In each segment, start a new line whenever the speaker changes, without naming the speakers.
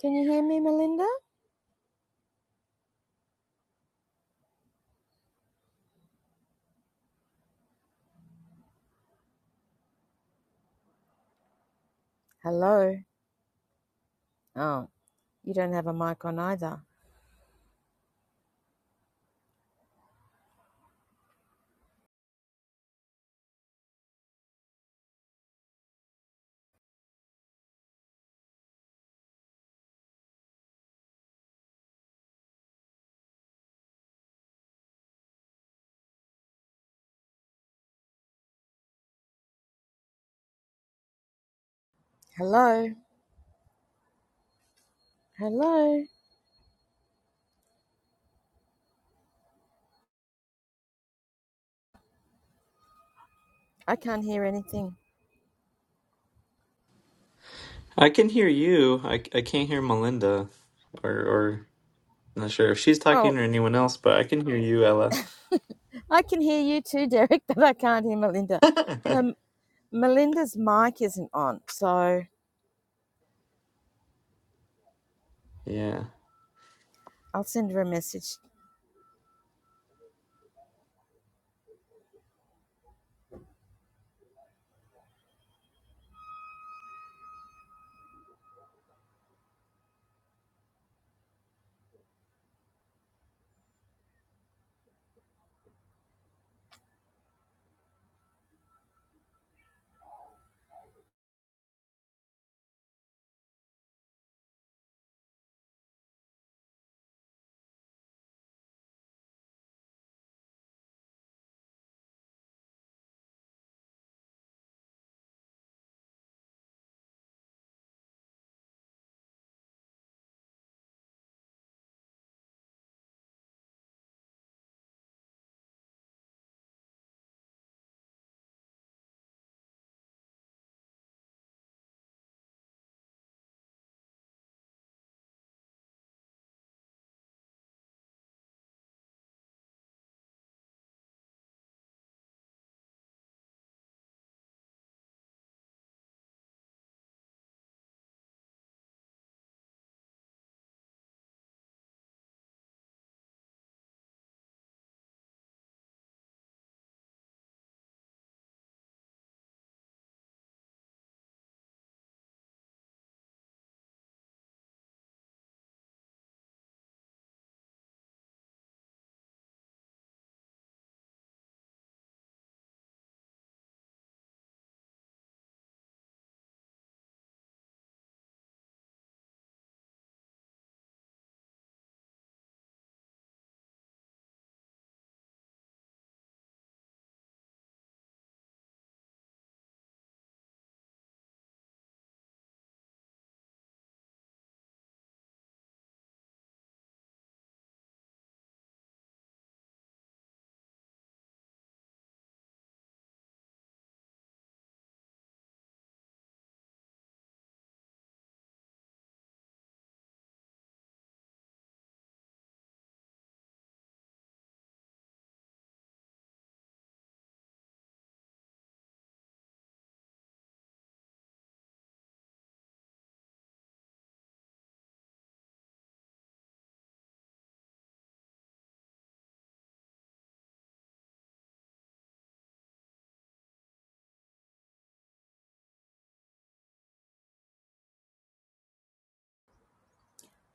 Can you hear me, Melinda? Hello. Oh, you don't have a mic on either. Hello. Hello. I can't hear anything.
I can hear you. I, I can't hear Melinda, or or not sure if she's talking
Oh,
or anyone else, but I can hear you, Ella.
I can hear you too, Derek, but I can't hear Melinda. Her, Melinda's mic isn't on, so
yeah.
I'll send her a message.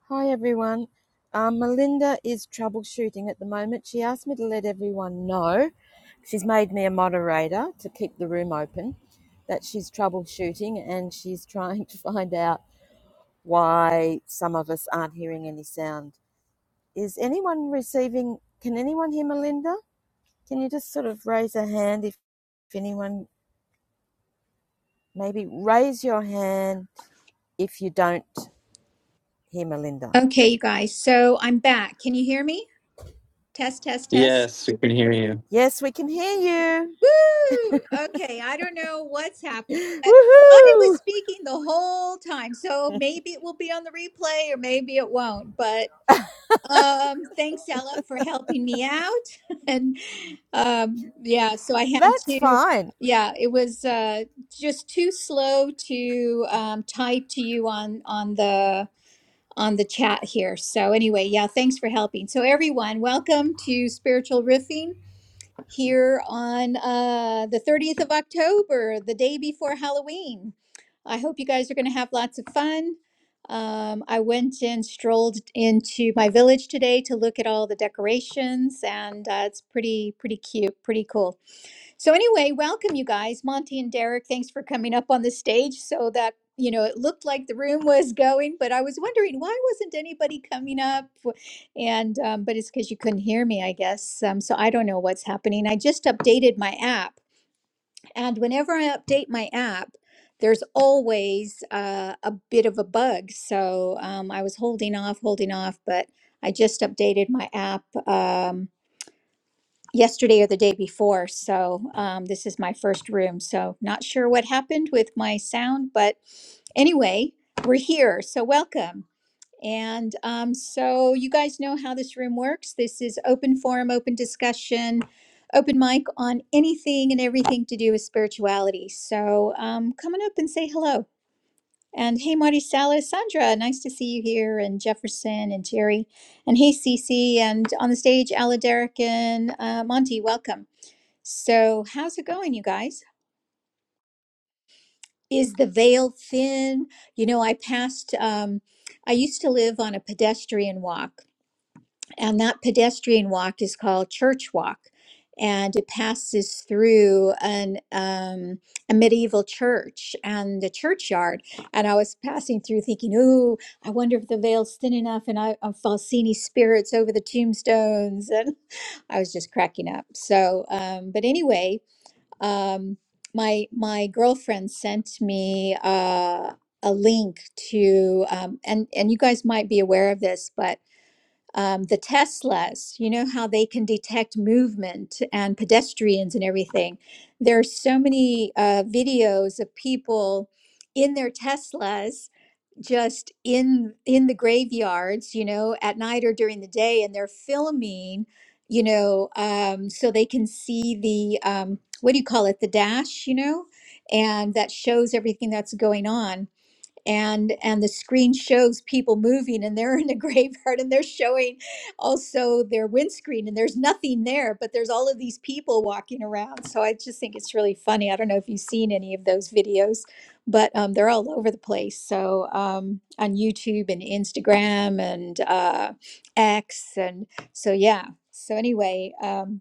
Hi, everyone. Um, Melinda is troubleshooting at the moment. She asked me to let everyone know. She's made me a moderator to keep the room open. That she's troubleshooting and she's trying to find out why some of us aren't hearing any sound. Is anyone receiving? Can anyone hear Melinda? Can you just sort of raise a hand if, if anyone maybe raise your hand if you don't hear Melinda?
Okay, you guys. So I'm back. Can you hear me? Test, test, test.
Yes, we can hear you.
Yes, we can hear you.
Woo! Okay, I don't know what's happening. but I was
Woohoo!
speaking the whole time, so maybe it will be on the replay or maybe it won't. But um, thanks, Ella, for helping me out. and um, yeah, so I had
That's
to.
fine.
Yeah, it was uh, just too slow to um, type to you on on the on the chat here. So anyway, yeah, thanks for helping. So everyone, welcome to Spiritual Riffing here on uh, the 30th of October, the day before Halloween. I hope you guys are going to have lots of fun. Um, I went and strolled into my village today to look at all the decorations, and uh, it's pretty, pretty cute, pretty cool. So anyway, welcome you guys, Monty and Derek. Thanks for coming up on the stage. So that you know, it looked like the room was going, but I was wondering why wasn't anybody coming up? And um, but it's because you couldn't hear me, I guess. Um, so I don't know what's happening. I just updated my app, and whenever I update my app. There's always uh, a bit of a bug. So um, I was holding off, holding off, but I just updated my app. Um, yesterday or the day before. So um, this is my first room. So not sure what happened with my sound, but anyway, we're here. So welcome. And um, so you guys know how this room works. This is open forum, open discussion, open mic on anything and everything to do with spirituality. So um, come on up and say hello. And hey, Marty Salas, Sandra, nice to see you here, and Jefferson and Jerry, and hey, Cece, and on the stage, Aladaric and uh, Monty, welcome. So, how's it going, you guys? Is the veil thin? You know, I passed, um, I used to live on a pedestrian walk, and that pedestrian walk is called Church Walk, and it passes through an um, a medieval church and the churchyard. And I was passing through thinking, "Ooh, I wonder if the veil's thin enough, and I, i will see any spirits over the tombstones." And I was just cracking up. So, um, but anyway, um, my my girlfriend sent me uh, a link to um, and and you guys might be aware of this, but um, the Teslas, you know how they can detect movement and pedestrians and everything. There are so many uh, videos of people in their Teslas just in in the graveyards you know at night or during the day and they're filming you know um so they can see the um what do you call it the dash you know and that shows everything that's going on and and the screen shows people moving and they're in a graveyard and they're showing also their windscreen and there's nothing there but there's all of these people walking around so i just think it's really funny i don't know if you've seen any of those videos but um, they're all over the place so um, on youtube and instagram and uh, x and so yeah so anyway um,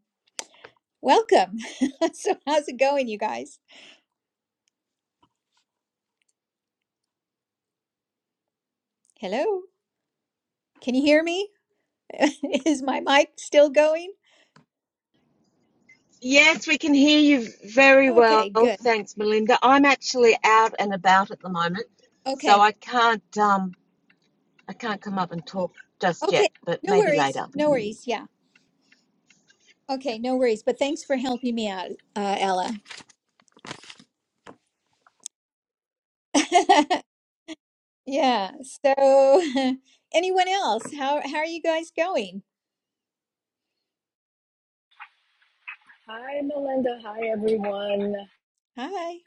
welcome so how's it going you guys hello can you hear me is my mic still going
Yes, we can hear you very well.
Okay, good.
Thanks, Melinda. I'm actually out and about at the moment, so
Okay.
I can't um I can't come up and talk just
Okay.
yet, but
No
maybe
worries.
later.
No worries. Yeah. Okay, no worries. But thanks for helping me out, uh, Ella. Yeah. So, anyone else? How how are you guys going?
Hi, Melinda. Hi, everyone.
Hi.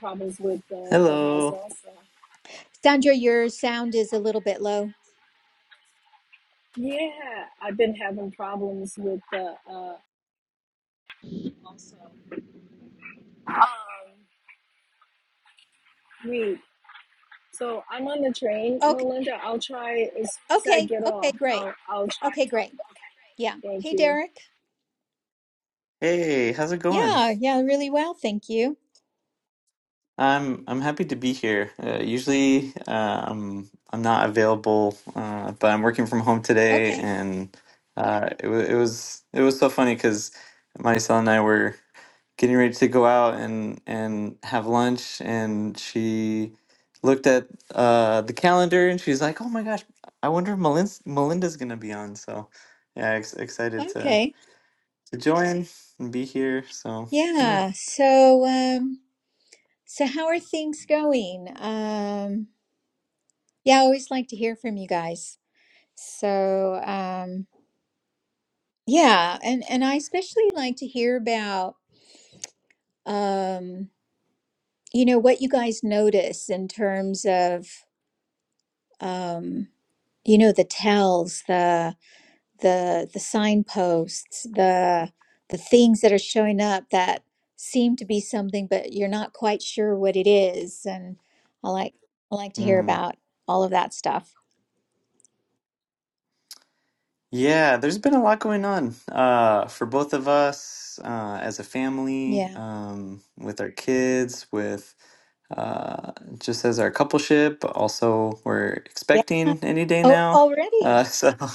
Problems with uh, Clubhouse
Hello.
also.
Sandra, your sound is a little bit low.
Yeah, I've been having problems with the uh, also. Um, wait. So I'm on the train,
Okay.
Melinda. I'll try as soon as I
Okay.
get
Okay,
off.
great.
I'll I'll try and
Okay, great.
talk.
Yeah.
Okay. Thank
Hey,
you.
Derek.
Hey, how's it going?
Yeah, yeah, really well, thank you.
I'm I'm happy to be here. Uh, usually, uh, I'm I'm not available, uh, but I'm working from home today,
Okay.
and uh, it was it was it was so funny because Marisol and I were. getting ready to go out and and have lunch and she looked at uh the calendar and she's like oh my gosh i wonder if Melin's, melinda's gonna be on so yeah ex- excited to
Okay.
to join and be here so yeah
Yeah. So, um so how are things going? Um Yeah, I always like to hear from you guys. So, um, yeah, and and I especially like to hear about um, you know, what you guys notice in terms of um, you know, the tells, the the the signposts, the the things that are showing up that seem to be something, but you're not quite sure what it is. And I like I like to hear
mm.
about all of that stuff.
yeah there's been a lot going on uh for both of us uh as a family
Yeah.
um with our kids with uh just as our coupleship also we're
Yeah.
expecting any day
Oh,
now uh,
already.
so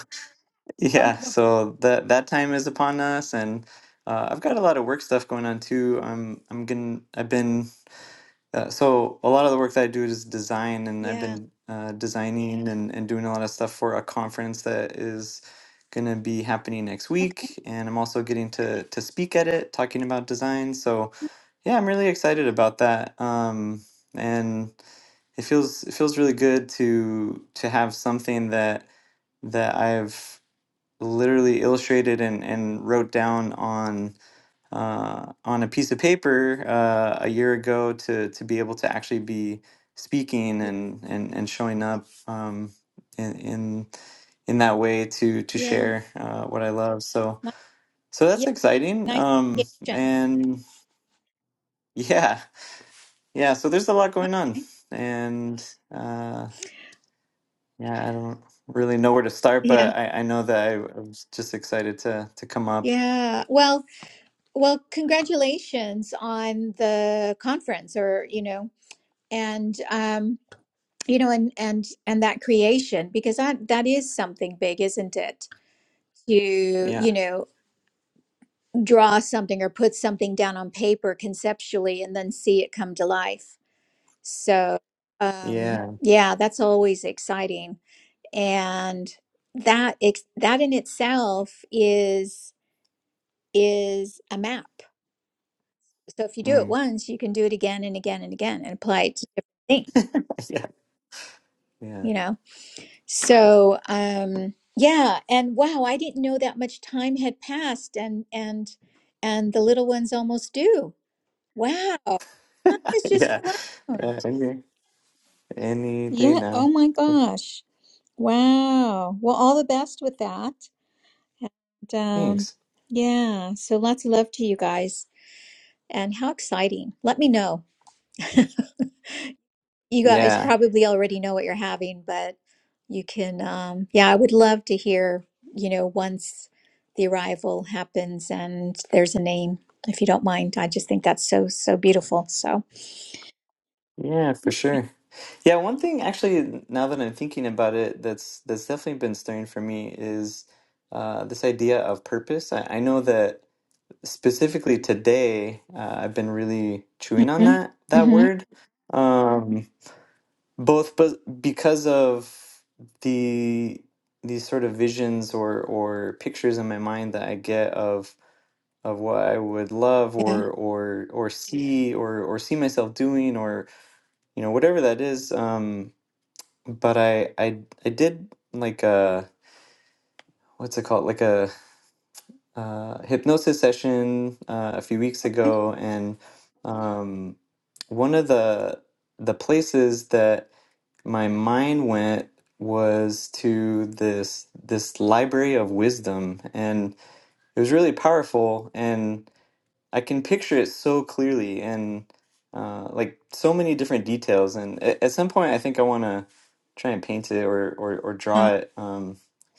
Oh,
Yeah,
wow.
so that that time is upon us, and uh, I've got a lot of work stuff going on too. I'm I'm gonna I've been uh, so a lot of the work that I do is design, and I've
yeah.
been uh, designing and, and doing a lot of stuff for a conference that is gonna be happening next
Okay.
week, and I'm also getting to to speak at it, talking about design. So yeah, I'm really excited about that. Um, and it feels it feels really good to to have something that that I've literally illustrated and, and wrote down on uh, on a piece of paper uh, a year ago to to be able to actually be speaking
Y-
and and, and showing up um, in, in in that way to to
Yeah.
share uh, what I love. So
Ni-
so that's
Yeah,
exciting.
nice
Um,
creation.
and yeah, yeah. So there's a lot going on,
Okay.
and uh, yeah, I don't really know where to start,
Yeah.
but I, I know that I, I was just excited to to come up.
Yeah. Well, well, congratulations on the conference or, you know, and um, you know, and and and that creation because that that is something big, isn't it? To,
Yeah.
you know, draw something or put something down on paper conceptually and then see it come to life. So, um,
Yeah.
yeah, that's always exciting. and that ex- that in itself is is a map so if you do it
Mm.
once you can do it again and again and again and apply it to different things
Yeah, yeah,
you know so um yeah and wow i didn't know that much time had passed and and and the little ones almost do wow time has just
yeah,
flown
yeah. Any, any day
yeah oh
now.
my gosh wow well all the best with that And um,
Thanks.
yeah, so lots of love to you guys. And how exciting. Let me know. You guys
Yeah,
probably already know what you're having, but you can, um, yeah, I would love to hear, you know, once the arrival happens and there's a name, if you don't mind. I just think that's so, so beautiful. So,
yeah, for sure. Yeah, one thing actually, now that I'm thinking about it, that's that's definitely been stirring for me is uh, this idea of purpose. I, I know that specifically today, uh, I've been really chewing on
hmm
that that
hmm
word, um, both but because of the these sort of visions or or pictures in my mind that I get of of what I would love
yeah.
or or or see or or see myself doing or you know whatever that is. Um, but I I I did like a what's it called like a uh, hypnosis session uh, a few weeks ago, and um, one of the the places that my mind went was to this this library of wisdom and it was really powerful and I can picture it so clearly and uh, like so many different details. And at, at some point, I think I want to try and paint it or or, or
Uh,
draw it. Um,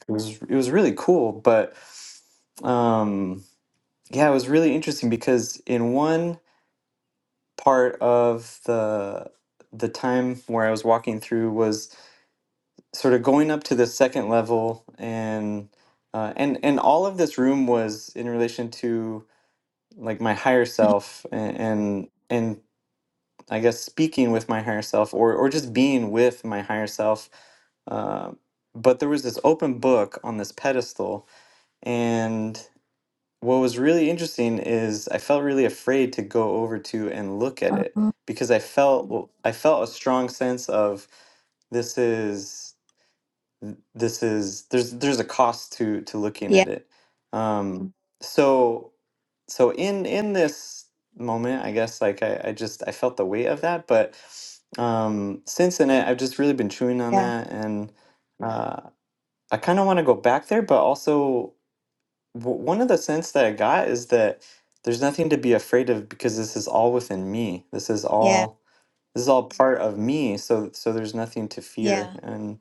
it was it was really cool, but um, yeah, it was really interesting because in one part of the the time where I was walking through was sort of going up to the second level and uh, and and all of this room was in relation to like my higher self and and, I guess speaking with my higher self or or just being with my higher self. Uh, but there was this open book on this pedestal, and what was really interesting is I felt really afraid to go over to and look at it
uh,
because I felt well, I felt a strong sense of this is th- this is there's there's a cost to to looking
yeah,
at it um so so in in this moment i guess like i, I just i felt the weight of that but um since then I, i've just really been chewing on
yeah,
that and uh i kind of want to go back there but also w- one of the sense that i got is that there's nothing to be afraid of because this is all within me this is
yeah,
all this is all part of me so so there's nothing to fear
yeah,
and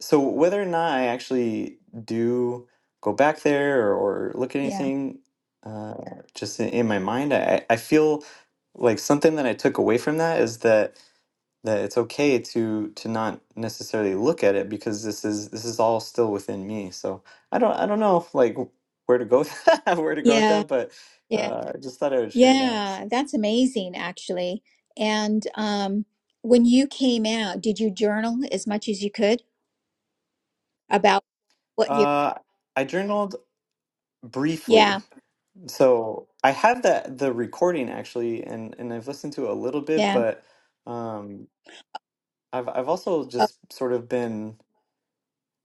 so whether or not I actually do go back there or, or look at
yeah,
anything, uh, Yeah. just in, in my mind, I, I feel like something that I took away from that is that that it's okay to to not necessarily look at it because this is this is all still within me. So I don't I don't know if, like where to go with that, where to go with
yeah.
that, but
yeah.
uh, I just thought I would share that.
Yeah,
So,
that's amazing, actually. And um, when you came out, did you journal as much as you could about what you?
uh, I journaled
Yeah,
briefly So I have that the recording actually, and and I've listened to it a little bit,
yeah.
but um, I've I've also
Oh,
just sort of been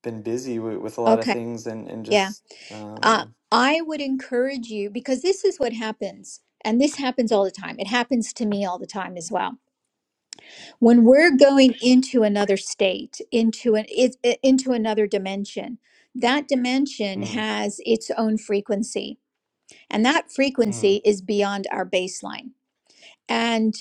been busy with, with a lot of
okay,
things, and and
yeah.
just
Uh,
um,
I would encourage you because this is what happens, and this happens all the time. It happens to me all the time as well. When we're going into another state, into an it, it- into another dimension, that dimension
mm,
has its own frequency, and that
mm,
frequency is beyond our baseline. and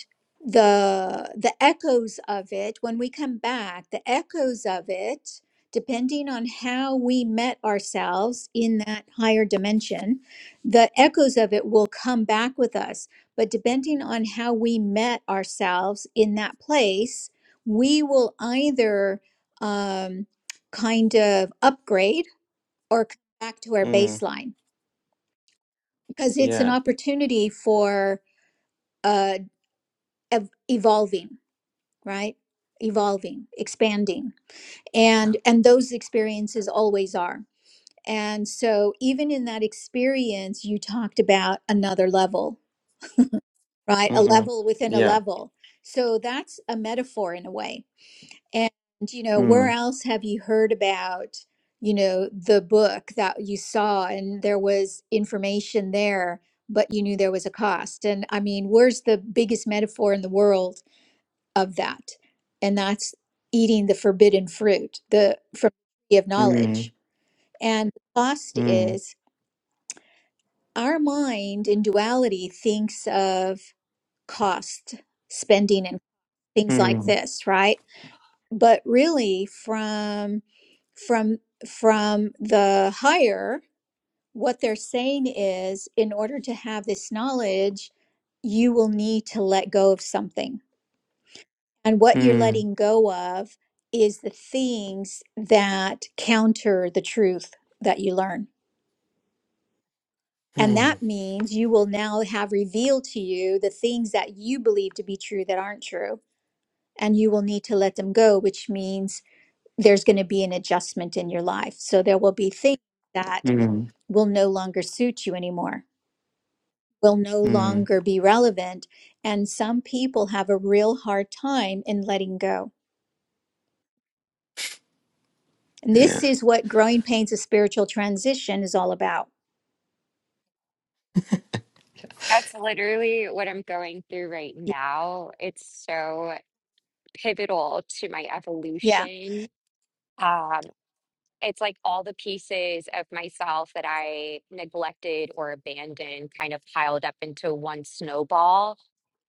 the the echoes of it when we come back the echoes of it depending on how we met ourselves in that higher dimension the echoes of it will come back with us but depending on how we met ourselves in that place we will either um, kind of upgrade or come back to our
mm,
baseline because it's an
yeah,
opportunity for uh, ev- evolving right evolving expanding and and those experiences always are and so even in that experience you talked about another level right a
mm-hmm,
level within a
yeah,
level so that's a metaphor in a way and you know where
mm,
else have you heard about you know the book that you saw and there was information there but you knew there was a cost and i mean where's the biggest metaphor in the world of that and that's eating the forbidden fruit the from the tree of
mm,
knowledge and the cost
mm,
is our mind in duality thinks of cost spending and things like
mm,
this right but really from from from the higher what they're saying is in order to have this knowledge you will need to let go of something And what you're
mm,
letting go of is the things that counter the truth that you learn. And that
mm,
means you will now have revealed to you the things that you believe to be true that aren't true. And you will need to let them go, which means there's going to be an adjustment in your life. So there will be things that
mm,
will no longer suit you anymore, will no
mm,
longer be relevant. And some people have a real hard time in letting go And
yeah,
this is what growing pains of spiritual transition is all about.
That's literally what I'm going through right
Y-
now. It's so pivotal to my
Yeah,
evolution. Um, it's like all the pieces of myself that I neglected or abandoned kind of piled up into one snowball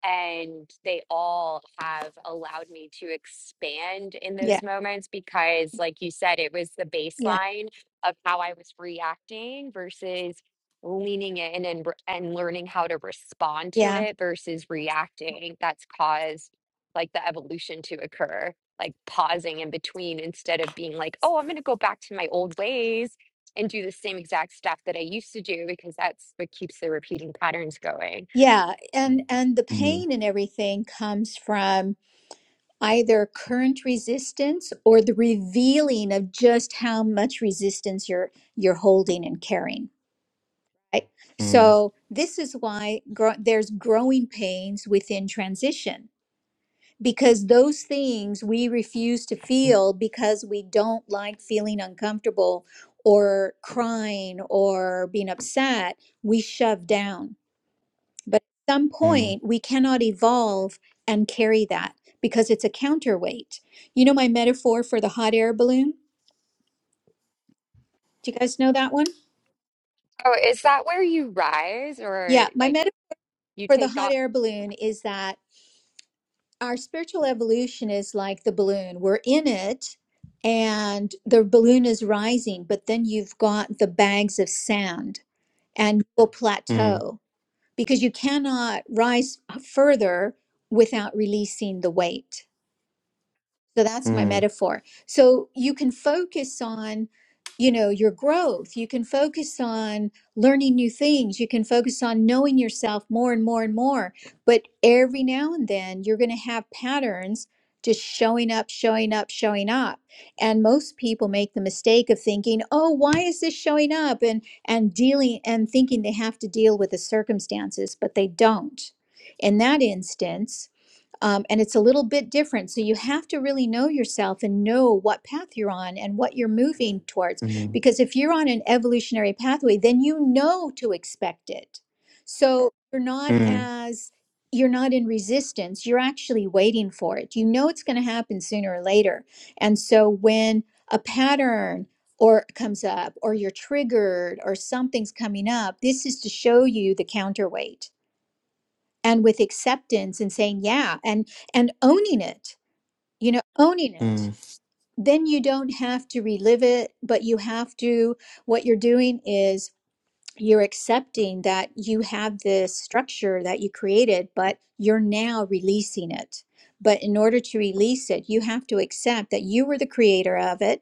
and they all have allowed me to expand in
yeah,
those moments because like you said it was the
yeah,
baseline of how i was reacting versus leaning in and re- and learning how to respond to
yeah,
it versus reacting that's caused like the evolution to occur like pausing in between instead of being like oh i'm going to go back to my old ways and do the same exact stuff that i used to do because that's what keeps the repeating patterns going
yeah. And and the
mm,
pain and everything comes from either current resistance or the revealing of just how much resistance you're you're holding and carrying. Right.
mm,
So this is why grow, there's growing pains within transition because those things we refuse to feel because we don't like feeling uncomfortable or crying or being upset, we shove down. But at some
mm,
point, we cannot evolve and carry that because it's a counterweight. You know my metaphor for the hot air balloon? Do you guys know that one?
Oh, is that where you rise or
Yeah, my
like
metaphor
you
for the
take
hot
off?
air balloon is that our spiritual evolution is like the balloon. We're in it and the balloon is rising, but then you've got the bags of sand and you'll
mm, mm,
plateau because you cannot rise further without releasing the weight. So that's my
mm,
metaphor. So you can focus on, you know, your growth. You can focus on learning new things. You can focus on knowing yourself more and more and more. But every now and then you're going to have patterns just showing up, showing up, showing up. And most people make the mistake of thinking, "Oh, why is this showing up?" and and dealing and thinking they have to deal with the circumstances, but they don't. In that instance, um, and it's a little bit different. So you have to really know yourself and know what path you're on and what you're moving
mm, mm,
towards.
mm,
Because if you're on an evolutionary pathway, then you know to expect it. So you're not
mm,
as you're not in resistance. You're actually waiting for it. You know it's going to happen sooner or later. And so when a pattern or comes up or you're triggered or something's coming up, this is to show you the counterweight and with acceptance and saying yeah and and owning it you know owning it then you don't have to relive it but you have to what you're doing is you're accepting that you have this structure that you created but you're now releasing it but in order to release it you have to accept that you were the creator of it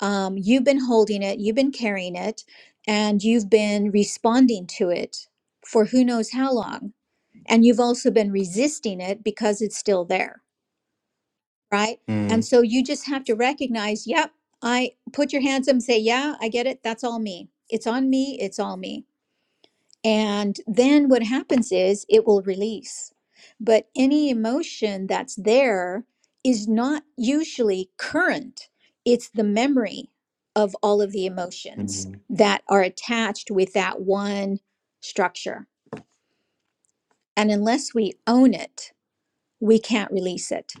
um, you've been holding it you've been carrying it and you've been responding to it for who knows how long and you've also been resisting it because it's still there, right? And so you just have to recognize, yep, I put your hands up and say, yeah, I get it. That's all me. It's on me. It's all me. And then what happens is it will release. But any emotion that's there is not usually current, it's the memory of all of the emotions
mm,
that are attached with that one structure. And unless we own it, we can't release it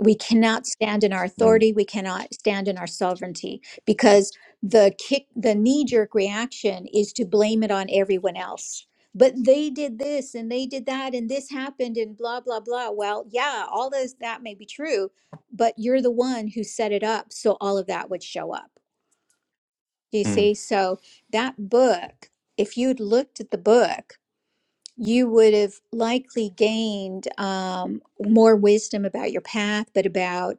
We cannot stand in our
mm,
authority. We cannot stand in our sovereignty because the kick, the knee jerk reaction is to blame it on everyone else. But they did this and they did that and this happened and blah, blah, blah. Well, yeah, all those that may be true, but you're the one who set it up. So all of that would show up. Do you
mm.
see? So that book, if you'd looked at the book, you would have likely gained um, more wisdom about your path, but about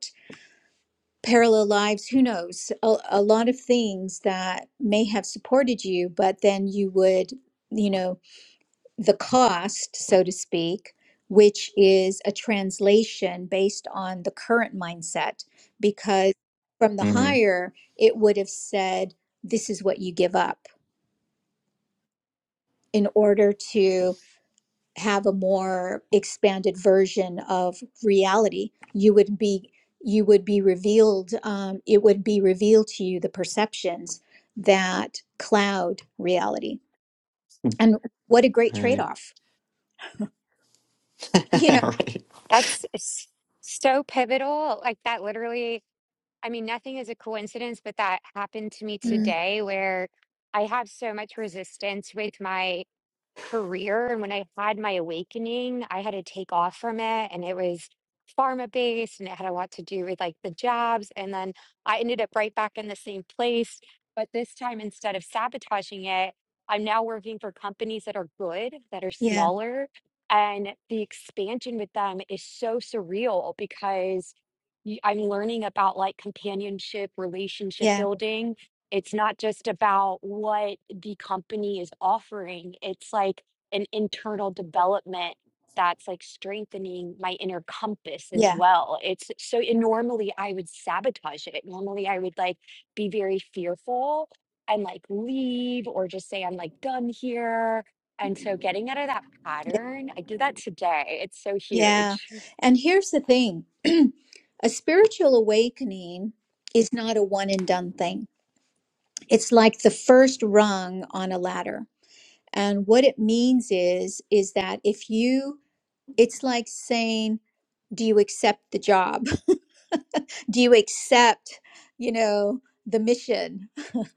parallel lives, who knows, a, a lot of things that may have supported you, but then you would, you know, the cost, so to speak, which is a translation based on the current mindset, because from the
mm,
higher, it would have said, this is what you give up in order to have a more expanded version of reality you would be you would be revealed um, it would be revealed to you the perceptions that cloud reality and what a great
Right.
trade-off you know
right.
That's s- so pivotal. Like that literally, I mean, nothing is a coincidence, but that happened to me
Mm,
today where I have so much resistance with my career and when I had my awakening, I had to take off from it and it was pharma based and it had a lot to do with like the jobs and then I ended up right back in the same place, but this time instead of sabotaging it, I'm now working for companies that are good, that are
yeah
smaller and the expansion with them is so surreal because you- I'm learning about like companionship, relationship
yeah
building it's not just about what the company is offering. It's like an internal development that's like strengthening my inner compass as
yeah
well. It's so and normally I would sabotage it. Normally I would like be very fearful and like leave or just say I'm like done here. And so getting out of that
yeah
pattern, I did that today. It's so
yeah
huge.
and here's the thing a spiritual awakening is not a one and done thing it's like the first rung on a ladder and what it means is is that if you it's like saying do you accept the job do you accept you know the mission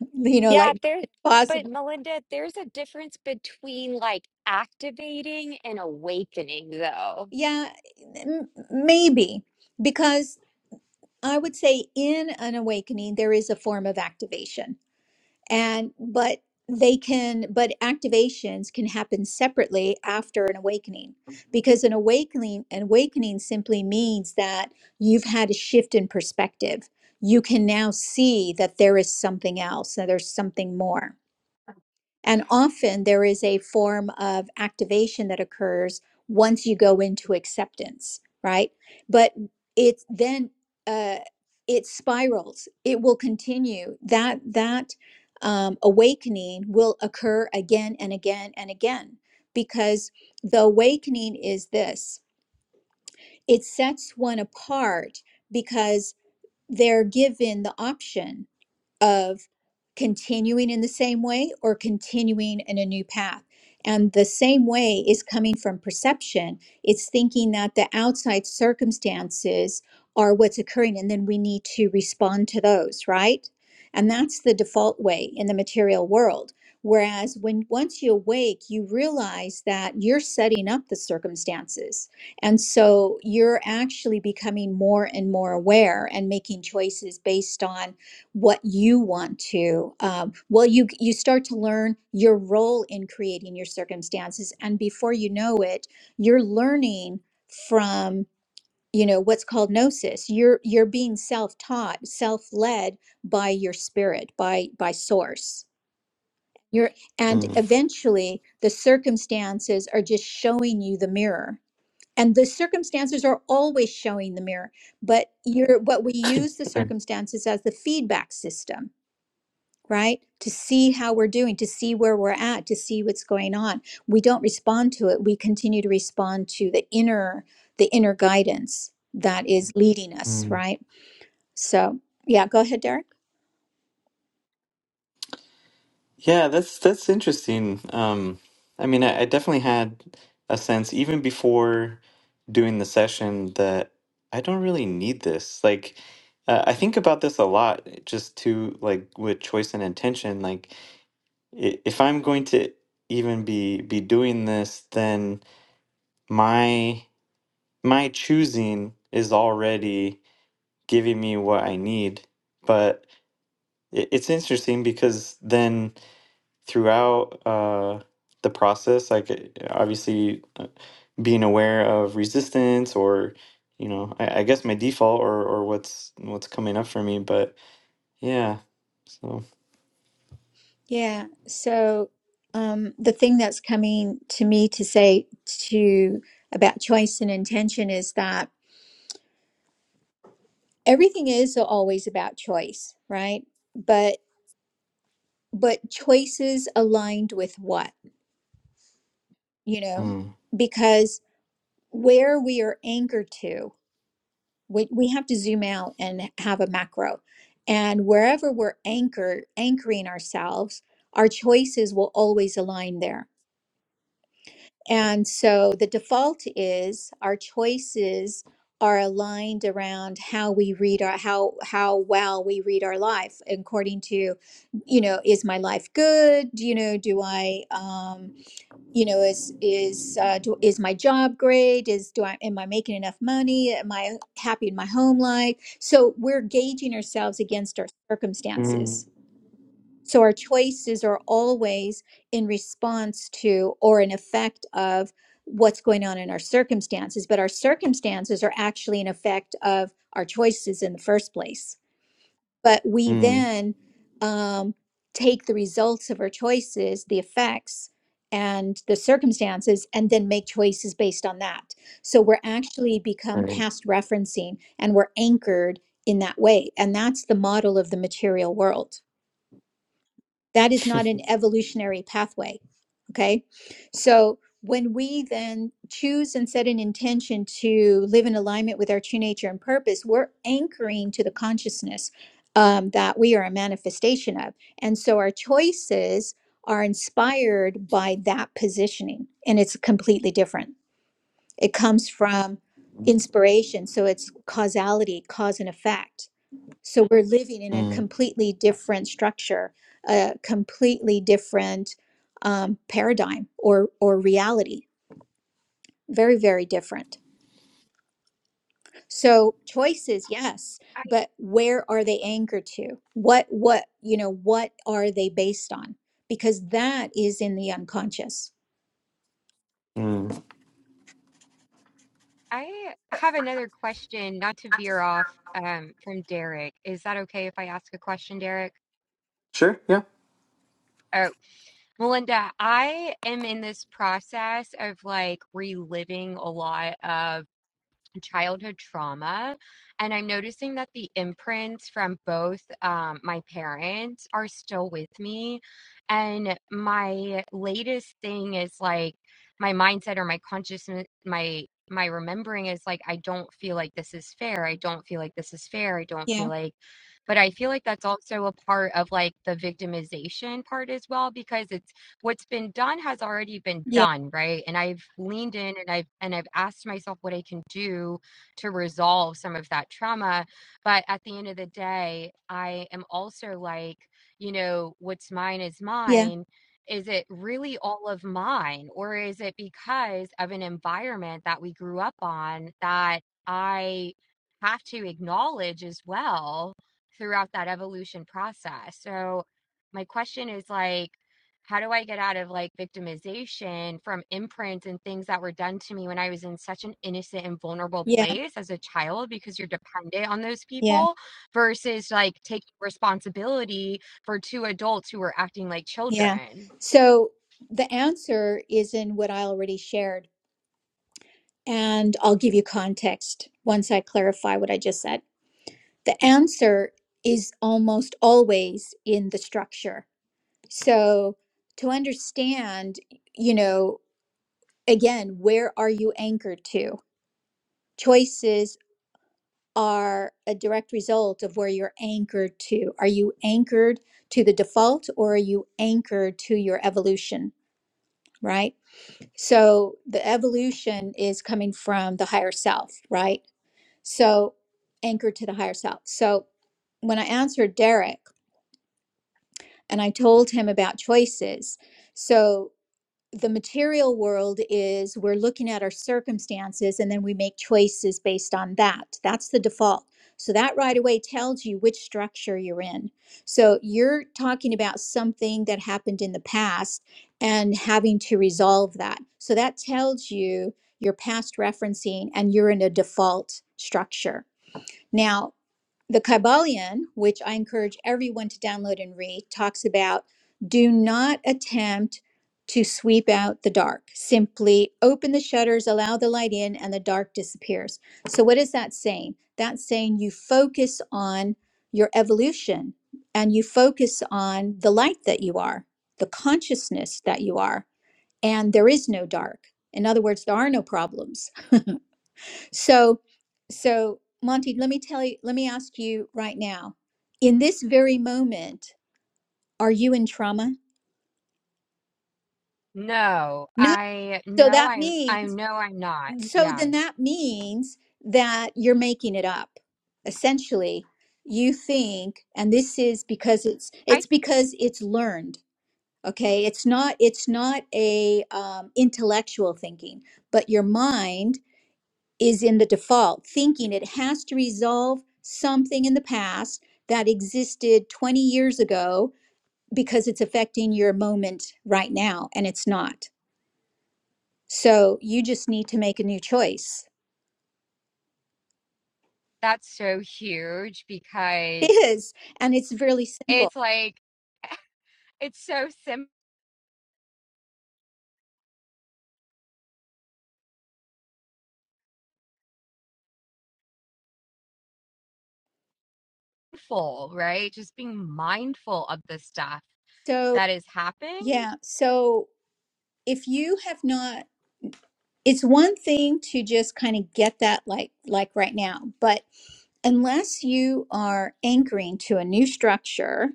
you know
Yeah,
like
there's, but
possible
Melinda, there's a difference between like activating and awakening, though.
yeah m- maybe because i would say in an awakening there is a form of activation and but they can but activations can happen separately after an awakening because an awakening an awakening simply means that you've had a shift in perspective you can now see that there is something else that there's something more and often there is a form of activation that occurs once you go into acceptance, right? But it's then uh, it spirals. It will continue. That that um, awakening will occur again and again and again because the awakening is this. It sets one apart because they're given the option of continuing in the same way or continuing in a new path. And the same way is coming from perception. It's thinking that the outside circumstances are what's occurring, and then we need to respond to those, right? And that's the default way in the material world. Whereas when once you awake, you realize that you're setting up the circumstances. And so you're actually becoming more and more aware and making choices based on what you want to um, well you you start to learn your role in creating your circumstances and before you know it you're learning from you know what's called gnosis you're you're being self-taught self-led by your spirit by by source you're and
Mm.
eventually the circumstances are just showing you the mirror and the circumstances are always showing the mirror but you're what we use the
Right.
circumstances as the feedback system right? To see how we're doing, to see where we're at, to see what's going on. We don't respond to it. We continue to respond to the inner, the inner guidance that is leading us,
Mm.
right? So yeah, go ahead, Derek.
Yeah, that's that's interesting. Um, I mean, I, I definitely had a sense even before doing the session that I don't really need this. Like, uh, I think about this a lot, eh, just to like with choice and intention. Like, i- if I'm going to even be be doing this, then my my choosing is already giving me what I need. But it, it's interesting because then throughout uh, the process, like uh, obviously uh, being aware of resistance or you know, I, I guess my default or or what's what's coming up for me, but yeah. So
Yeah. So um, the thing that's coming to me to say to about choice and intention is that everything is always about choice, right? But but choices aligned with what, you know,
mm,
because where we are anchored to, we, we have to zoom out and have a macro. And wherever we're anchored, anchoring ourselves, our choices will always align there. And so the default is our choices are aligned around how we read our how how well we read our life according to you know is my life good you know do i um you know is is uh, do, is my job great is do i am i making enough money am i happy in my home life so we're gauging ourselves against our
mm,
circumstances so our choices are always in response to or an effect of what's going on in our circumstances but our circumstances are actually an effect of our choices in the first place but we
mm,
then um, take the results of our choices, the effects, and the circumstances, and then make choices based on that. So we're actually become
right.
past referencing and we're anchored in that way. And that's the model of the material world. That is not an
mm,
evolutionary pathway. Okay. So when we then choose and set an intention to live in alignment with our true nature and purpose, we're anchoring to the consciousness um, that we are a manifestation of. And so our choices are inspired by that positioning, and it's completely different. It comes from inspiration. So it's causality, cause and effect so we're living in a completely different structure, a completely different um, paradigm or or reality. Very, very different. So choices, yes,
I,
but where are they anchored to? What what you know? What are they based on? Because that is in the unconscious.
mm.
I have another question, not to veer off um, from Derek. Is that okay if I ask a question, Derek?
Sure, yeah.
Oh, Melinda, I am in this process of like reliving a lot of childhood trauma. And I'm noticing that the imprints from both um, my parents are still with me. And my latest thing is like my mindset or my consciousness, my my remembering is like I don't feel like this is fair. I don't feel like this is fair. I don't feel
Yeah,
like but I feel like that's also a part of like the victimization part as well because it's what's been done has already been
yeah,
done, right? And I've leaned in and I've and I've asked myself what I can do to resolve some of that trauma. But at the end of the day, I am also like, you know, what's mine is
yeah,
mine. Is it really all of mine? Or is it because of an environment that we grew up on that I have to acknowledge as well throughout that evolution process? So, my question is like, how do I get out of like victimization from imprints and things that were done to me when I was in such an innocent and vulnerable
yeah,
place as a child because you're dependent on those
yeah,
people versus like taking responsibility for two adults who were acting like
yeah.
children?
So the answer is in what I already shared, and I'll give you context once I clarify what I just said. The answer is almost always in the structure. So to understand, you know, again, where are you anchored to? Choices are a direct result of where you're anchored to. Are you anchored to the default or are you anchored to your evolution? Right. So the evolution is coming from the higher self, right? So anchored to the higher self. So when I answered Derek and I told him about choices, so the material world is we're looking at our circumstances and then we make choices based on that. That's the default. So that right away tells you which structure you're in. So you're talking about something that happened in the past and having to resolve that. So that tells you your past referencing and you're in a default structure. Now, the Kabbalion, which I encourage everyone to download and read, talks about do not attempt to sweep out the dark. Simply open the shutters, allow the light in, and the dark disappears. So, what is that saying? That's saying you focus on your evolution and you focus on the light that you are, the consciousness that you are, and there is no dark. In other words, there are no problems so, so Monty, let me tell you, let me ask you right now, in this very moment, are you in trauma?
No,
No.
I
So
know
that
I'm I
means,
know I'm not.
so
Yeah.
then that means that you're making it up. Essentially, you think, and this is because it's,
I think
it's because it's learned. Okay. It's not, it's not a um, intellectual thinking, but your mind is in the default, thinking it has to resolve something in the past that existed 20 years ago because it's affecting your moment right now, and it's not. So you just need to make a new choice.
that's so huge
It
because
is, and it's really simple.
it's like it's so simple, right? Just being mindful of the stuff
So,
that has happened.
yeah, so if you have not, it's one thing to just kind of get that like like right now, but unless you are anchoring to a new structure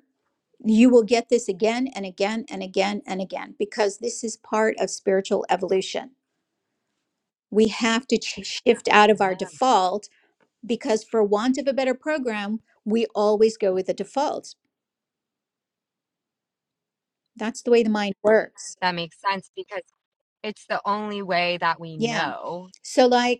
You will get this again and again and again and again because this is part of spiritual evolution. We have to ch- shift out of
Yeah.
our default because, for want of a better program, we always go with the default. That's the way the mind works.
That makes sense because it's the only way that we
Yeah.
know.
So, like,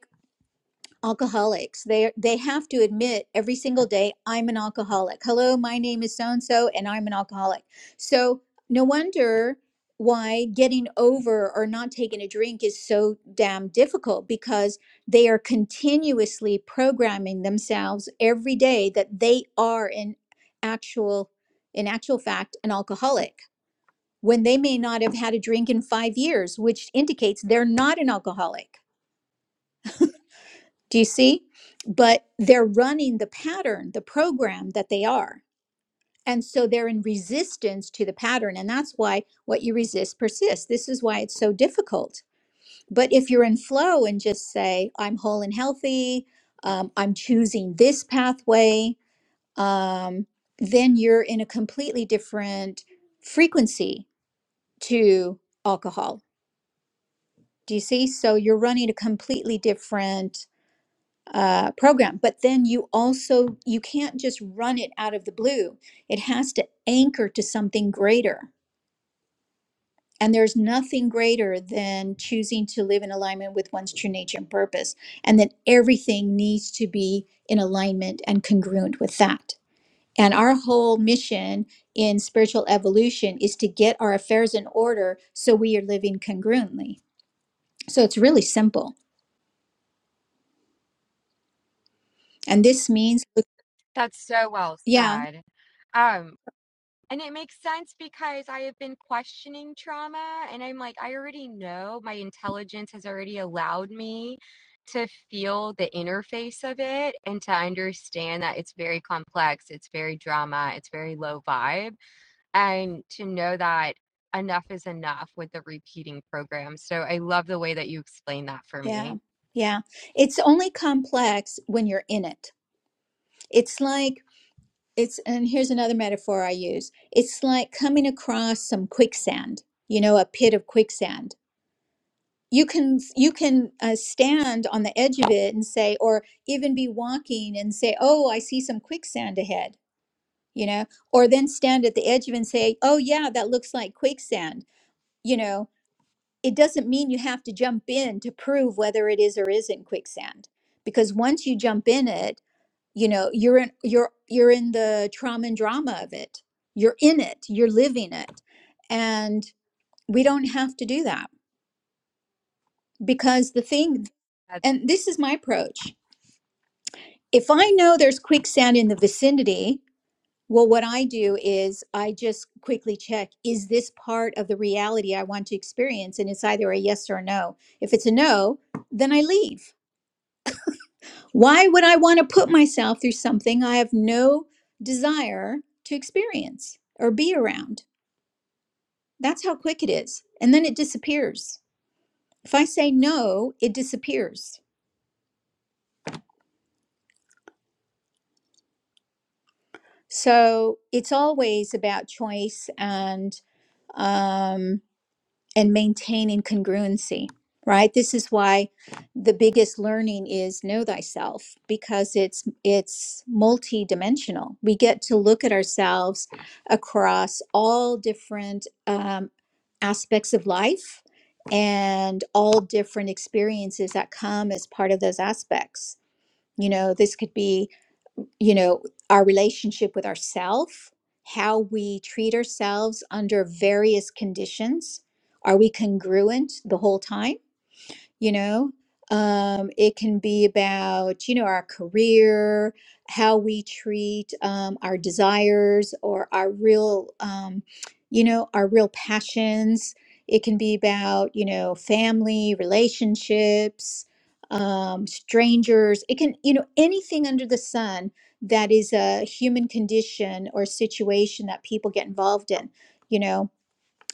alcoholics they they have to admit every single day i'm an alcoholic hello my name is so and so and i'm an alcoholic so no wonder why getting over or not taking a drink is so damn difficult because they are continuously programming themselves every day that they are in actual in actual fact an alcoholic when they may not have had a drink in 5 years which indicates they're not an alcoholic do you see? But they're running the pattern, the program that they are. And so they're in resistance to the pattern. And that's why what you resist persists. This is why it's so difficult. But if you're in flow and just say, I'm whole and healthy, um, I'm choosing this pathway, um, then you're in a completely different frequency to alcohol. Do you see? So you're running a completely different uh, program but then you also you can't just run it out of the blue it has to anchor to something greater and there's nothing greater than choosing to live in alignment with one's true nature and purpose and then everything needs to be in alignment and congruent with that and our whole mission in spiritual evolution is to get our affairs in order so we are living congruently so it's really simple and this means
That's so well
yeah
said. Um, and it makes sense because I have been questioning trauma and I'm like, I already know my intelligence has already allowed me to feel the interface of it and to understand that it's very complex, it's very drama, it's very low vibe and to know that enough is enough with the repeating program. So I love the way that you explain that for
Yeah.
me.
Yeah. It's only complex when you're in it. It's like it's and here's another metaphor I use. It's like coming across some quicksand, you know, a pit of quicksand. You can you can uh, stand on the edge of it and say or even be walking and say, "Oh, I see some quicksand ahead." You know, or then stand at the edge of it and say, "Oh yeah, that looks like quicksand." You know, it doesn't mean you have to jump in to prove whether it is or isn't quicksand because once you jump in it you know you're in you're you're in the trauma and drama of it you're in it you're living it and we don't have to do that because the thing
That-
and this is my approach if i know there's quicksand in the vicinity well what i do is i just quickly check is this part of the reality i want to experience and it's either a yes or a no if it's a no then i leave Why would I want to put myself through something I have no desire to experience or be around? That's how quick it is. And then it disappears. If I say no, it disappears. So it's always about choice and um, and maintaining congruency, right? This is why the biggest learning is know thyself because it's it's multidimensional. We get to look at ourselves across all different um, aspects of life and all different experiences that come as part of those aspects. You know, this could be um, you know, our relationship with ourself, how we treat ourselves under various conditions. Are we congruent the whole time? you know um, it can be about you know our career how we treat um, our desires or our real um, you know our real passions it can be about you know family relationships um, strangers it can you know anything under the sun that is a human condition or situation that people get involved in you know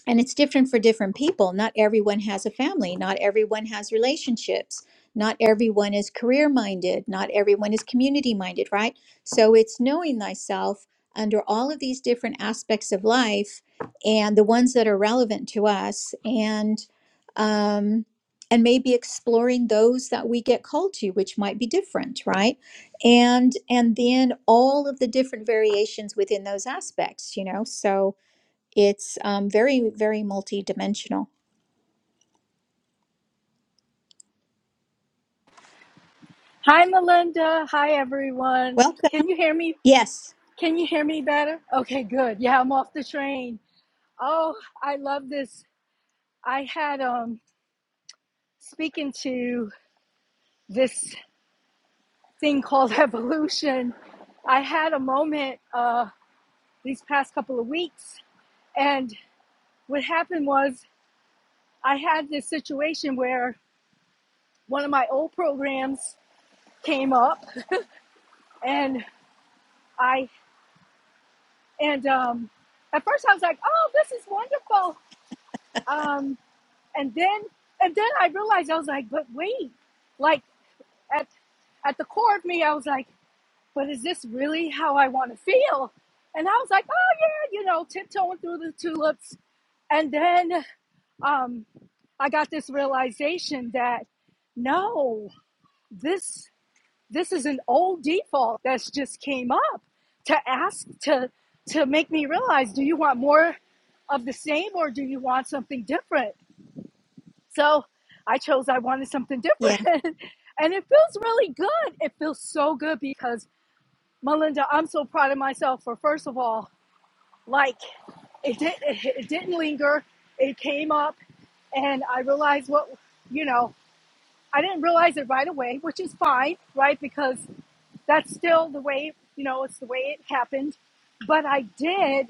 and it's different for different people not everyone has a family not everyone has relationships not everyone is career minded not everyone is community minded right so it's knowing thyself under all of these different aspects of life and the ones that are relevant to us and um and maybe exploring those that we get called to which might be different right and and then all of the different variations within those aspects you know so it's um, very, very multidimensional.
Hi, Melinda. Hi, everyone.
Welcome.
Can you hear me?
Yes.
Can you hear me better? Okay, good. Yeah, I'm off the train. Oh, I love this. I had um speaking to this. thing called evolution, I had a moment uh, these past couple of weeks. And what happened was I had this situation where one of my old programs came up and I, and um, at first I was like, oh, this is wonderful. Um, and then, and then I realized I was like, but wait, like at, at the core of me, I was like, but is this really how I want to feel? And I was like, oh yeah, you know, tiptoeing through the tulips. And then um, I got this realization that no, this this is an old default that's just came up to ask to to make me realize, do you want more of the same or do you want something different? So I chose I wanted something
Yeah.
different. and it feels really good. It feels so good because Melinda, I'm so proud of myself for first of all, like it did, it didn't linger. It came up, and I realized what you know. I didn't realize it right away, which is fine, right? Because that's still the way you know it's the way it happened. But I did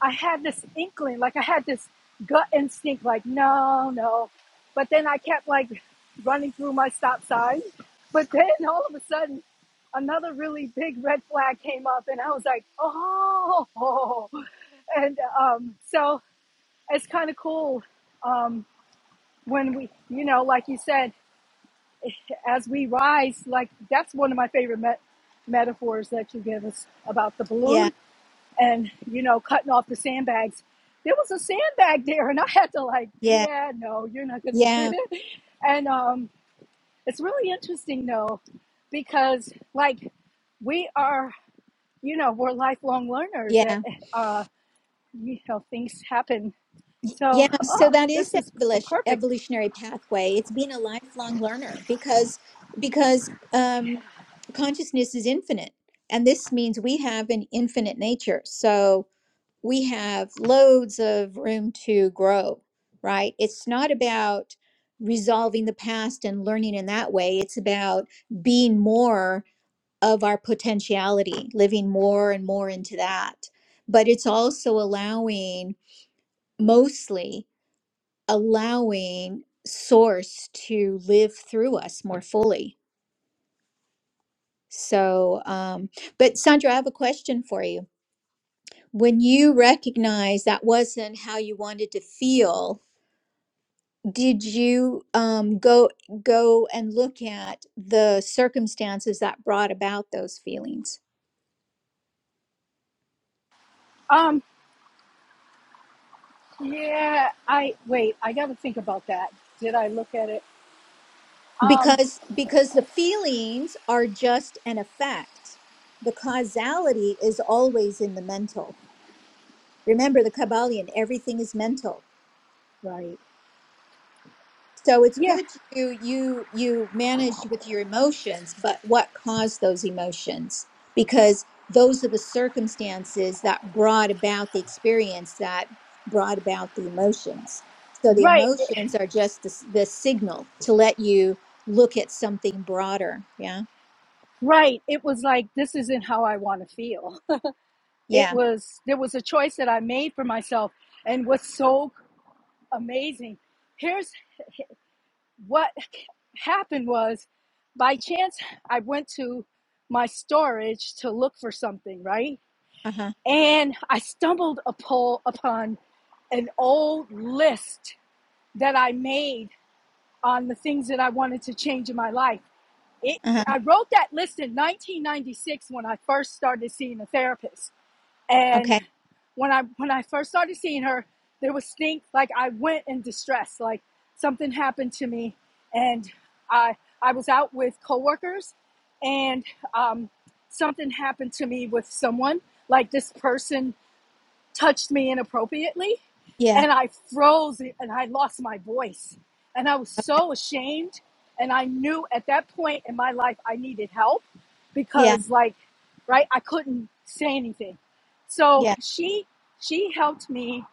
I had this inkling, like I had this gut instinct, like, no, no. But then I kept like running through my stop sign. But then all of a sudden, another really big red flag came up, and I was like, oh. And um, so it's kind of cool um, when we, you know, like you said, as we rise, like that's one of my favorite met- metaphors that you give us about the balloon
Yeah.
and you know cutting off the sandbags there was a sandbag there and i had to like
Yeah.
yeah no you're not gonna
Yeah.
and um it's really interesting though because like we are you know we're lifelong learners that
Yeah.
uh you know things happen so
Yeah.
oh
So that is
this
the
is a
evolution,
perfect
evolutionary pathway. It's being a lifelong learner because because um, consciousness is infinite, and this means we have an infinite nature. So we have loads of room to grow. Right. It's not about resolving the past and learning in that way. It's about being more of our potentiality, living more and more into that. But it's also allowing, mostly allowing Source to live through us more fully. So, um, but Sandra, I have a question for you. When you recognize that wasn't how you wanted to feel, did you um, go go and look at the circumstances that brought about those feelings?
um yeah i wait i gotta think about that did i look at it um
because because the feelings are just an effect the causality is always in the mental remember the kabbalion everything is mental
right
so it's
yeah
good you you you manage with your emotions but what caused those emotions because those are the circumstances that brought about the experience that brought about the emotions so the
right
emotions are just the, s- the signal to let you look at something broader yeah
right it was like this isn't how i want to feel it
yeah
was there was a choice that I made for myself. And what's so amazing, here's what happened was by chance I went to my storage to look for something, right?
uh-huh
And I stumbled upon an old list that I made on the things that I wanted to change in my life. It,
Uh-huh.
I wrote that list in 1996 when I first started seeing a therapist and
Okay.
when I when I first started seeing her, there was stink. Like I went in distress. Like something happened to me, and I I was out with coworkers, and um, something happened to me with someone. Like this person touched me inappropriately
Yeah.
and I froze and I lost my voice. And I was
o-
so ashamed. And I knew at that point in my life I needed help
Yeah.
because like right I couldn't say anything. So
Yeah.
she she helped me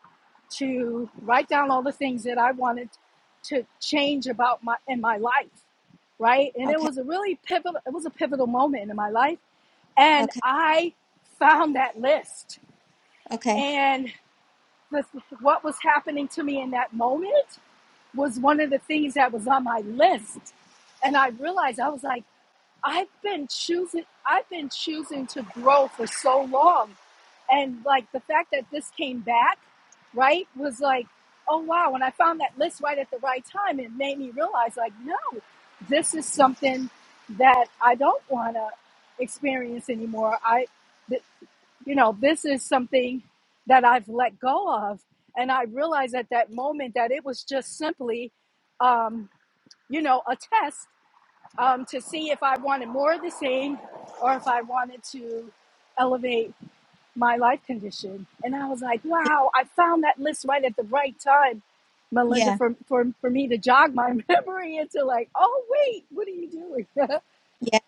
to write down all the things that I wanted to change about my in my life, right? And it
Okay.
was a really pivotal it was a pivotal moment in my life and
Okay.
I found that list.
Okay.
And what was happening to me in that moment was one of the things that was on my list. And I realized I was like, I've been choosing I've been choosing to grow for so long. And like the fact that this came back, right, was like, oh wow, and I found that list right at the right time, it made me realize like, no, this is something that I don't wanna experience anymore. I th- you know, this is something that I've let go of. And I realized at that moment that it was just simply, um, you know, a test um, to see if I wanted more of the same or if I wanted to elevate my life condition. And I was like,
Yeah.
wow, I found that list right at the right time, Melinda,
Yeah.
for, for, for me to jog my memory into like, oh, wait, what are you doing?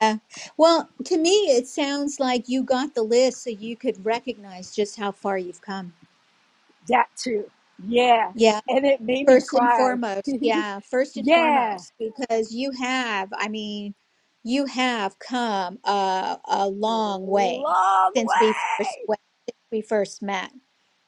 Yeah. Well, to me, it sounds like you got the list so you could recognize just how far you've come.
that too. Yeah.
Yeah.
And it made me
First and
cry.
foremost. Yeah. First and
Yeah.
foremost, because you have, I mean, you have come a, a long way
long
since we first
way.
went, since we first met.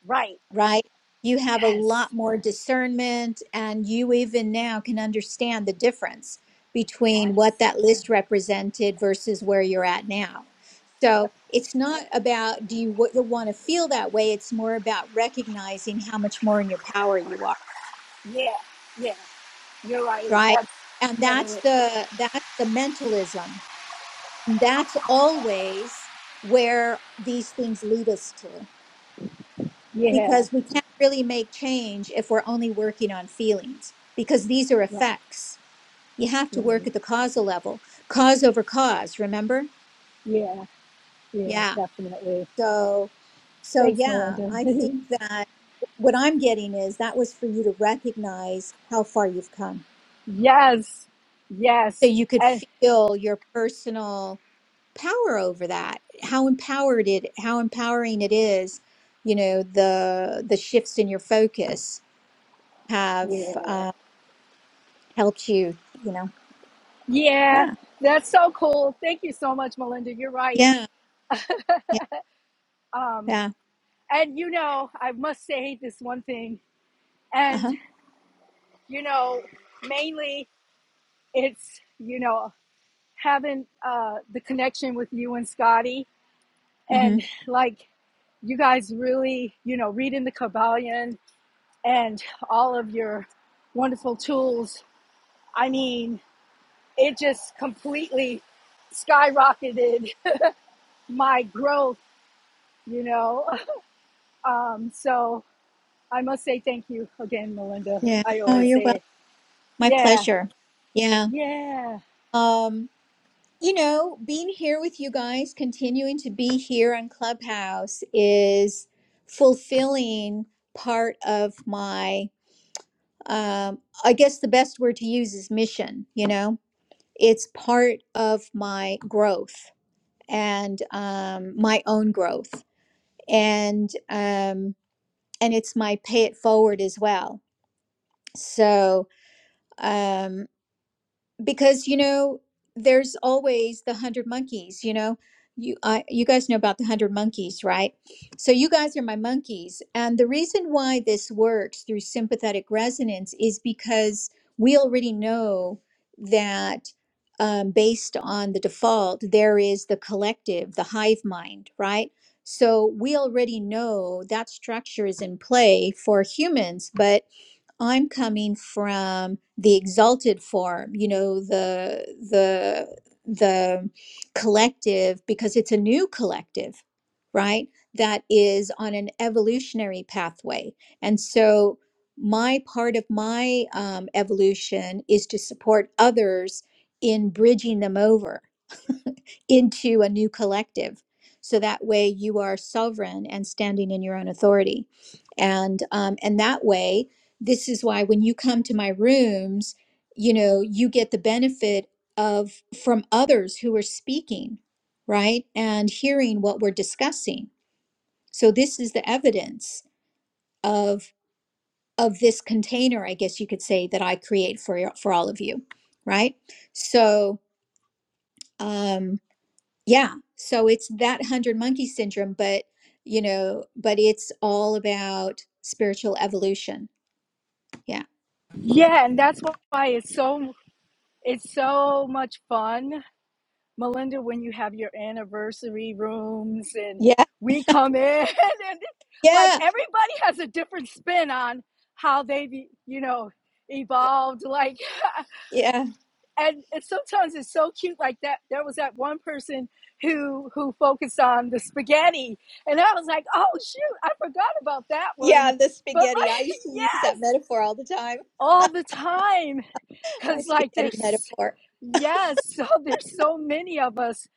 Right.
right? You have a
Yes.
lot more discernment, and you even now can understand the difference between
Yes.
what that list represented versus where you're at now.
Yep.
So it's not about do you want to feel that way? It's more about recognizing how much more in your power you are,
Yeah. Yeah. You're right.
right?
That's
And
better.
that's the that's the mentalism. that's always where these things lead us to.
Yeah.
because we can't really make change if we're only working on feelings because these are
Right.
effects. You have to work
Right.
at the causal level, cause over cause, remember?
Yeah. Yeah.
Yeah.
Definitely.
So so
Thanks,
yeah,
Melinda.
I think that what I'm getting is that was for you to recognize how far you've come.
yes.
So
Yes.
you could
And
feel your personal power over that. How empowered it how empowering it is, you know, the the shifts in your focus have
yeah.
um, helped you, you know.
Yeah.
Yeah.
That's so cool. Thank you so much, Melinda. You're right.
Yeah. Yeah.
Um,
Yeah.
and you know, I must say this one thing. And
Uh-huh.
you know, mainly it's you know having uh, the connection with you and Scotty,
hmm
and like you guys really, you know, reading the Kabbalion and all of your wonderful tools. I mean, it just completely skyrocketed my growth, you know. Um, so I must say thank you again, Melinda.
Yeah.
I
Oh,
always
you're
say
welcome.
it.
My
Yeah,
pleasure. Yeah.
yeah,
Um, you know, being here with you guys, continuing to be here on Clubhouse is fulfilling part of my um I guess the best word to use is mission, you know. It's part of my growth and um my own growth. And um and it's my pay it forward as well. So um, because you know there's always the hundred monkeys you know you I, you guys know about the hundred monkeys right so you guys are my monkeys and the reason why this works through sympathetic resonance is because we already know that um, based on the default there is the collective the hive mind right so we already know that structure is in play for humans but I'm coming from the exalted form, you know, the the the collective because it's a new collective, right? That is on an evolutionary pathway. And so my part of my um, evolution is to support others in bridging them over into a new collective. So that way you are sovereign and standing in your own authority. And um, and that way, this is why when you come to my rooms, you know, you get the benefit of from others who are speaking, right? And hearing what we're discussing. So this is the evidence of of this container, I guess you could say, that I create for your- for all of you, right? So um, Yeah. So it's that hundred monkey syndrome, but you know, but it's all about spiritual evolution. Yeah.
yeah, and that's why it's so it's so much fun Melinda, when you have your anniversary rooms and
Yeah,
we come in and like
Yeah.
everybody has a different spin on how they've, e, you know, evolved like
Yeah.
and it, sometimes it's so cute like that there was that one person who who focused on the spaghetti and i was like oh shoot i forgot about that
yeah,
one
the
but
spaghetti. I
like
used to use
yes
that metaphor all the time.
all the time
My
because like
spaghetti
there's
metaphor.
yes so there's so many of us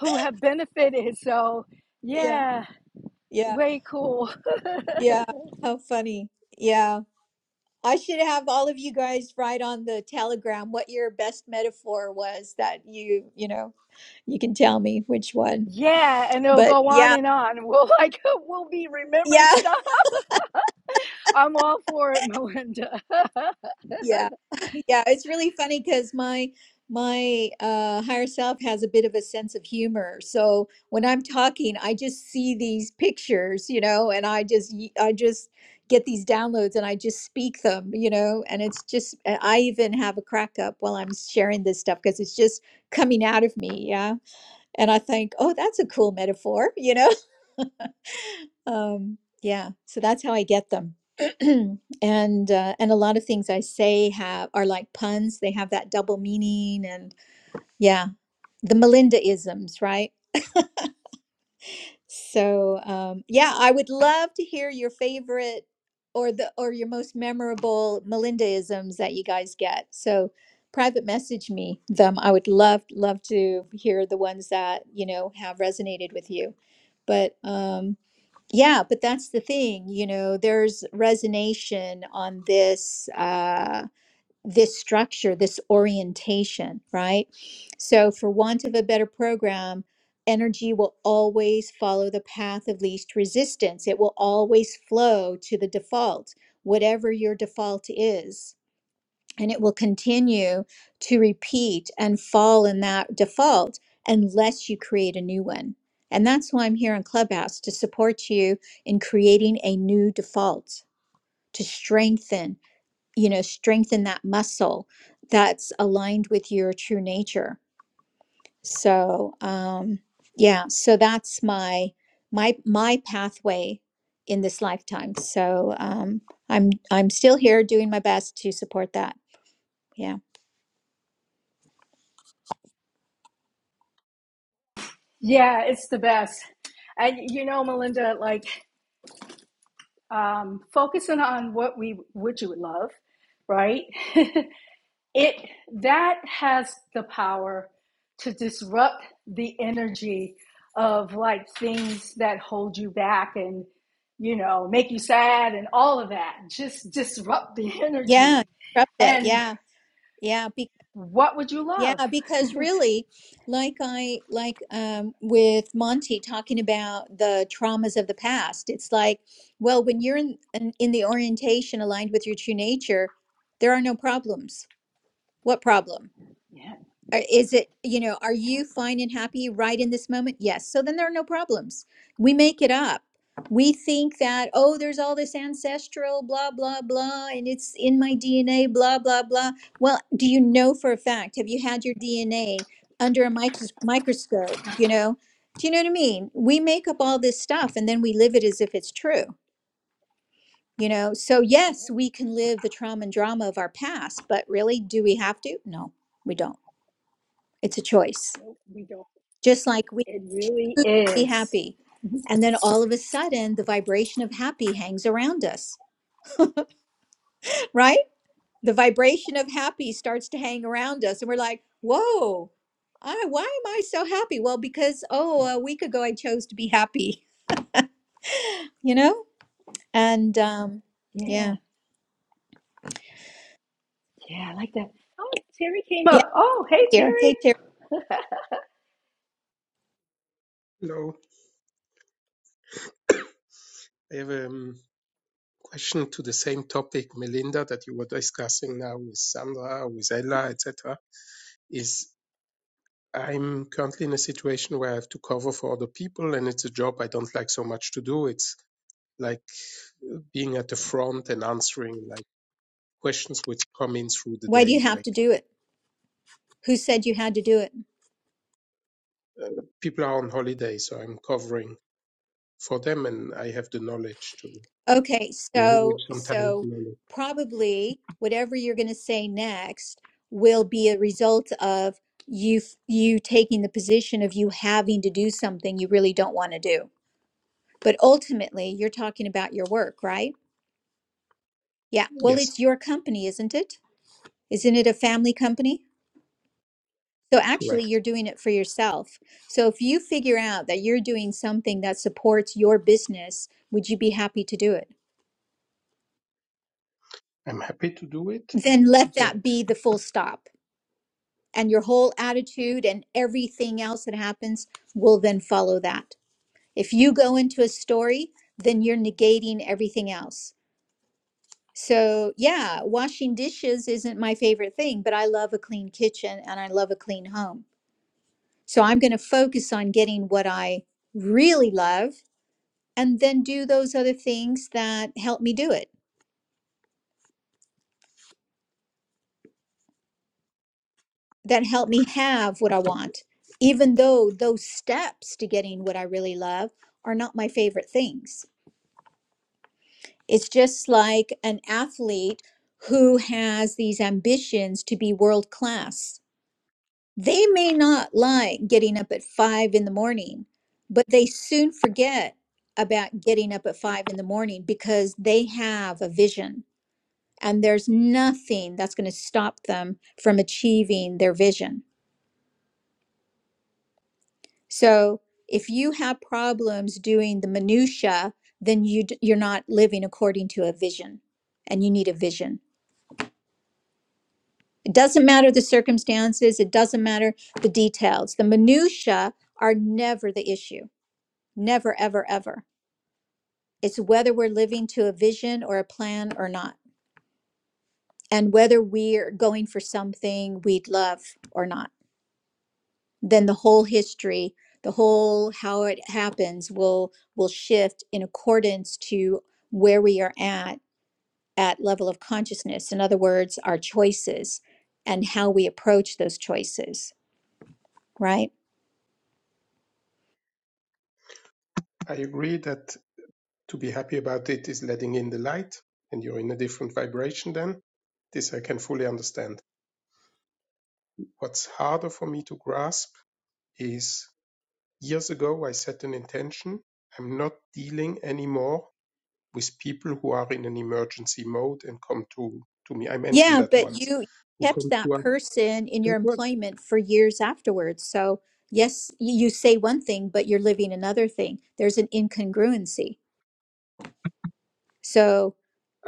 who have benefited so
Yeah,
yeah
yeah,
way cool
yeah. How funny. Yeah. I should have all of you guys write on the telegram what your best metaphor was that you, you know, you can tell me which one.
yeah and it'll
But
go on
yeah,
and on we'll like we'll be remembered
yeah.
stuff i'm all for it melinda
Yeah. Yeah, it's really funny because my my uh higher self has a bit of a sense of humor. So when I'm talking, I just see these pictures, you know, and I just y- I just get these downloads and I just speak them, you know, and it's just I I even have a crack up while I'm sharing this stuff because it's just coming out of me, yeah. And I think, "Oh, that's a cool metaphor," you know? Um, yeah, so that's how I get them. and uh, and a lot of things I say have are like puns. They have that double meaning, and yeah, the Melinda isms, right? So um, yeah, I would love to hear your favorite or the or your most memorable Melinda isms that you guys get. So private message me them. I would love love to hear the ones that you know have resonated with you. But um, yeah, but that's the thing, you know, there's resonation on this uh this structure, this orientation, right? So for want of a better program, energy will always follow the path of least resistance. It will always flow to the default, whatever your default is and it will continue to repeat and fall in that default unless you create a new one. And that's why I'm here on Clubhouse to support you in creating a new default to strengthen, you know, strengthen that muscle that's aligned with your true nature. So, um, yeah, so that's my my my pathway in this lifetime. So, um, I'm I'm still here doing my best to support that. Yeah.
yeah it's the best and you know melinda like um focusing on what we what you would love right it that has the power to disrupt the energy of like things that hold you back and you know make you sad and all of that just disrupt the
Yeah,
energy
disrupt it.
and
Yeah, yeah, be
what would you love
yeah, because really, like I like um, with Monty talking about the traumas of the past, it's like, well, when you're in, in in the orientation aligned with your true nature, there are no problems. What problem?
yeah
Or Is it, you know, are
yeah
you fine and happy right in this moment? Yes. So then there are no problems. We make it up. We think that, oh, there's all this ancestral blah, blah, blah, and it's in my DNA, blah, blah, blah. Well, do you know for a fact? Have you had your DNA under a micros- microscope? You know, do you know what I mean? We make up all this stuff and then we live it as if it's true, you know? So,
yeah
yes, we can live the trauma and drama of our past, but really, do we have to? No, we don't. It's a choice
nope we don't
just like we
it really
be
is
happy. And then all of a sudden, the vibration of happy hangs around us, right? The vibration of happy starts to hang around us, and we're like, whoa, I, why am I so happy? Well, because, oh, a week ago I chose to be happy, you know? And um,
yeah
yeah.
yeah i like that oh terry came
Yeah,
up oh hey
here.
terry
Hey, Terry,
Hello. I have a um, question to the same topic, Melinda, that you were discussing now with Sandra, with Ella, etc. Is I'm currently in a situation where I have to cover for other people, and it's a job I don't like so much to do. It's like being at the front and answering like questions which come in through the
why do you
day.
have
Like
to do it? Who said you had to do it?
people are on holiday, so I'm covering for them, and I have the knowledge to
Okay,
language
so
sometimes
so
knowledge.
probably whatever you're going to say next will be a result of you f- you taking the position of you having to do something you really don't want to do. But ultimately, you're talking about your work, right? Yeah. Well,
Yes,
it's your company, isn't it? Isn't it a family company? So actually,
correct.
you're doing it for yourself. So if you figure out that you're doing something that supports your business, would you be happy to do it?
I'm happy to do it.
Then let that
Yet
be the full stop and your whole attitude and everything else that happens will then follow that. If you go into a story, then you're negating everything else. So, yeah, washing dishes isn't my favorite thing, but I love a clean kitchen and I love a clean home. So, I'm going to focus on getting what I really love and then do those other things that help me do it, that help me have what I want, even though those steps to getting what I really love are not my favorite things It's just like an athlete who has these ambitions to be world class. They may not like getting up at five in the morning, but they soon forget about getting up at five in the morning because they have a vision and there's nothing that's going to stop them from achieving their vision. So if you have problems doing the minutia, then you d- you're not living according to a vision and you need a vision It doesn't matter the circumstances, it doesn't matter the details. The minutiae are never the issue. Never, ever, ever. It's whether we're living to a vision or a plan or not, and whether we're going for something we'd love or not. Then the whole history, the whole how it happens will will shift in accordance to where we are at at level of consciousness. In other words, our choices and how we approach those choices, right?
I agree that to be happy about it is letting in the light, and you're in a different vibration then. This I can fully understand. What's harder for me to grasp is years ago I set an intention. I'm not dealing anymore with people who are in an emergency mode and come to, to me. I mentioned
Yeah,
that
but
once.
you
Who
kept
come
that
to us?
person in your
That
employment for years afterwards. So, yes, y- you say one thing, but you're living another thing. There's an incongruency. So,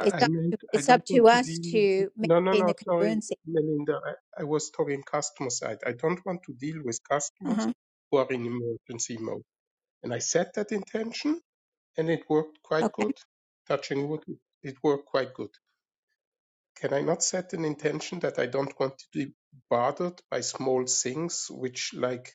it's up
meant
to,
I
it's
don't
up
want
to
to
us
deal.
to
No, no,
maintain
no.
the
Sorry,
congruency.
Melinda. I, I was talking customer side. I don't want to deal with customers
Uh-huh.
who are in emergency mode. And I set that intention, and it worked quite good.
Okay.
Touching wood, it it worked quite good. Can I not set an intention that I don't want to be bothered by small things, which like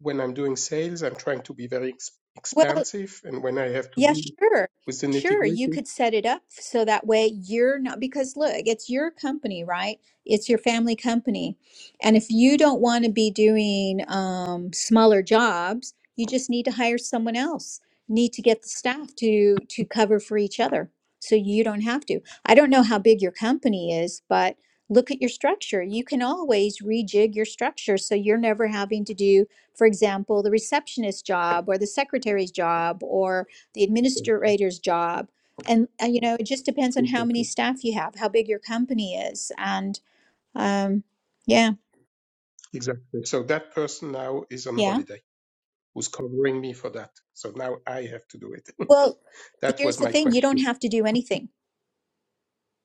when I'm doing sales, I'm trying to be very ex-
Well,
expansive, and when I have to
Yeah,
deal
sure.
with the nitty
Sure. You
gritty,
could set it up so that way you're not, because look, it's your company, right? It's your family company. And if you don't want to be doing um, smaller jobs, you just need to hire someone else. Need to get the staff to to cover for each other so you don't have to. I don't know how big your company is, but look at your structure. You can always rejig your structure so you're never having to do, for example, the receptionist job or the secretary's job the administrator's job and uh, you know it just depends on how many staff you have how big your company is and um yeah
Exactly. So that person now is on
yeah
holiday who's covering me for that. So now I have to do it.
well
that was
here's the
my
thing you don't
question.
have to do anything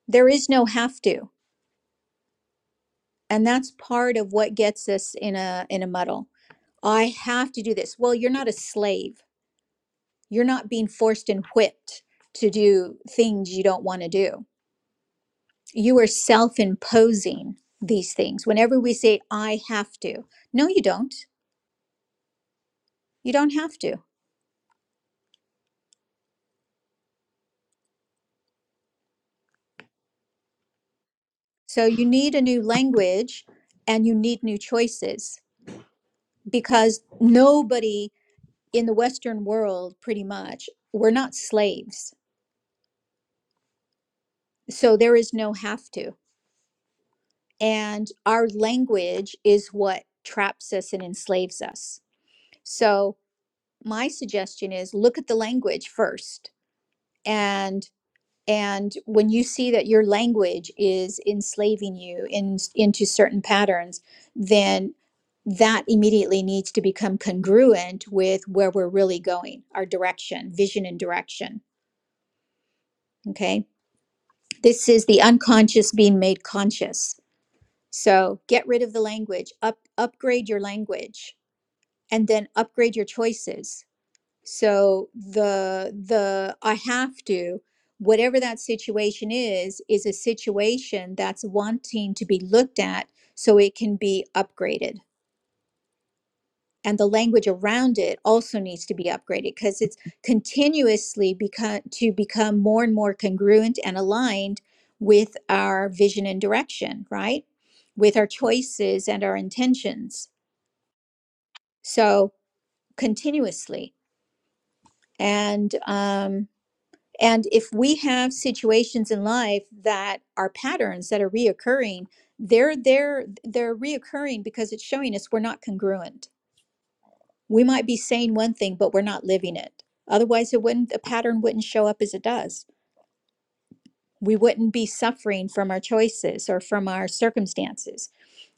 there is no have to and that's part of what gets us in a in a muddle i have to do this well you're not a slave you're not being forced and whipped to do things you don't want to do you are self-imposing these things whenever we say i have to no you don't you don't have to So you need a new language and you need new choices because nobody in the Western world, pretty much, we're not slaves. So there is no have to. And our language is what traps us and enslaves us. So my suggestion is look at the language first. And And when you see that your language is enslaving you in, into certain patterns, then that immediately needs to become congruent with where we're really going, our direction, vision, and direction. Okay. This is the unconscious being made conscious. So get rid of the language, up, upgrade your language, and then upgrade your choices So the the I have to, whatever that situation is, is a situation that's wanting to be looked at so it can be upgraded. And the language around it also needs to be upgraded because it's continuously become to become more and more congruent and aligned with our vision and direction, right? With our choices and our intentions. So continuously. And um. And if we have situations in life that are patterns that are reoccurring, they're they're they're reoccurring because it's showing us we're not congruent. We might be saying one thing, but we're not living it. Otherwise, it wouldn't the pattern wouldn't show up as it does. We wouldn't be suffering from our choices or from our circumstances.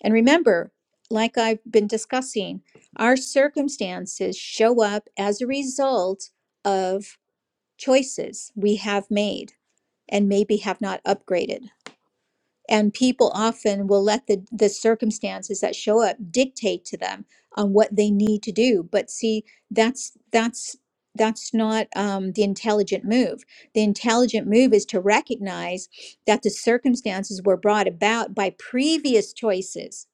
And remember, like I've been discussing, our circumstances show up as a result of choices we have made and maybe have not upgraded. And people often will let the, the circumstances that show up dictate to them on what they need to do. But see, that's that's that's not um, the intelligent move. The intelligent move is to recognize that the circumstances were brought about by previous choices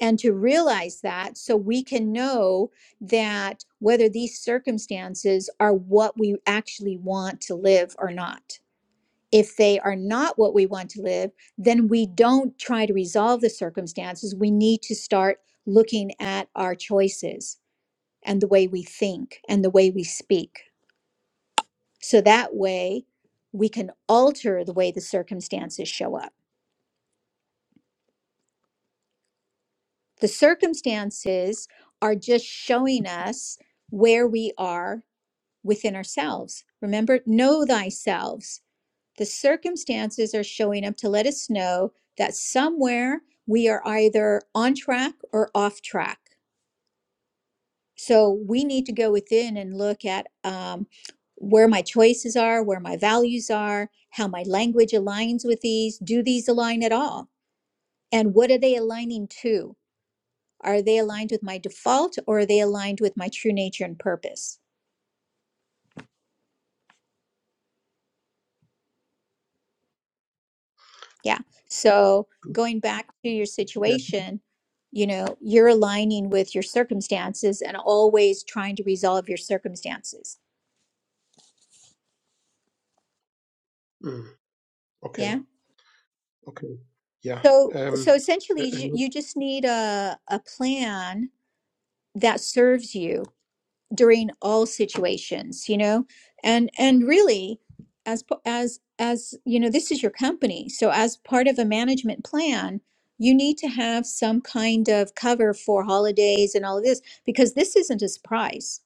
and to realize that so we can know that whether these circumstances are what we actually want to live or not if they are not what we want to live, then we don't try to resolve the circumstances. We need to start looking at our choices and the way we think and the way we speak. So that way we can alter the way the circumstances show up. The circumstances are just showing us where we are within ourselves. Remember, know thyself. The circumstances are showing up to let us know that somewhere we are either on track or off track. So we need to go within and look at um, where my choices are, where my values are, how my language aligns with these. Do these align at all? And what are they aligning to? Are they aligned with my default or are they aligned with my true nature and purpose? Yeah. So going back to your
Yeah.
situation, you know, you're aligning with your circumstances and always trying to resolve your circumstances.
Mm, okay.
Yeah.
Okay. Yeah.
So
Um,
so
uh,
essentially
uh,
you,
not-
you just need a a plan that serves you during all situations you know and and really as p- as as you know this is your company so as part of a management plan you need to have some kind of cover for holidays and all of this because this isn't a surprise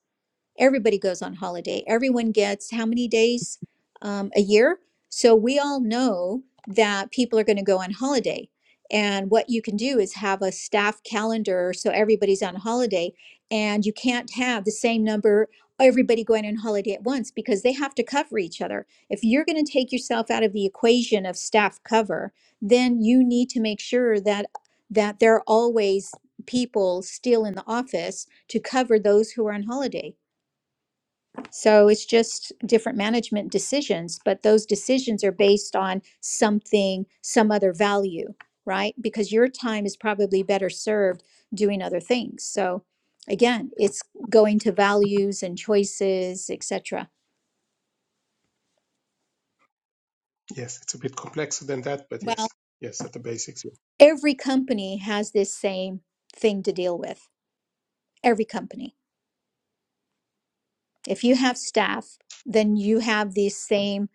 everybody goes on holiday. Everyone gets how many days um, a year? So we all know that people are going to go on holiday. And what you can do is have a staff calendar so everybody's on holiday. And you can't have the same number, everybody going on holiday at once because they have to cover each other. If you're going to take yourself out of the equation of staff cover, then you need to make sure that that there are always people still in the office to cover those who are on holiday so it's just different management decisions, but those decisions are based on something, some other value, right? Because your time is probably better served doing other things. So again, it's going to values and choices, etc.
yes, it's a bit complexer than that, but yes.
Well,
Yes, at the basics. Yeah.
every company has this same thing to deal with. Every company. If you have staff, then you have these same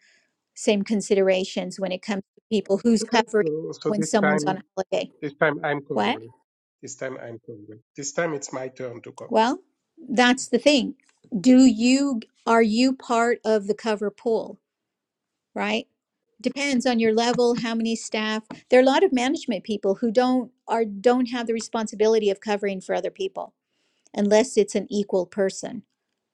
same considerations when it comes to people who's
Okay.
covering
So, so
when
this
someone's on
time,
holiday.
this time I'm
What?
covering. This time I'm covering. This time it's my turn to cover.
Well, that's the thing. Do you are you part of the cover pool, right? Depends on your level, how many staff. There are a lot of management people who don't are don't have the responsibility of covering for other people unless it's an equal person,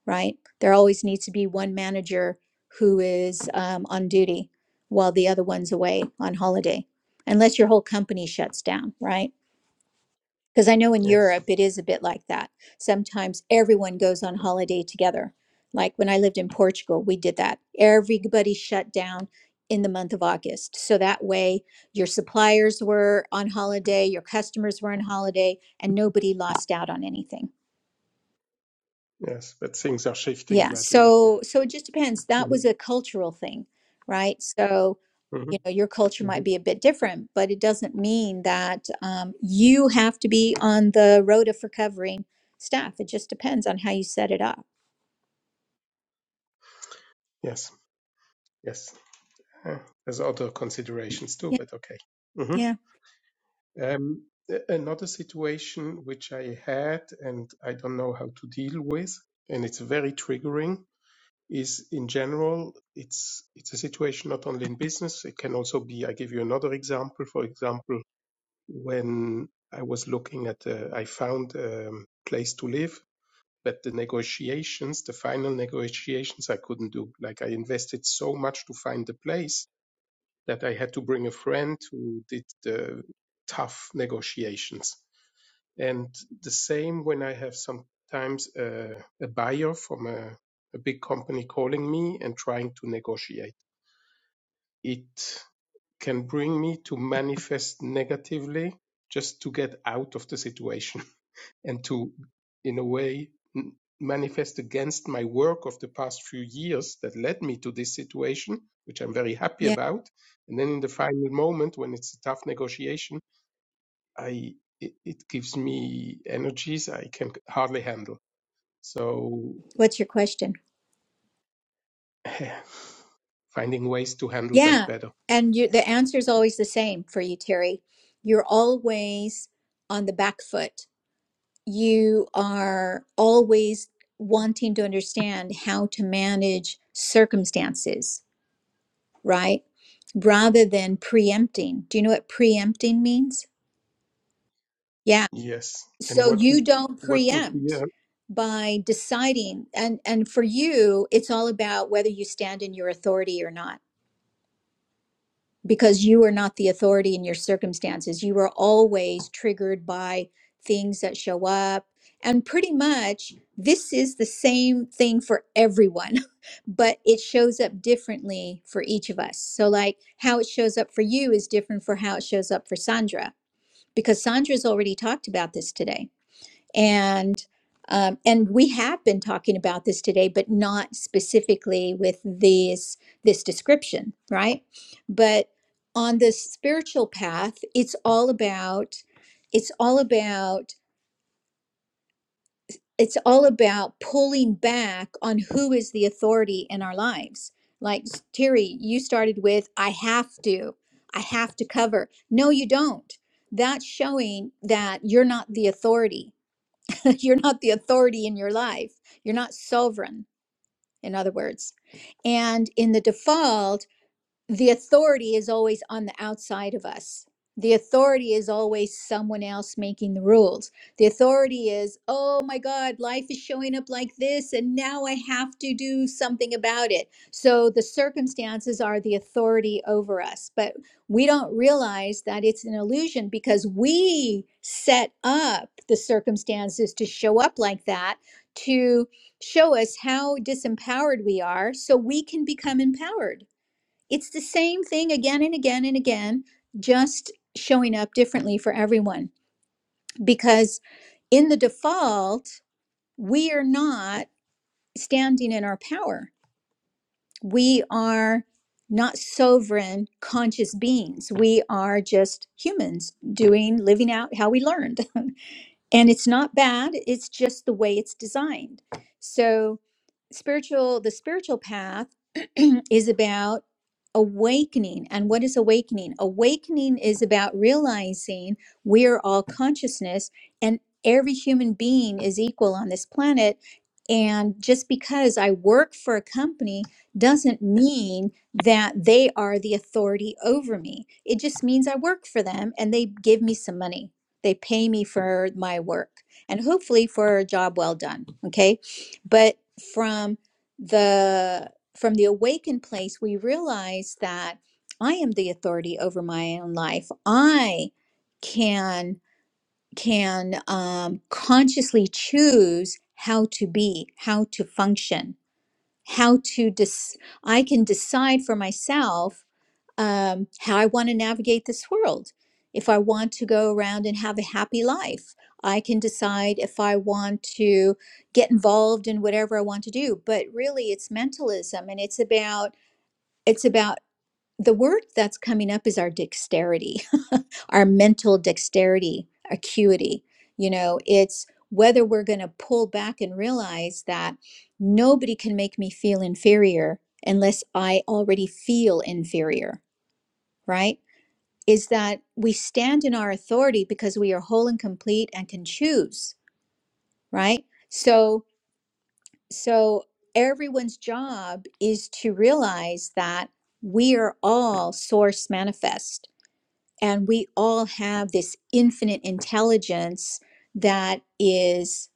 right? There always needs to be one manager who is um, on duty while the other one's away on holiday, unless your whole company shuts down, right? Because I know in
Yes.
Europe it is a bit like that. Sometimes everyone goes on holiday together. Like when I lived in Portugal, we did that. Everybody shut down in the month of August. So that way your suppliers were on holiday, your customers were on holiday, and nobody lost out on anything.
Yes. But things are shifting
Yeah.
gradually.
So so it just depends. That
hmm
was a cultural thing, right? So
hmm
you know your culture
hmm
might be a bit different but it doesn't mean that um, you have to be on the road of recovering staff it just depends on how you set it up
Yes. Yes. Uh, there's other considerations too,
yeah
but okay. hmm
yeah
Um, a- another situation which I had and I don't know how to deal with, and it's very triggering, is in general, it's it's a situation not only in business, it can also be, I give you another example. For example, when I was looking at, a, I found a um, place to live, but the negotiations, the final negotiations, I couldn't do. Like I invested so much to find the place that I had to bring a friend who did the tough negotiations and the same when I have sometimes a, a buyer from a, a big company calling me and trying to negotiate. It can bring me to manifest negatively just to get out of the situation and to, in a way, n- manifest against my work of the past few years that led me to this situation, which I'm very happy
yeah
about. And then in the final moment, when it's a tough negotiation, I it, it gives me energies I can hardly handle. So
what's your question
finding ways to handle that
yeah
better.
and you, the answer is always the same for you terry you're always on the back foot you are always wanting to understand how to manage circumstances right rather than preempting do you know what preempting means Yeah.
Yes. And
So
what would
you
be,
don't
what would be?
preempt
Uh,
by deciding and and for you it's all about whether you stand in your authority or not because you are not the authority in your circumstances. You are always triggered by things that show up and pretty much this is the same thing for everyone but it shows up differently for each of us. So like how it shows up for you is different for how it shows up for Sandra because Sandra's already talked about this today and um, and we have been talking about this today, but not specifically with these this description, right? But on the spiritual path, it's all about it's all about it's all about pulling back on who is the authority in our lives. Like Terry, you started with, I have to, I have to cover. No, you don't. That's showing that you're not the authority you're not the authority in your life. You're not sovereign, in other words. And in the default, the authority is always on the outside of us. The authority is always someone else making the rules. The authority is, oh my God, life is showing up like this, and now I have to do something about it. So the circumstances are the authority over us. But we don't realize that it's an illusion because we set up the circumstances to show up like that, to show us how disempowered we are so we can become empowered it's the same thing again and again and again, just showing up differently for everyone. Because in the default, we are not standing in our power. We are not sovereign conscious beings. We are just humans doing, living out how we learned. and it's not bad it's just the way it's designed so spiritual the spiritual path is about awakening and what is awakening awakening is about realizing we are all consciousness and every human being is equal on this planet and just because i work for a company doesn't mean that they are the authority over me it just means i work for them and they give me some money they pay me for my work and hopefully for a job well done. Okay. But from the from the awakened place, we realize that I am the authority over my own life. I can can um, consciously choose how to be, how to function how to dis- I can decide for myself um, how I want to navigate this world. If I want to go around and have a happy life, I can decide if I want to get involved in whatever I want to do. But really, it's mentalism, and it's about it's about the word that's coming up is our dexterity our mental dexterity, acuity. You know, it's whether we're going to pull back and realize that nobody can make me feel inferior unless I already feel inferior, right? Is that we stand in our authority because we are whole and complete and can choose, right? So, so everyone's job is to realize that we are all source manifest And we all have this infinite intelligence that is,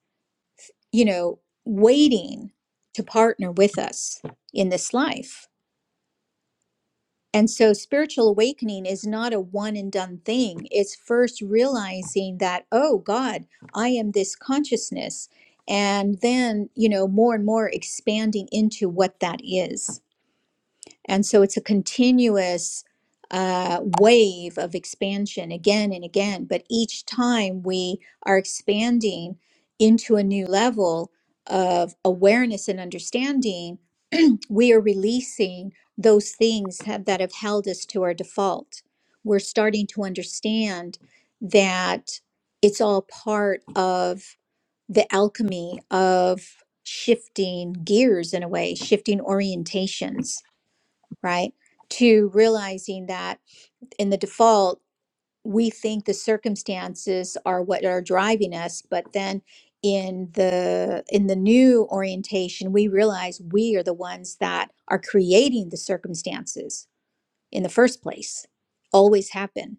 you know, waiting to partner with us in this life. And so spiritual awakening is not a one and done thing. It's first realizing that, oh God, I am this consciousness. And then, you know, more and more expanding into what that is. And so it's a continuous uh, wave of expansion again and again. But each time we are expanding into a new level of awareness and understanding, we are releasing those things have, that have held us to our default. We're starting to understand that it's all part of the alchemy of shifting gears in a way, shifting orientations right? To realizing that in the default, we think the circumstances are what are driving us, but then in the in the new orientation we realize we are the ones that are creating the circumstances in the first place always happen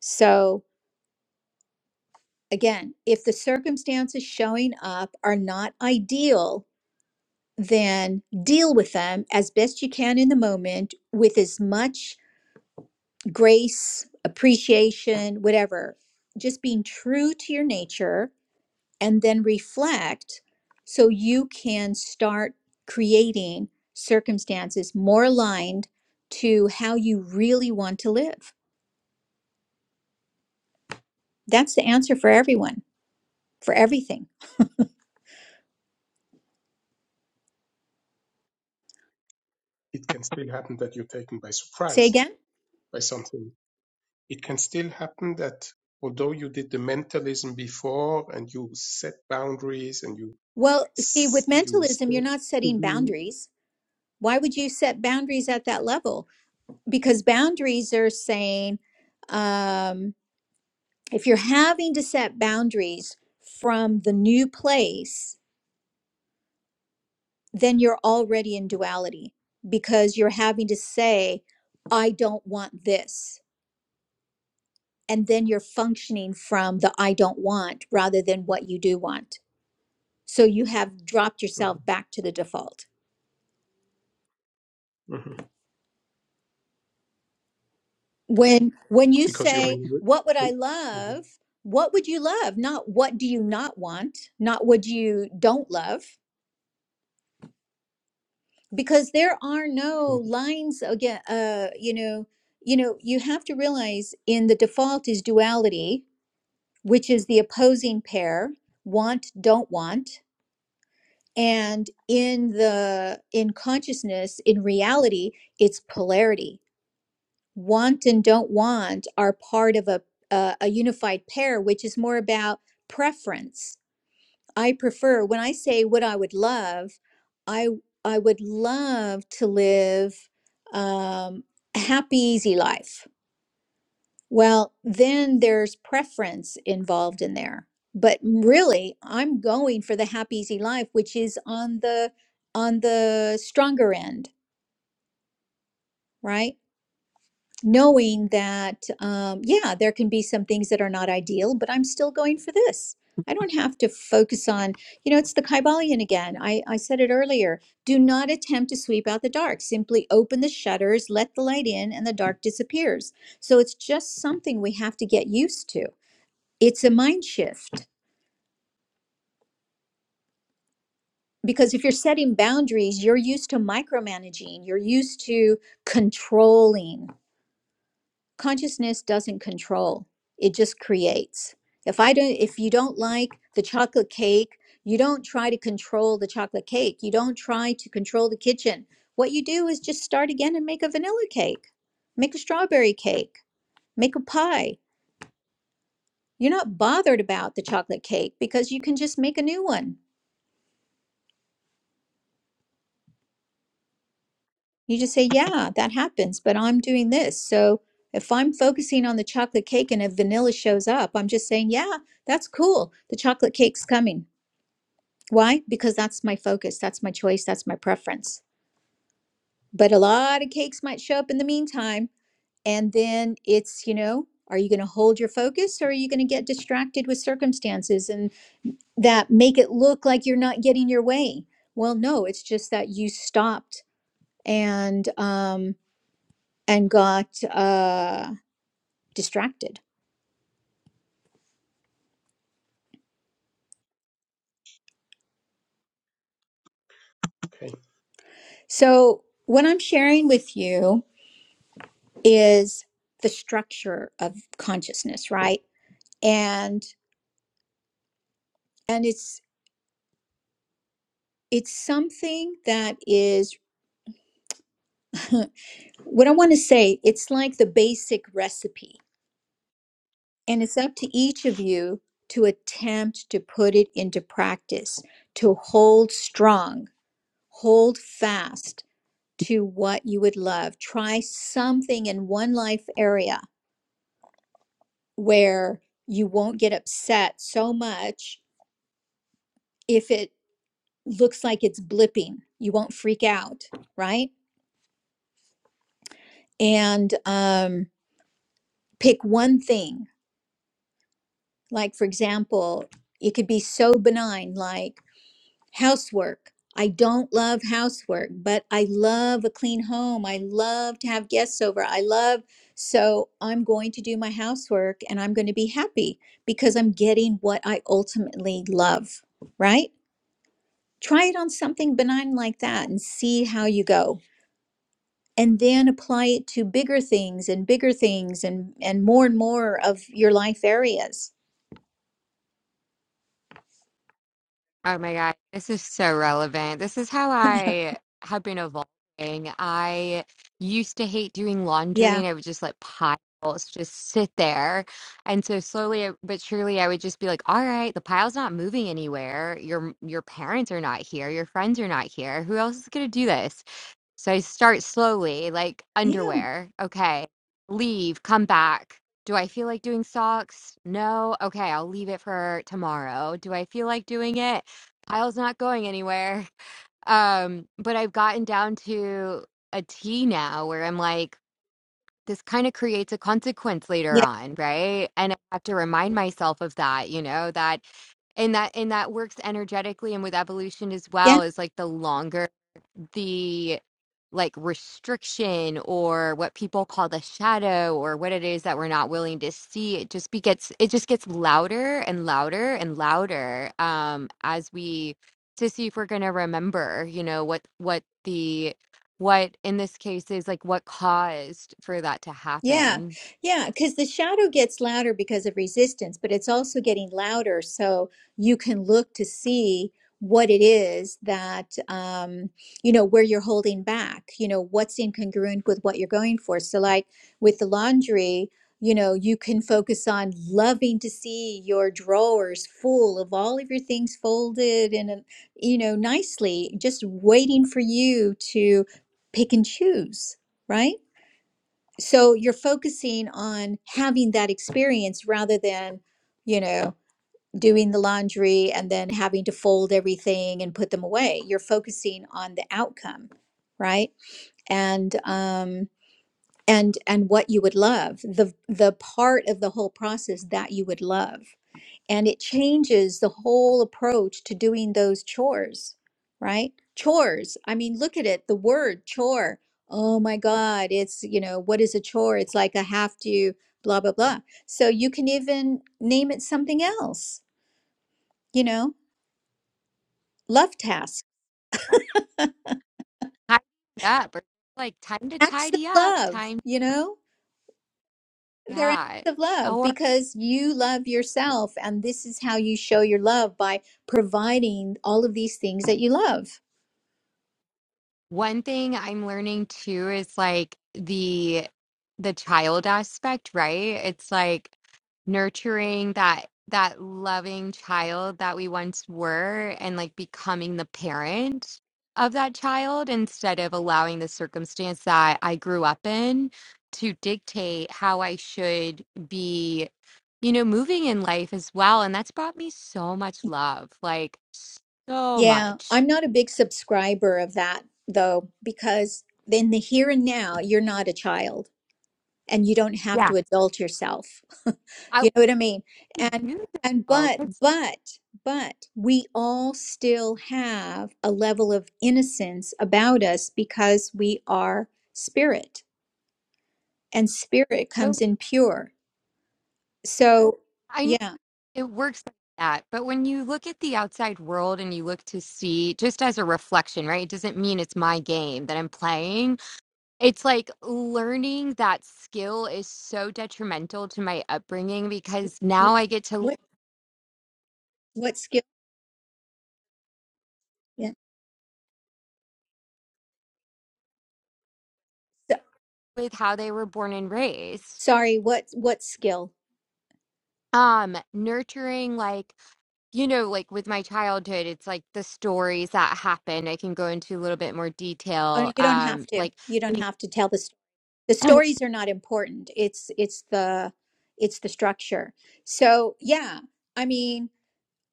so again if the circumstances showing up are not ideal then deal with them as best you can in the moment with as much grace, appreciation, whatever. Just being true to your nature and then reflect so you can start creating circumstances more aligned to how you really want to live. That's the answer for everyone, for everything.
it can still happen that you're taken by
Say
surprise
again?
by something. It can still happen that although you did the mentalism before and you set boundaries and you
Well, see,
s-
with
you
mentalism, you're
set
not
to
setting
be in,
boundaries. Why would you set boundaries at that level? Because boundaries are saying, um, if you're having to set boundaries from the new place, then you're already in duality because you're having to say, I don't want this. And then you're functioning from the I don't want rather than what you do want. So you have dropped
Mhm,
yourself back to the default.
mhm.
When when you
because you're
say,
in.
what would I
Mhm, mhm,
love? What would you love? Not what do you not want, not what you don't love because there are
mhm.
no lines again uh you know you know you have to realize in the default is duality which is the opposing pair want don't want and in the in consciousness in reality it's polarity want and don't want are part of a uh, a a unified pair which is more about preference I prefer when I say what I would love, I I would love to live um, a happy, easy life. Well, then there's preference involved in there. But really, I'm going for the happy, easy life, which is on the on the stronger end, right? knowing that um, yeah there can be some things that are not ideal but i'm still going for this i don't have to focus on you know it's the kybalion again I, I said it earlier do not attempt to sweep out the dark simply open the shutters let the light in and the dark disappears so it's just something we have to get used to it's a mind shift because if you're setting boundaries you're used to micromanaging you're used to controlling consciousness doesn't control it just creates if i don't if you don't like the chocolate cake you don't try to control the chocolate cake you don't try to control the kitchen what you do is just start again and make a vanilla cake make a strawberry cake make a pie you're not bothered about the chocolate cake because you can just make a new one you just say yeah that happens but i'm doing this so if i'm focusing on the chocolate cake and a vanilla shows up i'm just saying yeah that's cool the chocolate cake's coming Why? Because that's my focus, that's my choice, that's my preference. But a lot of cakes might show up in the meantime. And then it's, you know, are you going to hold your focus or are you going to get distracted with circumstances and that make it look like you're not getting your way? Well, no, it's just that you stopped and um and got uh distracted.
Okay.
So, what I'm sharing with you is the structure of consciousness, right? And and it's it's something that is what I want to say. It's like the basic recipe, and it's up to each of you to attempt to put it into practice, to hold strong, hold fast to what you would love. Try something in one life area where you won't get upset so much if it looks like it's blipping. You won't freak out, right? And um, pick one thing Like, for example, it could be so benign, like housework. I don't love housework, but I love a clean home. I love to have guests over. I love, so I'm going to do my housework and I'm going to be happy because I'm getting what I ultimately love, right? Try it on something benign like that and see how you go. And then apply it to bigger things and bigger things and, and more and more of your life areas.
Oh my God, this is so relevant. This is how I have been evolving. I used to hate doing laundry
Yeah.
and I would just let piles just sit there. And so slowly uh, but surely I would just be like, all right, the pile's not moving anywhere. Your your parents are not here. Your friends are not here. Who else is going to do this? So I start slowly, like
Yeah.
underwear. Okay. Leave, come back. Do I feel like doing socks? No. Okay, I'll leave it for tomorrow. Do I feel like doing it? Kyle's not going anywhere. Um, but I've gotten down to a T now where I'm like, this kind of creates a consequence later
Yeah.
on, right? And I have to remind myself of that, you know, that and that and that works energetically and with evolution as
yeah.
well is like the longer the like restriction or what people call the shadow or what it is that we're not willing to see it just be gets it just gets louder and louder and louder um as we to see if we're going to remember you know what what the what in this case is like what caused for that to
Yeah,
happen
yeah, because the shadow gets louder because of resistance, but it's also getting louder so you can look to see what it is that, um, you know, where you're holding back, you know, what's incongruent with what you're going for. So, like with the laundry, you know, you can focus on loving to see your drawers full of all of your things folded and, uh, you know, nicely, just waiting for you to pick and choose, right? so you're focusing on having that experience rather than you know doing the laundry and then having to fold everything and put them away you're focusing on the outcome right and um and and what you would love the the part of the whole process that you would love and it changes the whole approach to doing those chores, right? Chores. I mean, look at it, the word chore. Oh my God, it's, you know, what is a chore? It's like a have to, blah, blah, blah. So you can even name it something else, you know, love task,
tidy up or like time to
acts of
tidy up
love,
time
you know, they're acts
yeah
of love because you love yourself. And this is how you show your love by providing all of these things that you love.
One thing I'm learning too is like the the child aspect, right? It's like nurturing that that loving child that we once were and like becoming the parent of that child instead of allowing the circumstance that I grew up in to dictate how I should be, you know, moving in life as well. And that's brought me so much love, like so
Yeah,
much.
I'm not a big subscriber of that though, because in the here and now, you're not a child and you don't have
Yeah.
to adult yourself. You know what I mean?
they
And
do
and
though.
but
'cause-
but but we all still have a level of innocence about us because we are spirit and spirit
but
comes in pure. So,
I know
yeah.
it works like that. But when you look at the outside world and you look to see just as a reflection, right? It doesn't mean it's my game that I'm playing. It's like learning that skill is so detrimental to my upbringing because now I get to live
What what skill? Yeah. So,
with how they were born and raised.
sorry, what what skill?
Um, nurturing like you know, like with my childhood, it's like the stories that happened. I can go into a little bit more
Oh,
detail.
you don't have
Um,
to.
like
You don't have to tell the story. The stories are not important. It's it's the it's the structure. So yeah, I mean,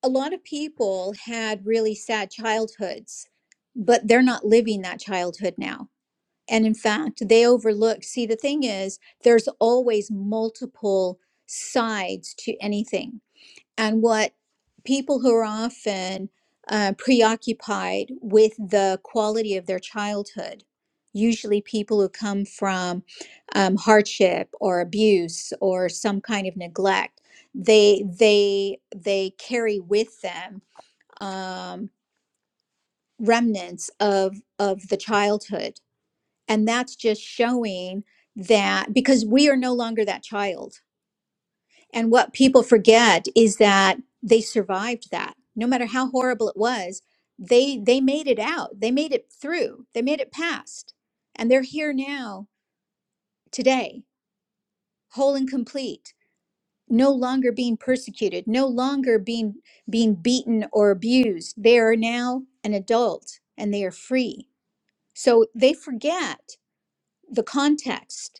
a lot of people had really sad childhoods, but they're not living that childhood now. And in fact, they overlook. See, the thing is, there's always multiple sides to anything and what people who are often uh, preoccupied with the quality of their childhood, usually people who come from um, hardship or abuse or some kind of neglect, they they they carry with them um, remnants of of the childhood, and that's just showing that because we are no longer that child and what people forget is that they survived that. No matter how horrible it was, they they made it out. They made it through. They made it past. And they're here now today, whole and complete, no longer being persecuted, no longer being being beaten or abused. They are now an adult and they are free. So they forget the context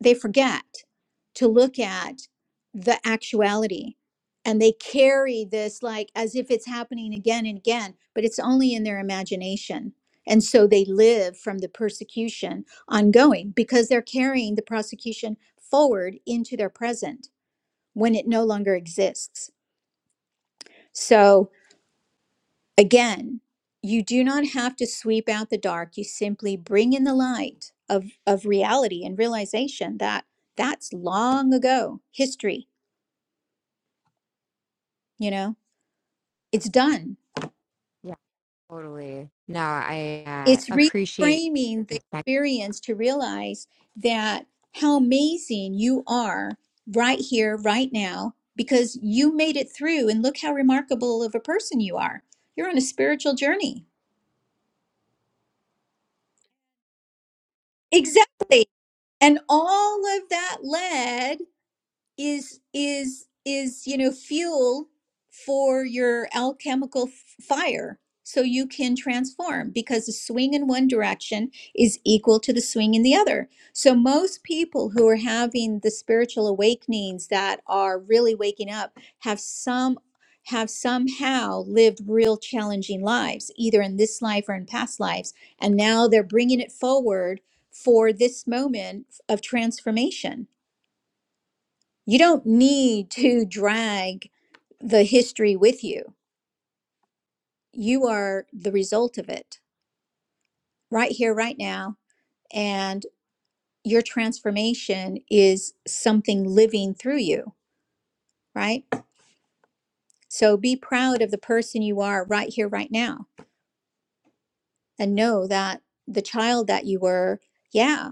they forget to look at the actuality and they carry this like as if it's happening again and again but it's only in their imagination and so they live from the persecution ongoing because they're carrying the prosecution forward into their present when it no longer exists so Again, you do not have to sweep out the dark. You simply bring in the light of, of reality and realization that that's long ago history, you know, it's done.
being Totally. No, I uh,
It's
appreciate
reframing the
that.
experience to realize that how amazing you are right here, right now, because you made it through and look how remarkable of a person you are. You're on a spiritual journey. Exactly. And all of that led is is is you know fuel for your alchemical f- fire so you can transform because the swing in one direction is equal to the swing in the other so most people who are having the spiritual awakenings that are really waking up have some have somehow lived real challenging lives either in this life or in past lives and now they're bringing it forward for this moment of transformation you don't need to drag the history with you. You are the result of it right here, right now. And your transformation is something living through you, right? So be proud of the person you are right here, right now. And know that the child that you were, yeah,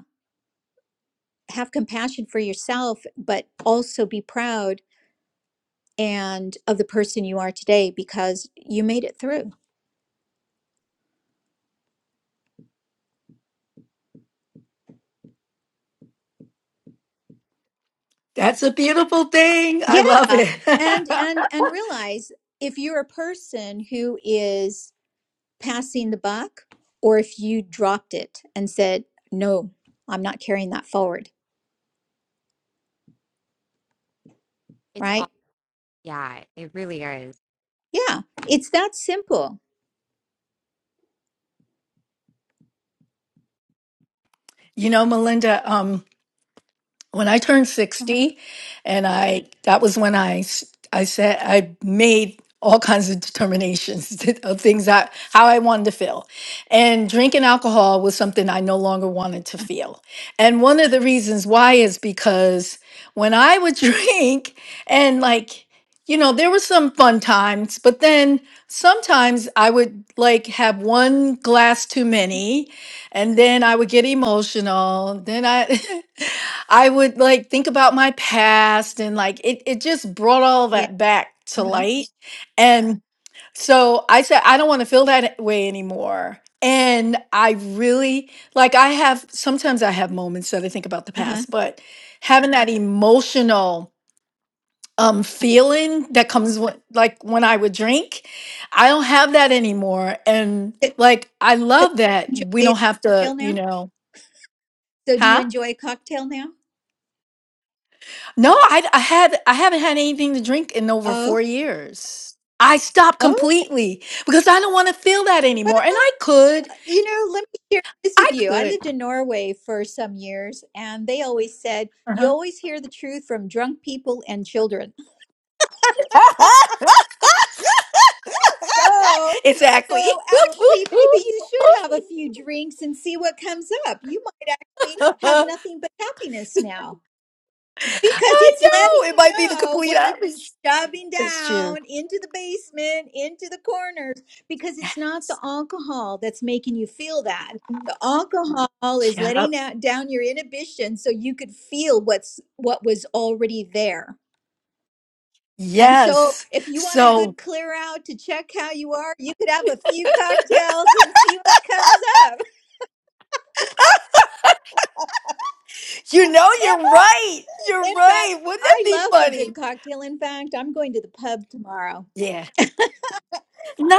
have compassion for yourself, but also be proud and of the person you are today because you made it through.
That's a beautiful thing. I
yeah
love it.
and and and realize if you're a person who is passing the buck or if you dropped it and said no i'm not carrying that forward
It's all,
right
yeah, it really is.
yeah it's that simple
you know, Melinda. Um, when I turned
uh-huh.
60 and I that was when I s- I said I made all kinds of determinations of things that how I wanted to feel. And drinking alcohol was something I no longer wanted to feel. And one of the reasons why is because when I would drink and like you know there were some fun times but then sometimes I would like have one glass too many and then I would get emotional. Then I I would like think about my past and like it it just brought all
yeah
that back to
uh-huh
light. And so I said I don't want to feel that way anymore. And I really like I have sometimes I have moments that I think about the
uh-huh
past, but having that emotional um feeling that comes when, like when I would drink, I don't have that anymore and
so,
like I love that
so
we
enjoy
don't
a
have to,
cocktail
you
now
know,
so do you
huh?
enjoy a cocktail now
No, I, I had I haven't had anything to drink in over
oh
four years. I stopped
oh
completely because I don't want to feel that
well
anymore. And I could,
you know let me share this
I
with you i
could.
lived in norway for some years and they always said you
Uh-huh.
always hear the truth from drunk people and children So,
exactly.
so actually, maybe you should have a few drinks and see what comes up. You might actually have
I
nothing but happiness now because it's letting
know it
you
might be the
know
complete
what you've been
opposite.
shoving
It's true.
down into the basement, into the corners, because it's not the alcohol that's making you feel that. The alcohol is letting
Yep.
out down your inhibition so you could feel what's what was already there. And so,
Yes.
if you want a
So
good clear out to check how you are, you could have a few cocktails and see what comes up.
you know you're right. You're
In fact,
right. Wouldn't that
I
be
love a good
funny?
cocktail. In fact, I'm going to the pub tomorrow.
Yeah.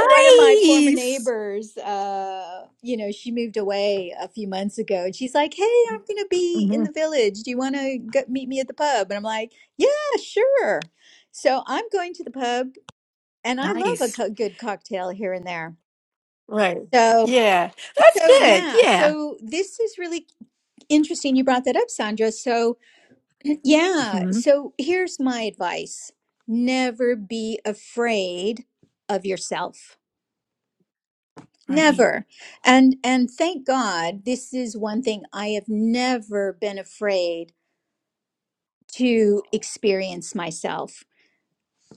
One of my former neighbors, uh, you know, she moved away a few months ago, and she's like, "Hey, I'm going to be in
Mhm.
the village. Do you want to go meet me at the pub?" And I'm like, "Yeah, sure." So I'm going to the pub, and I love a
Nice.
co- good cocktail here and there.
Right.
So.
Yeah. That's
So,
good.
yeah,
Yeah.
so this is really interesting. You brought that up, Sandra. So, yeah,
hmm
so here's my advice never be afraid of yourself.
Right.
Never. And and thank God this is one thing I have never been afraid to experience myself.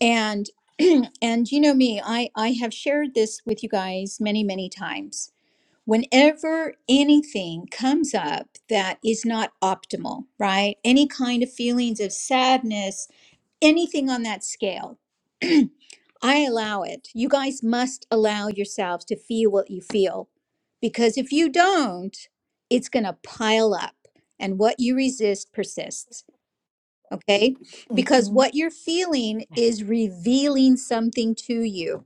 And and you know me, I I have shared this with you guys many many times whenever anything comes up that is not optimal, right? Any kind of feelings of sadness, anything on that scale, I allow it. You guys must allow yourselves to feel what you feel because if you don't, it's going to pile up and what you resist persists. Okay. Because
hmm
what you're feeling is revealing something to you,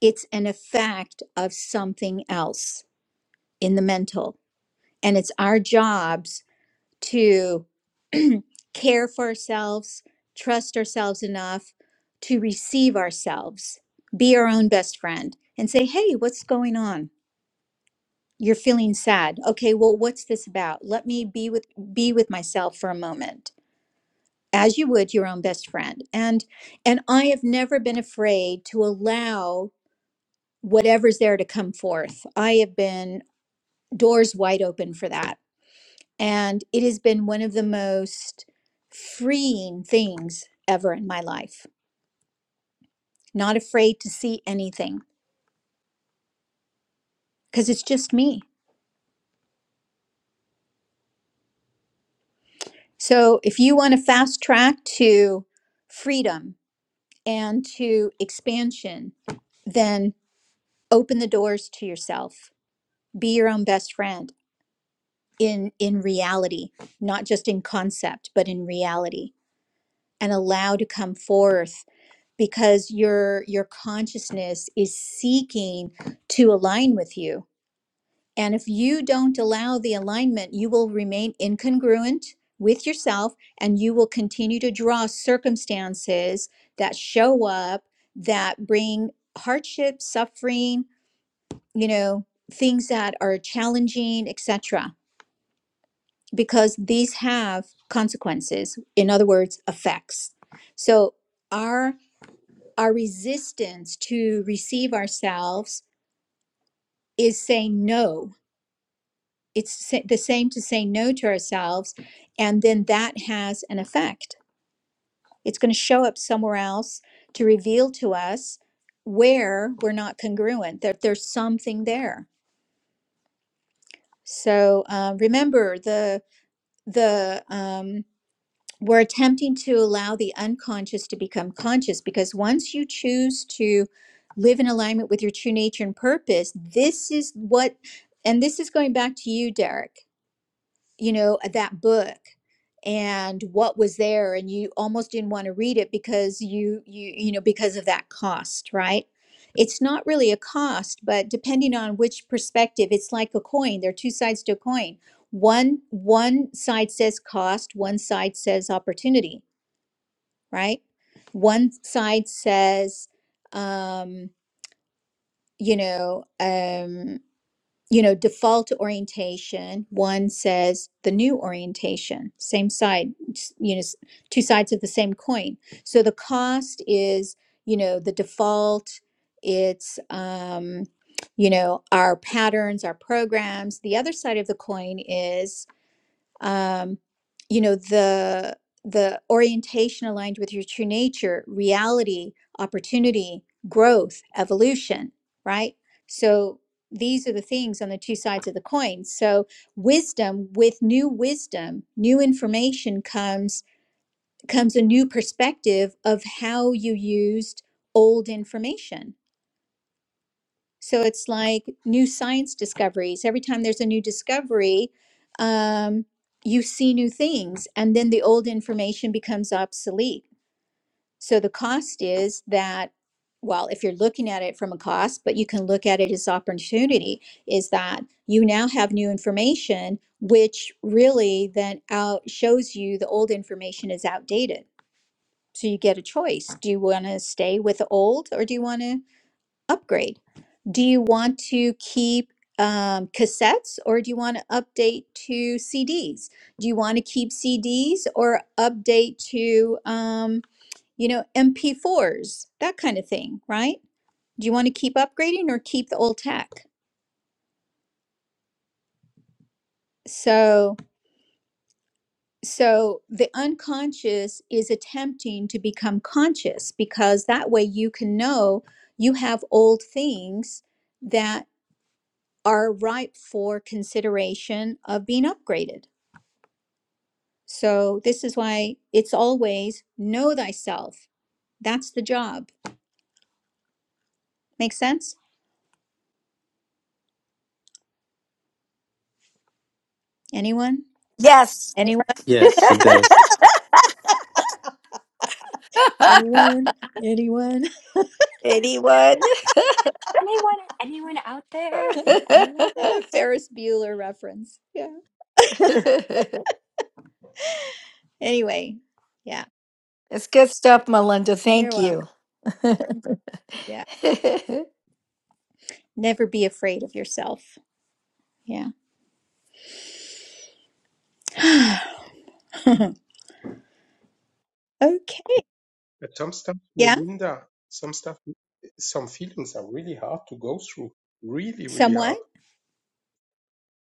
it's an effect of something else in the mental. And it's our jobs to care for ourselves, trust ourselves enough to receive ourselves, be our own best friend, and say, hey, what's going on? You're feeling sad. Okay, well, what's this about? Let me be with be with myself for a moment, as you would your own best friend. And and I have never been afraid to allow whatever's there to come forth. I have been doors wide open for that And it has been one of the most freeing things ever in my life. Not afraid to see anything because it's just me. So if you want to fast track to freedom and to expansion, then open the doors to yourself. Be your own best friend in in reality, not just in concept, but in reality and allow to come forth because your your consciousness is seeking to align with you and if you don't allow the alignment you will remain incongruent with yourself and you will continue to draw circumstances that show up that bring hardship suffering you know things that are challenging etc because these have consequences in other words effects so our our resistance to receive ourselves is saying no. It's the same to say no to ourselves. And then that has an effect. It's going to show up somewhere else to reveal to us where we're not congruent, that there's something there. So uh, remember the the um, we're attempting to allow the unconscious to become conscious because once you choose to live in alignment with your true nature and purpose, this is what, and this is going back to you, Derek you know, uh, that book and what was there and you almost didn't want to read it because you you you know because of that cost, right? It's not really a cost, but depending on which perspective, it's like a coin. There are two sides to a coin. One one side says cost, one side says opportunity, right? One side says um, you know, um you know, default orientation, one says the new orientation, same side, you know, two sides of the same coin. So the cost is, you know, the default, it's, um, you know, our patterns, our programs. The other side of the coin is um, you know the the orientation aligned with your true nature reality opportunity growth evolution right so these are the things on the two sides of the coin so wisdom with new wisdom new information comes comes a new perspective of how you used old information so it's like new science discoveries. Every time there's a new discovery, um, you see new things, and then the old information becomes obsolete. So the cost is that, well, if you're looking at it from a cost, but you can look at it as opportunity, is that you now have new information, which really then out shows you the old information is outdated. So you get a choice. Do you want to stay with the old or do you want to upgrade? Do you want to keep um, cassettes or do you want to update to CDs? Do you want to keep CDs or update to, um, you know, MP4s, that kind of thing, right? Do you want to keep upgrading or keep the old tech? So, so the unconscious is attempting to become conscious because that way you can know you have old things that are ripe for consideration of being upgraded So this is why it's always know thyself. That's the job. Make sense? Anyone?
Yes.
Anyone?
Yes, it does.
Anyone? Anyone?
Anyone?
Anyone, anyone out there? Anyone?
A Ferris Bueller reference. Yeah. Anyway, yeah.
it's good stuff, Melinda.
You're
Thank you.
welcome. Yeah. Never be afraid of yourself. Yeah. okay.
But some stuff,
Yeah.
Melinda, some stuff, some feelings are really hard to go through. Really, really hard.
Somewhat.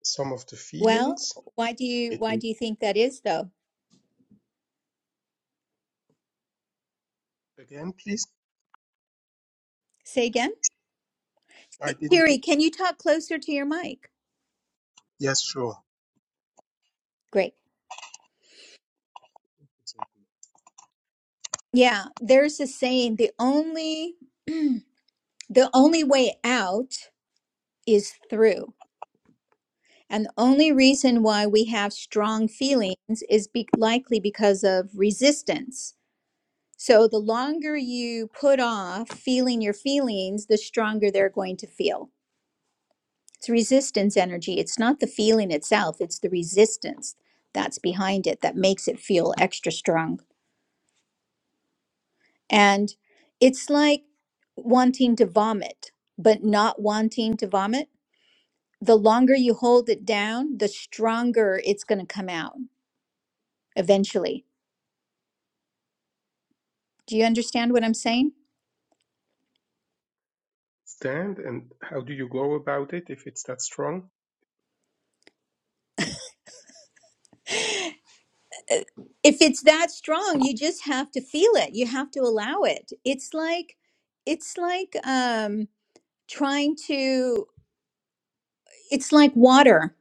Some of the
Well,
feelings,
why do you
it
why
was,
do you think that is though?
again, please,
Say again.
I didn't,
Terry, can you talk closer to your mic?
yes, sure.
Great. Yeah, there's a saying, the only the only way out is through. And the only reason why we have strong feelings is be- likely because of resistance. So the longer you put off feeling your feelings, the stronger they're going to feel. It's resistance energy. It's not the feeling itself, it's the resistance that's behind it that makes it feel extra strong. And it's like wanting to vomit, but not wanting to vomit. The longer you hold it down, the stronger it's going to come out eventually. Do you understand what I'm saying?
Stand and how do you go about it if it's that strong?
If it's that strong, you just have to feel it. You have to allow it. It's like it's like um trying to it's like water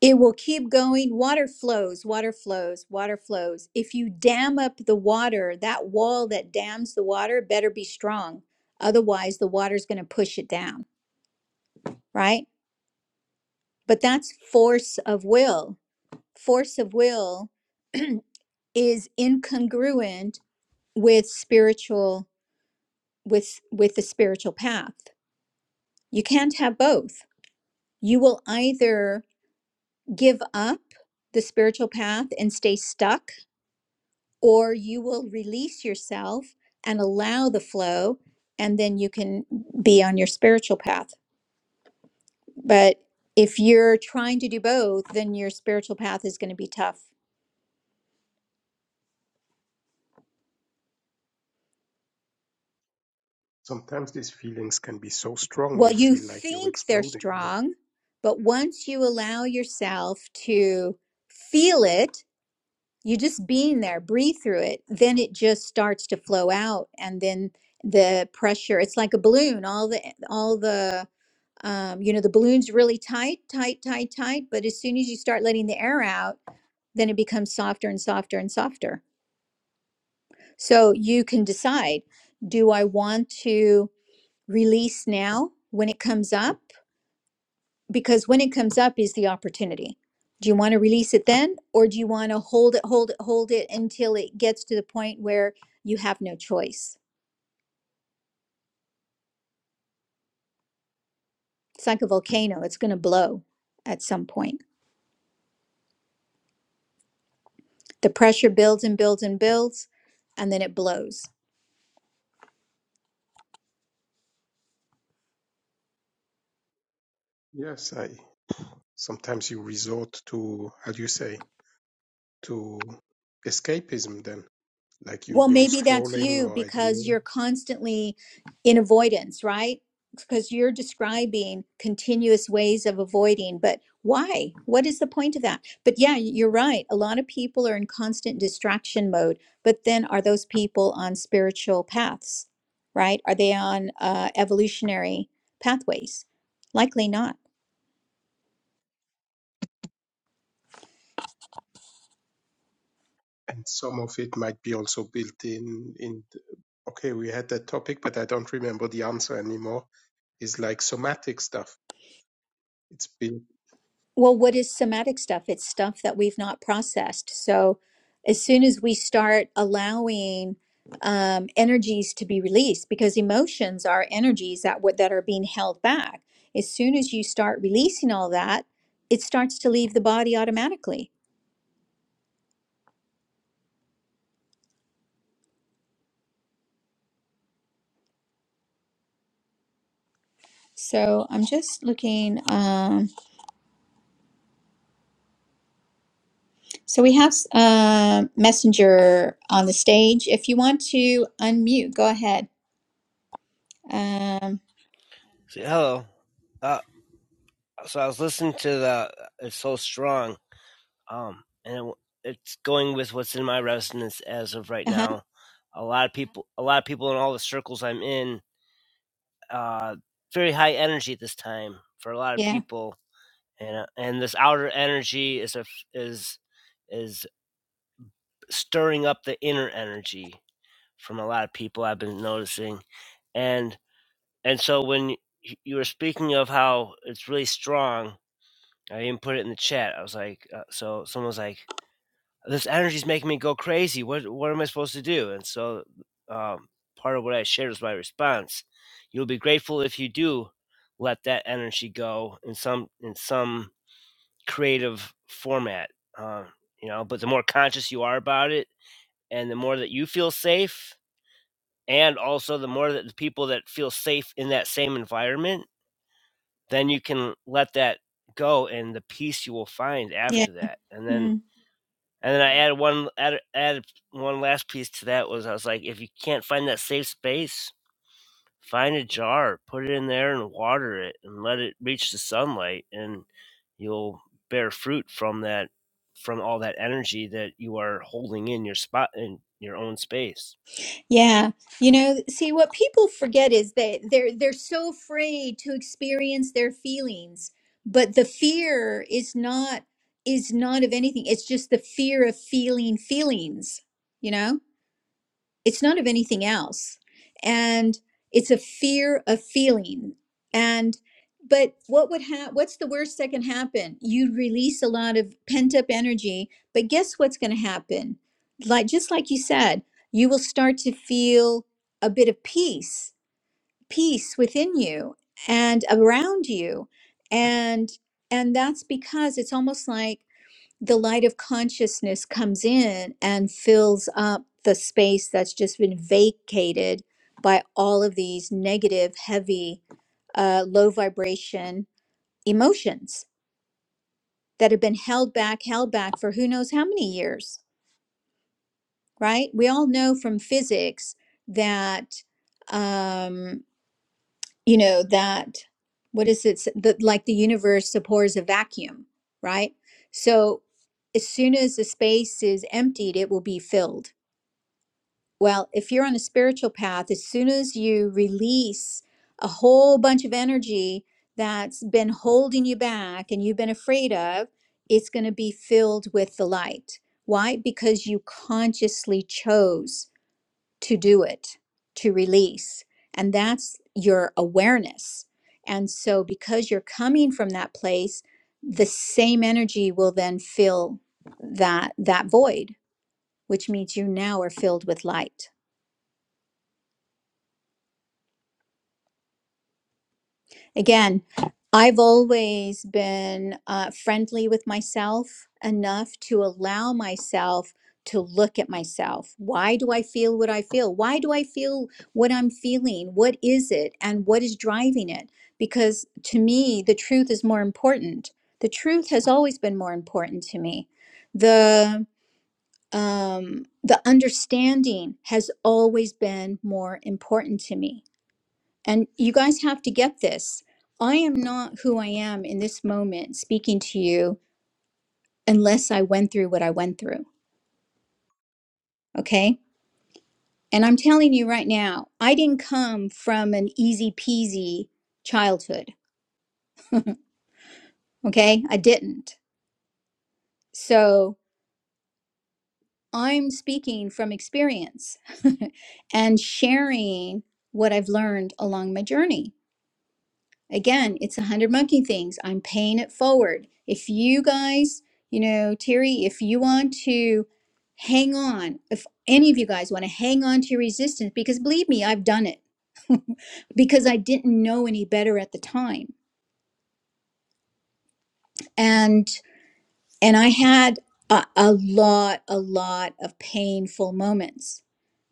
It will keep going. Water flows, water flows, water flows. If you dam up the water, that wall that dams the water better be strong. Otherwise, the water's going to push it down, right? But that's force of will. Force of will is incongruent with spiritual with with the spiritual path. You can't have both. You will either give up the spiritual path and stay stuck or you will release yourself and allow the flow, and then you can be on your spiritual path. But if you're trying to do both, then your spiritual path is going to be tough.
Sometimes these feelings can be so strong
Well,
you
you
feel like you're
think they're
exploding.
strong, but once you allow yourself to feel it, you just being there, breathe through it, then it just starts to flow out. And then the pressure, it's like a balloon. All the, all the, um, you know, the balloon's really tight, tight, tight, tight. But as soon as you start letting the air out, then it becomes softer and softer and softer. So you can decide do I want to release now when it comes up? Because when it comes up is the opportunity. Do you want to release it then? Or do you want to hold it, hold it, hold it until it gets to the point where you have no choice? It's like a volcano, it's going to blow at some point. The pressure builds and builds and builds, and then it blows
Yes, I, sometimes you resort to, how do you say, to escapism then. Like you
Well,
go
maybe that's
scrolling
you
or I don't
because
know
you're constantly in avoidance, right? Because you're describing continuous ways of avoiding, but why? What is the point of that? But yeah, you're right. A lot of people are in constant distraction mode, but then are those people on spiritual paths, right? Are they on uh, evolutionary pathways? Likely not.
and some of it might be also built in in okay we had that topic but i don't remember the answer anymore is like somatic stuff it's been
Well, what is somatic stuff? It's stuff that we've not processed. So, as soon as we start allowing um, energies to be released, because emotions are energies that would that are being held back. As soon as you start releasing all that, it starts to leave the body automatically. So I'm just looking. Um, so we have um messenger on the stage. If you want to unmute, go ahead. Um,
So, hello. Uh, so I was listening to the "It's So Strong," um, and it, it's going with what's in my resonance as of right
uh huh.
now. A lot of people, a lot of people in all the circles I'm in, uh, very high energy at this time for a lot of
Yeah.
people, and uh, and this outer energy is a f- is is stirring up the inner energy from a lot of people I've been noticing, and and so when y- you were speaking of how it's really strong I even put it in the chat. I was like, uh, so someone was like, this energy's making me go crazy. What what am I supposed to do? And so um, part of what I shared was my response. You'll be grateful if you do let that energy go in some in some creative format. Uh, you know, but the more conscious you are about it, and the more that you feel safe, and also the more that the people that feel safe in that same environment, then you can let that go, and the peace you will find
Yeah.
after that, and then
Hmm.
And then I added one added, added one last piece to that was I was like, if you can't find that safe space, find a jar, put it in there and water it and let it reach the sunlight and you'll bear fruit from that from all that energy that you are holding in your spot in your own space.
Yeah. You know, see what people forget is that they're they're so afraid to experience their feelings, but the fear is not is not of anything. It's just the fear of feeling feelings, you know? it's not of anything else and it's a fear of feeling and but what would happen what's the worst that can happen you release a lot of pent up energy but guess what's going to happen like just like you said you will start to feel a bit of peace peace within you and around you and and that's because it's almost like the light of consciousness comes in and fills up the space that's just been vacated by all of these negative, heavy, uh, low vibration emotions that have been held back, held back for who knows how many years, right? We all know from physics that, um, you know, that what is it? That like the universe supports a vacuum, right? So as soon as the space is emptied, it will be filled Well, if you're on a spiritual path, as soon as you release a whole bunch of energy that's been holding you back and you've been afraid of, it's going to be filled with the light. Why? Because you consciously chose to do it, to release. And that's your awareness. And so, because you're coming from that place, the same energy will then fill that that void which means you now are filled with light Again, I've always been uh, friendly with myself enough to allow myself to look at myself. Why do I feel what I feel? Why do I feel what I'm feeling? What is it and what is driving it? Because to me, the truth is more important. The truth has always been more important to me. The um the understanding has always been more important to me and you guys have to get this. I am not who I am in this moment speaking to you unless I went through what I went through. Okay. And I'm telling you right now, I didn't come from an easy peasy childhood. Okay. I didn't. So I'm speaking from experience and sharing what I've learned along my journey. Again, it's a hundred monkey things. I'm paying it forward. If you guys, you know, Terry, if you want to hang on, if any of you guys want to hang on to your resistance, because believe me, I've done it because I didn't know any better at the time. And and I had a, a lot, a lot of painful moments.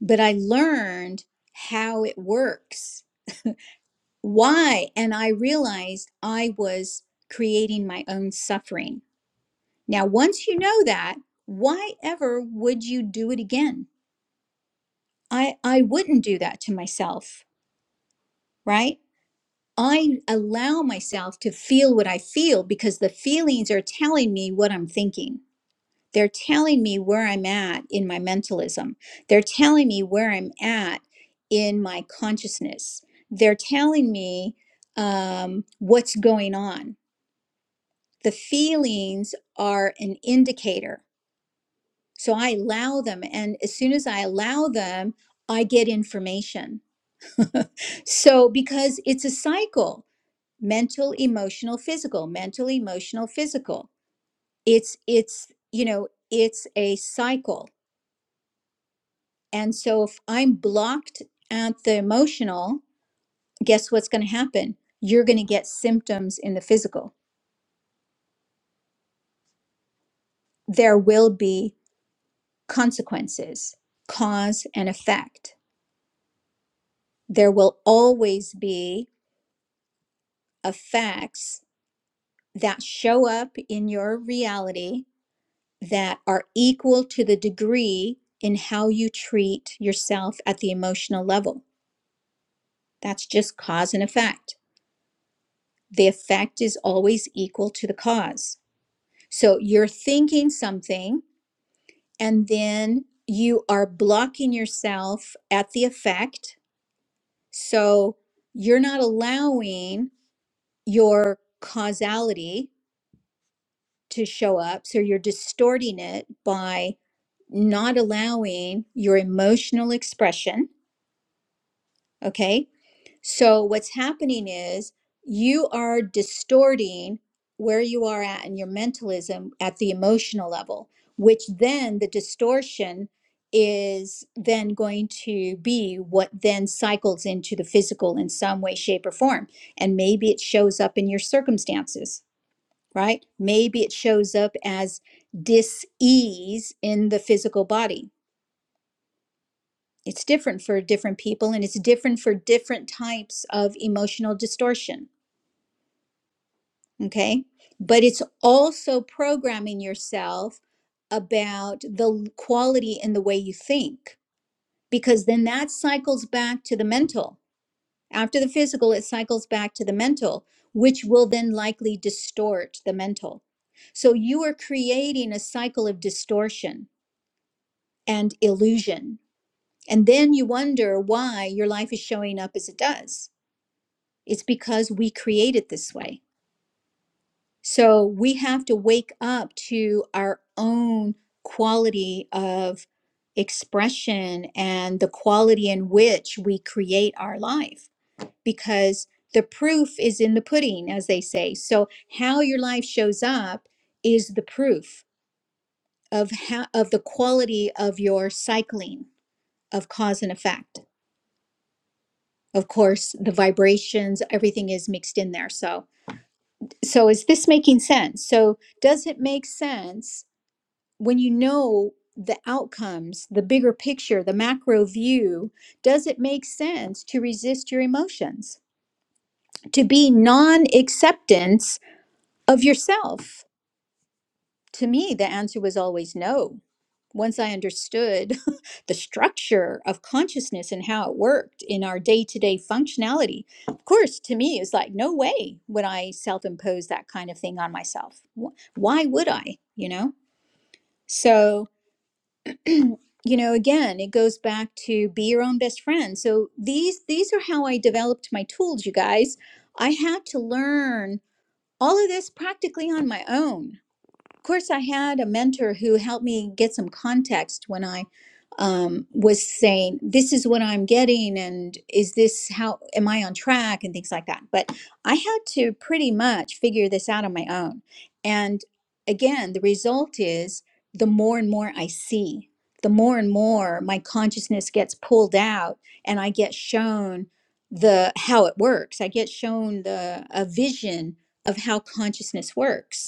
But I learned how it works. Why? And I realized I was creating my own suffering Now, once you know that, why ever would you do it again? I, I wouldn't do that to myself, right? I allow myself to feel what I feel because the feelings are telling me what I'm thinking. They're telling me where I'm at in my mentalism. They're telling me where I'm at in my consciousness. They're telling me um, what's going on. The feelings are an indicator So I allow them. And as soon as I allow them, I get information. so because it's a cycle mental, emotional, physical, mental, emotional, physical. It's, it's, you know, it's a cycle. And so if I'm blocked at the emotional, guess what's going to happen? You're going to get symptoms in the physical. There will be consequences, cause and effect. There will always be effects that show up in your reality that are equal to the degree in how you treat yourself at the emotional level. That's just cause and effect. The effect is always equal to the cause. So you're thinking something and then you are blocking yourself at the effect. So you're not allowing your causality to show up. So you're distorting it by not allowing your emotional expression. Okay. So what's happening is you are distorting where you are at in your mentalism at the emotional level, which then the distortion is then going to be what then cycles into the physical in some way, shape, or form. And maybe it shows up in your circumstances right? Maybe it shows up as dis-ease in the physical body. It's different for different people and it's different for different types of emotional distortion, okay? But it's also programming yourself about the quality and the way you think because then that cycles back to the mental. After the physical, it cycles back to the mental, which will then likely distort the mental. So you are creating a cycle of distortion and illusion. And then you wonder why your life is showing up as it does. It's because we create it this way. So we have to wake up to our own quality of expression and the quality in which we create our life because the proof is in the pudding, as they say. So how your life shows up is the proof of how of the quality of your cycling of cause and effect. of course the vibrations everything is mixed in there so so is this making sense so does it make sense when you know the outcomes the bigger picture the macro view does it make sense to resist your emotions to be non-acceptance of yourself to me, the answer was always no. Once I understood the structure of consciousness and how it worked in our day to day functionality, of course, to me, it's like, no way would I self impose that kind of thing on myself. Wh- Why would I? You know? So, you know, again, it goes back to be your own best friend. So these these are how I developed my tools, you guys. I had to learn all of this practically on my own of course, I had a mentor who helped me get some context when I um, was saying, This is what I'm getting, and is this how am I on track, and things like that. But I had to pretty much figure this out on my own. And again, the result is the more and more I see, the more and more my consciousness gets pulled out, and I get shown the how it works. I get shown the a vision of how consciousness works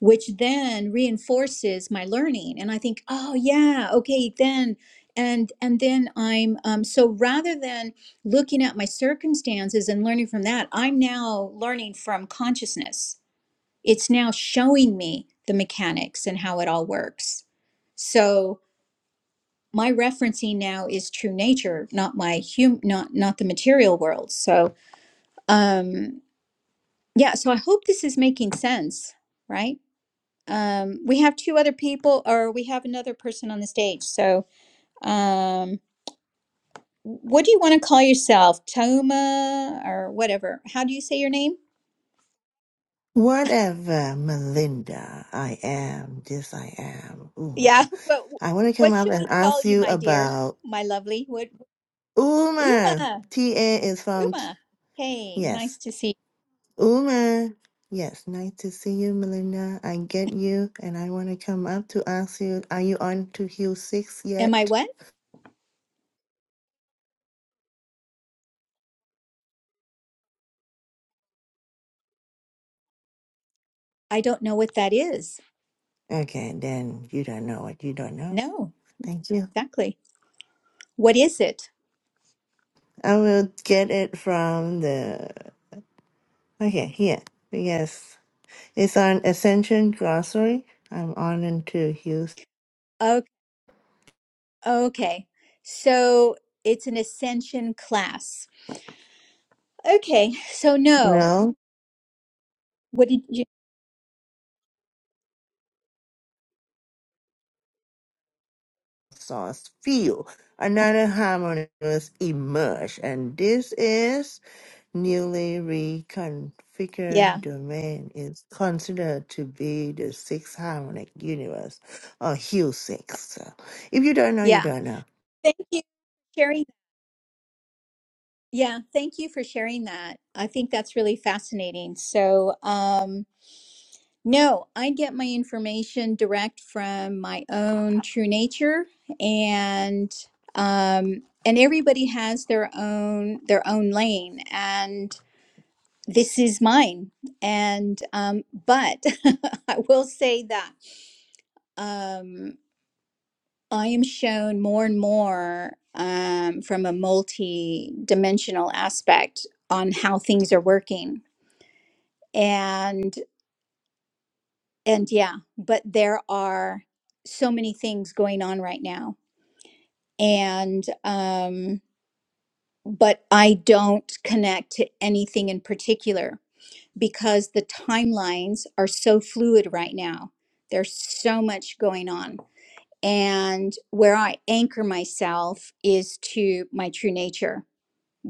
which then reinforces my learning and i think oh yeah okay then and and then i'm um, so rather than looking at my circumstances and learning from that i'm now learning from consciousness it's now showing me the mechanics and how it all works so my referencing now is true nature not my hum not not the material world so um yeah so i hope this is making sense right Um, we have two other people, or we have another person on the stage. So, um, what do you want to call yourself, Toma, or whatever? How do you say your name?
Whatever Melinda, I am, this I am,
Yeah.
Uma.
What
I want to come
What
up
should we
and
call
ask
you,
you
my dear,
about
my lovely? What
Uma.
Uma?
TA is from, t-
Uma. Hey, nice
yes,
to see.
Uma. Yes, nice to see you, Melinda. I get you, and I want to come up to ask you, are you on to Hue 6
You. Am I
yet?
what? I don't know what that is.
Okay, then you don't know what you don't know.
No,
Thank you.
exactly. What is it?
I will get it from the, okay, here. Yes. It's on Ascension Grocery. I'm on into use
Okay. Okay. So it's an ascension class. Okay. So no.
no
What did you?
Sauce feel. Another harmony was emerged, and this is newly
Yeah.
reconfigured domain is considered to be the sixth harmonic universe or Hue six. So if you don't know, you
Yeah.
don't know.
Thank you for sharing. Yeah, thank you for sharing that. I think that's really fascinating. So, um, no, I get my information direct from my own true nature and um and everybody has their own their own lane and this is mine. And um but I will say that um I am shown more and more um, from a multi-dimensional aspect on how things are working, and and yeah, but there are so many things going on right now, and um, but I don't connect to anything in particular because the timelines are so fluid right now. There's so much going on, and where I anchor myself is to my true nature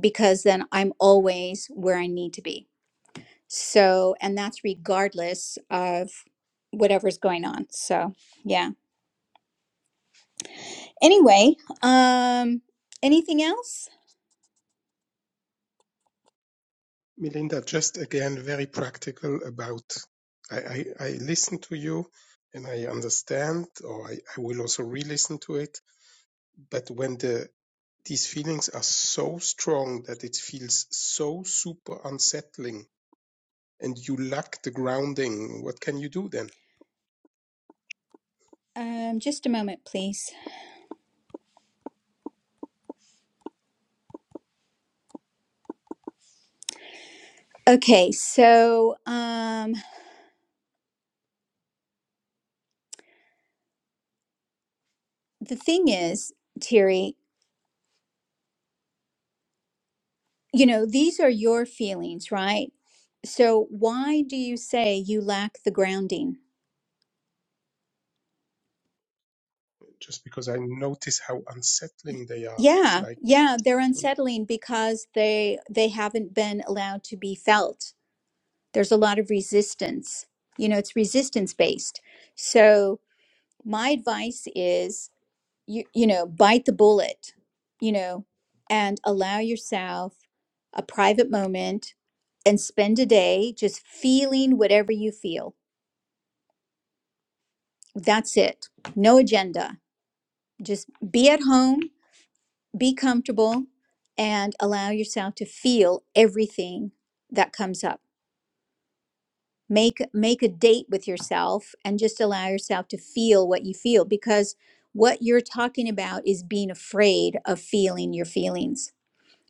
because then I'm always where I need to be. So, and that's regardless of whatever's going on. So, yeah. Anyway, um anything else?
melinda just again very practical about i i, I listen to you and i understand or i, I will also re-listen to it but when the these feelings are so strong that it feels so super unsettling and you lack the grounding what can you do then
Um just a moment, please. Okay, so um the thing is, Terry, you know, these are your feelings, right? So, why do you say you lack the grounding?
just because I notice how unsettling they are. It's
Yeah,
like
yeah, they're
you,
unsettling because they they haven't been allowed to be felt there's a lot of resistance. You know, it's resistance based. So my advice is you you know, bite the bullet, you know, and allow yourself a private moment and spend a day just feeling whatever you feel. That's it. No agenda. Just be at home, be comfortable and allow yourself to feel everything that comes up make make a date with yourself and just allow yourself to feel what you feel because what you're talking about is being afraid of feeling your feelings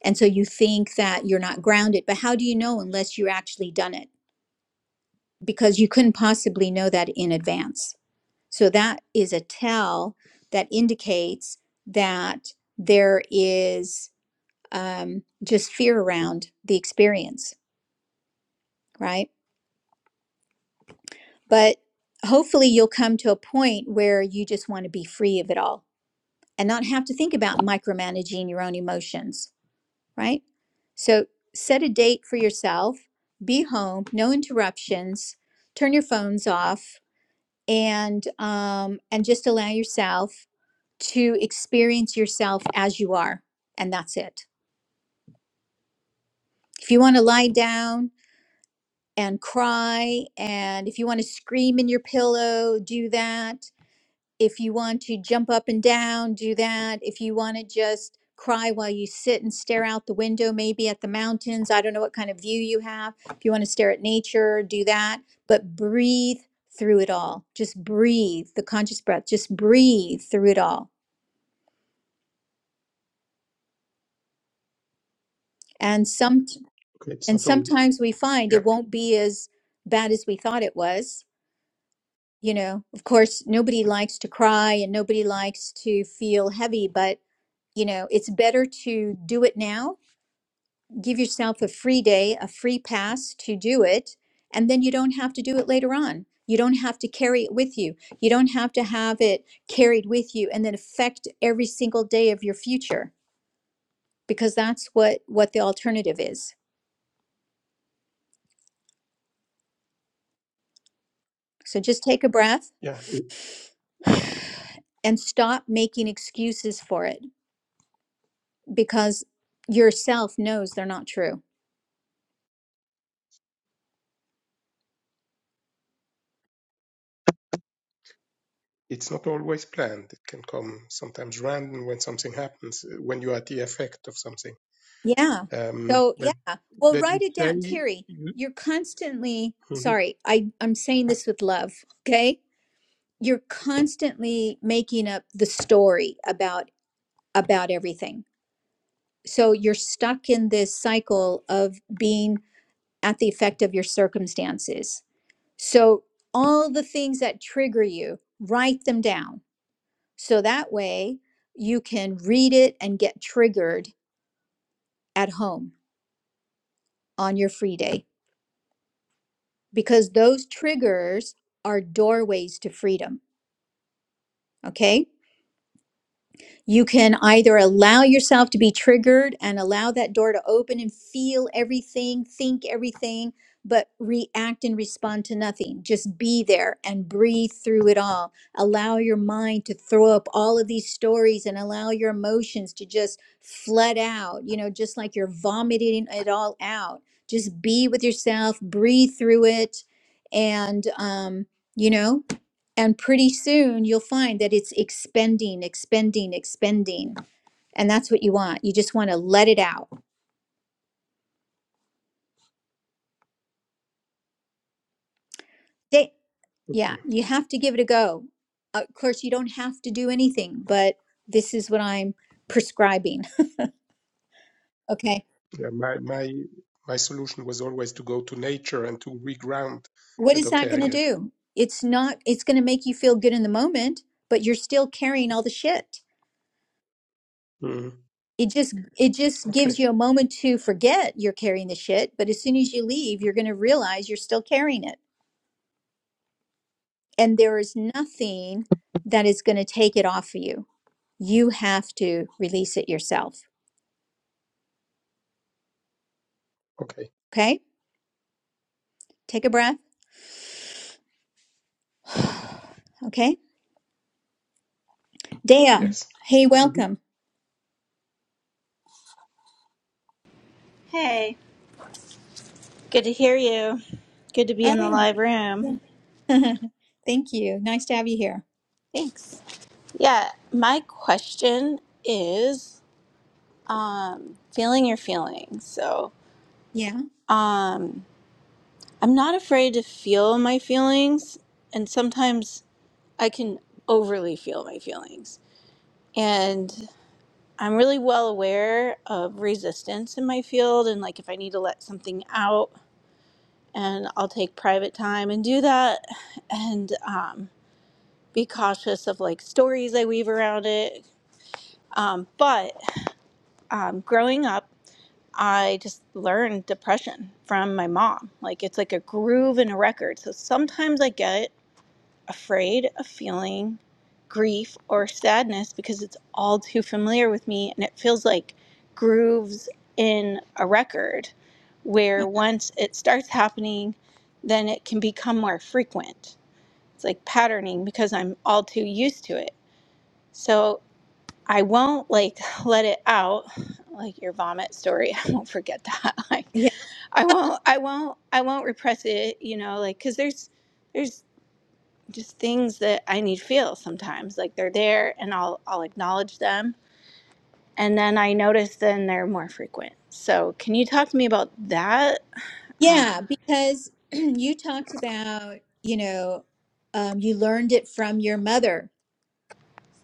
and so you think that you're not grounded but how do you know unless you actually done it because you couldn't possibly know that in advance so that is a tell that indicates that there is um, just fear around the experience right But hopefully, you'll come to a point where you just want to be free of it all and not have to think about micromanaging your own emotions, right? So, set a date for yourself, be home, no interruptions, turn your phones off, and, um, and just allow yourself to experience yourself as you are. And that's it. If you want to lie down and cry, and if you want to scream in your pillow, do that if you want to jump up and down, do that. If you want to just cry while you sit and stare out the window, maybe at the mountains, I don't know what kind of view you have. If you want to stare at nature, do that. But breathe through it all. Just breathe the conscious breath. Just breathe through it all. And some
okay, it's
and
not all
sometimes we find
yeah
it won't be as bad as we thought it was. You know, of course, nobody likes to cry and nobody likes to feel heavy, but you know, it's better to do it now give yourself a free day, a free pass to do it, and then you don't have to do it later on. You don't have to carry it with you. You don't have to have it carried with you and then affect every single day of your future because that's what what the alternative is. So just take a breath
yeah it,
and stop making excuses for it because yourself knows they're not true.
it's not always planned. It can come sometimes random when something happens uh, when you are the effect of something.
Yeah.
Um,
So
that
yeah. Well,
that you
write it down,
say
Terry.
you
You're constantly
Mhm.
sorry. I I'm saying this with love, okay? you're constantly making up the story about about everything so you're stuck in this cycle of being at the effect of your circumstances so all the things that trigger you write them down so that way you can read it and get triggered at home on your free day because those triggers are doorways to freedom okay You can either allow yourself to be triggered and allow that door to open and feel everything, think everything, but react and respond to nothing. Just be there and breathe through it all. Allow your mind to throw up all of these stories and allow your emotions to just flood out, you know, just like you're vomiting it all out. Just be with yourself, breathe through it, and, um, you know and pretty soon you'll find that it's expending, expending, expending. And that's what you want. You just want to let it out. They, yeah,
okay
you have to give it a go. Uh, Of course, you don't have to do anything, but this is what I'm prescribing. Okay.
yeah my my my solution was always to go to nature and to reground.
What
But
is that
okay,
going
I
to
get it.
do? It's not, it's going to make you feel good in the moment, but you're still carrying all the shit.
Mhm.
It just, it just gives
Okay,
you a moment to forget you're carrying the shit. But as soon as you leave, you're going to realize you're still carrying it. and there is nothing that is going to take it off of you. You have to release it yourself.
okay,
Okay? Take a breath. Okay? Dea,
yes.
hey,
Mhm.
welcome.
Hey, good to hear you. Good to be in the
Oh,
live room.
yeah. thank you. Nice to have you here.
Thanks. Yeah, my question is um feeling your feelings. So,
Yeah.
um I'm not afraid to feel my feelings and sometimes I can overly feel my feelings. And I'm really well aware of resistance in my field and like if I need to let something out and I'll take private time and do that and um be cautious of like stories I weave around it. Um, but um, growing up, I just learned depression from my mom. Like it's like a groove in a record. So sometimes I get afraid of feeling grief or sadness because it's all too familiar with me and it feels like grooves in a record where
Uh,
once it starts happening, then it can become more frequent. It's like patterning because I'm all too used to it. So I won't like let it out like your vomit story. I won't forget that. Like
Yeah.
I won't I won't I won't repress it, you know, like cuz there's there's just things that I need to feel sometimes. Like they're there and I'll I'll acknowledge them and then I notice then they're more frequent. So, can you talk to me about that?
Yeah,
Um
because you talked about, you know, um, you learned it from your mother.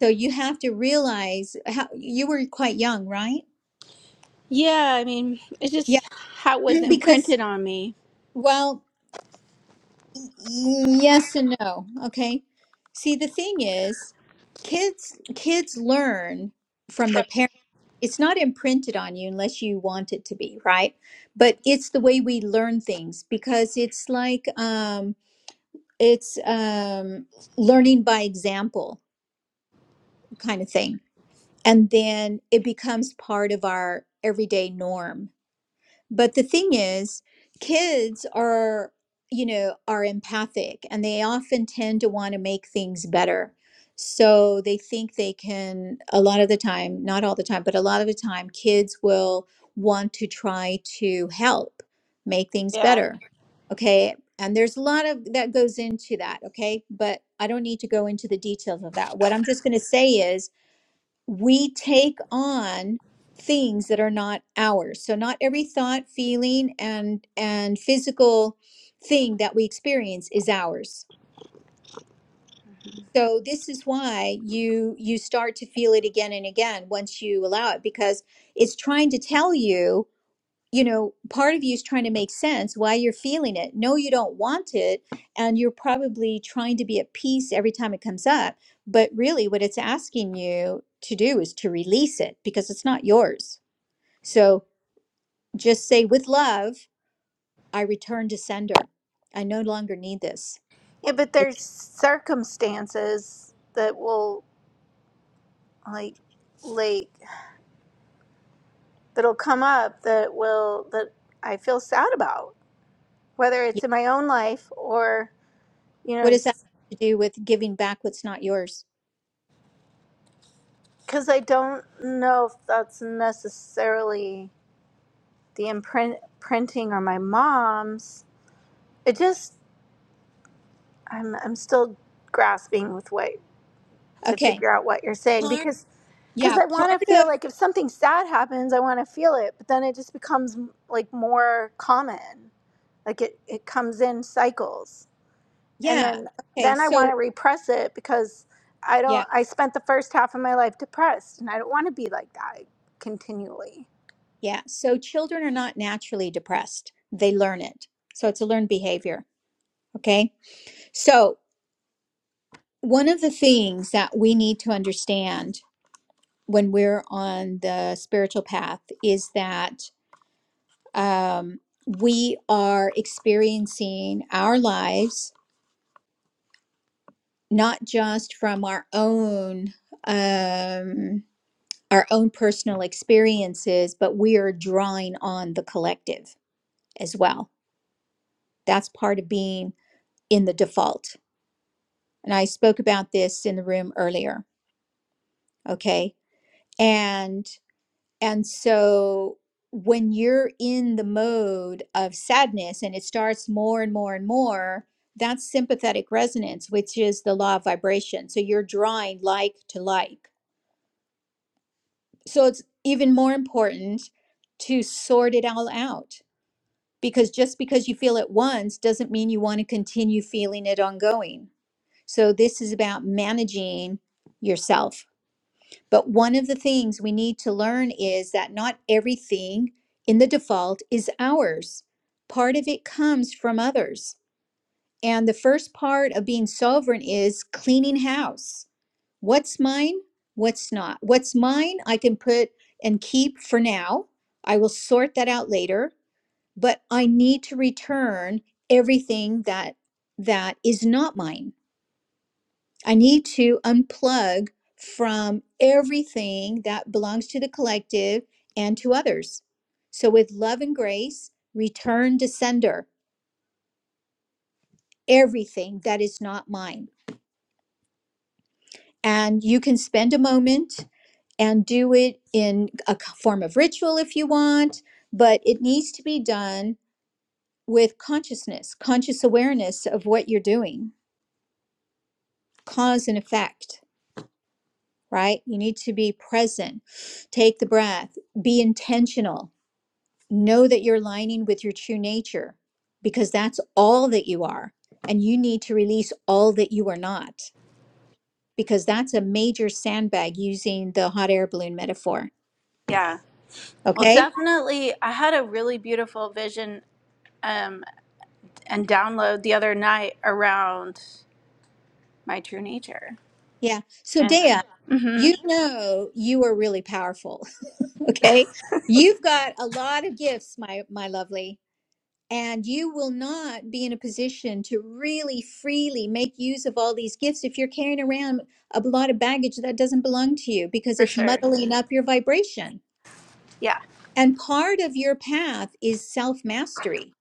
So you have to realize how you were quite young, right?
yeah, I mean, it's
Yeah.
just how it was
Because,
imprinted on me.
well, Yes and no. Okay. See, the thing is, kids kids learn from their parents. It's not imprinted on you unless you want it to be, right? But it's the way we learn things because it's like um it's um learning by example kind of thing. And then it becomes part of our everyday norm but the thing is, kids are, you know, are empathic and they often tend to want to make things better. So they think they can, a lot of the time, not all the time, but a lot of the time, kids will want to try to help make things
Yeah.
better. Okay. And there's a lot of that goes into that. Okay. But I don't need to go into the details of that. What I'm just going to say is, we take on things that are not ours so not every thought feeling and and physical thing that we experience is ours so this is why you you start to feel it again and again once you allow it because it's trying to tell you you know, part of you is trying to make sense why you're feeling it. No, you don't want it. And you're probably trying to be at peace every time it comes up. But really, what it's asking you to do is to release it because it's not yours. So just say, with love, I return to sender. I no longer need this.
Yeah, but
It,
there's circumstances that will like like that'll come up that will that I feel sad about, whether
yeah.
it's in my own life or you
What
know,
does that have to do with giving back what's not yours?
because I don't know if that's necessarily the imprint printing or my mom's. It just I'm I'm still grasping with what to
Okay.
figure out what you're saying
Part,
because because
yeah.
I
Part
want to
of,
feel like if something sad happens, I want to feel it, but then it just becomes like more common, like it it comes in cycles and
yeah.
then
Okay.
then I
So,
want to repress it because I
yeah.
don't I spent the first half of my life depressed and I don't want to be like that continually.
Yeah. So children are not naturally depressed. They learn it. So it's a learned behavior. Okay. So one of the things that we need to understand when we're on the spiritual path is that um, we are experiencing our lives not just from our own um, our own personal experiences, but we are drawing on the collective as well. That's part of being in the default and I spoke about this in the room earlier, okay? And and so when you're in the mode of sadness and it starts more and more and more, that's sympathetic resonance, which is the law of vibration. So you're drawing like to like. So it's even more important to sort it all out because just because you feel it once doesn't mean you want to continue feeling it ongoing. So this is about managing yourself But one of the things we need to learn is that not everything in the default is ours. Part of it comes from others. And the first part of being sovereign is cleaning house. What's mine? What's not? What's mine, I can put and keep for now. I will sort that out later, but I need to return everything that that is not mine I need to unplug from everything that belongs to the collective and to others. So, with love and grace, return to sender everything that is not mine. And you can spend a moment and do it in a c- form of ritual if you want, but it needs to be done with consciousness, conscious awareness of what you're doing, cause and effect, right? You need to be present, take the breath, be intentional know that you're aligning with your true nature because that's all that you are. And you need to release all that you are not because that's a major sandbag using the hot air balloon metaphor.
Yeah. Well,
Okay.
definitely. I had a really beautiful vision um, and download the other night around my true nature.
Yeah. So, Dea,
hmm
you know you are really powerful. Okay. You've got a lot of gifts, my, my lovely. And you will not be in a position to really freely make use of all these gifts if you're carrying around a lot of baggage that doesn't belong to you because
For
it's
sure.
muddling up your vibration.
Yeah.
And part of your path is self mastery.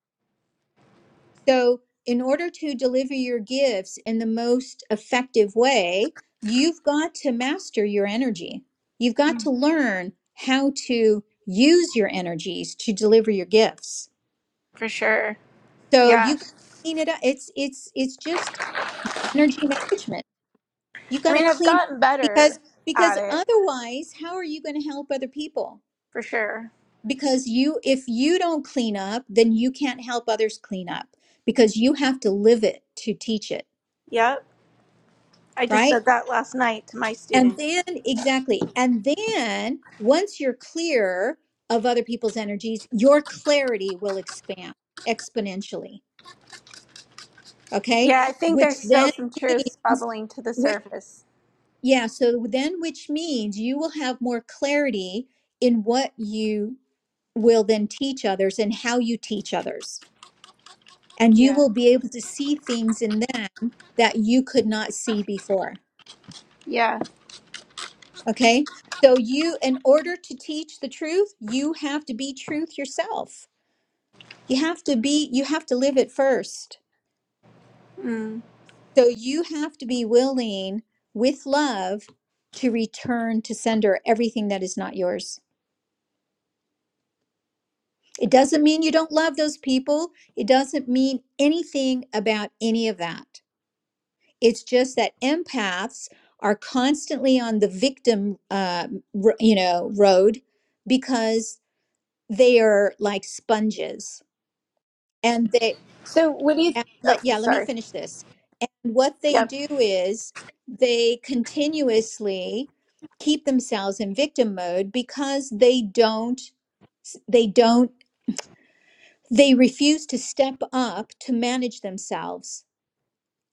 So, in order to deliver your gifts in the most effective way, you've got to master your energy. You've got
Mm.
to learn how to use your energies to deliver your gifts.
For sure.
So,
Yeah.
you've got to clean it up. It's it's it's just energy management. You
I
got to
mean, I've
clean
gotten
because
better at
because
it
otherwise, how are you going to help other people?
for sure.
Because you if you don't clean up, then you can't help others clean up because you have to live it to teach it,
Yep. I just
right?
said that last night to my
And
students.
then exactly. And then once you're clear of other people's energies, your clarity will expand exponentially, okay?
Yeah, I think there's
Which
still
then
some truths
means
bubbling to the
whi-
surface.
Yeah, so then, which means you will have more clarity in what you will then teach others and how you teach others. And you
Yeah.
will be able to see things in them that you could not see before.
Yeah.
Okay? So, you, in order to teach the truth, you have to be truth yourself. You have to be, you have to live it first.
Mm.
So, you have to be willing with love to return to sender everything that is not yours. It doesn't mean you don't love those people. It doesn't mean anything about any of that. It's just that empaths are constantly on the victim, uh, r- you know, road because they are like sponges, and they.
So, what do you?
And
Oh,
let, yeah, let me
sorry.
finish this. And what they
Yep,
do is they continuously keep themselves in victim mode because they don't. They don't they refuse to step up to manage themselves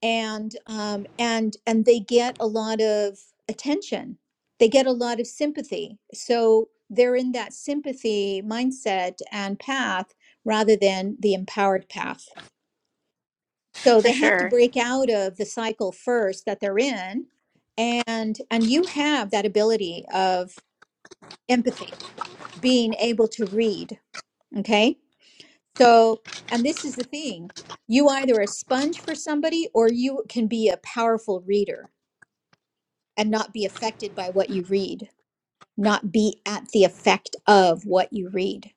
and um, and and they get a lot of attention they get a lot of sympathy so they're in that sympathy mindset and path rather than the empowered path so
for
they have to
sure.
break out of the cycle first that they're in and and you have that ability of empathy being able to read okay So, and this is the thing you either are a sponge for somebody or you can be a powerful reader and not be affected by what you read, not be at the effect of what you read.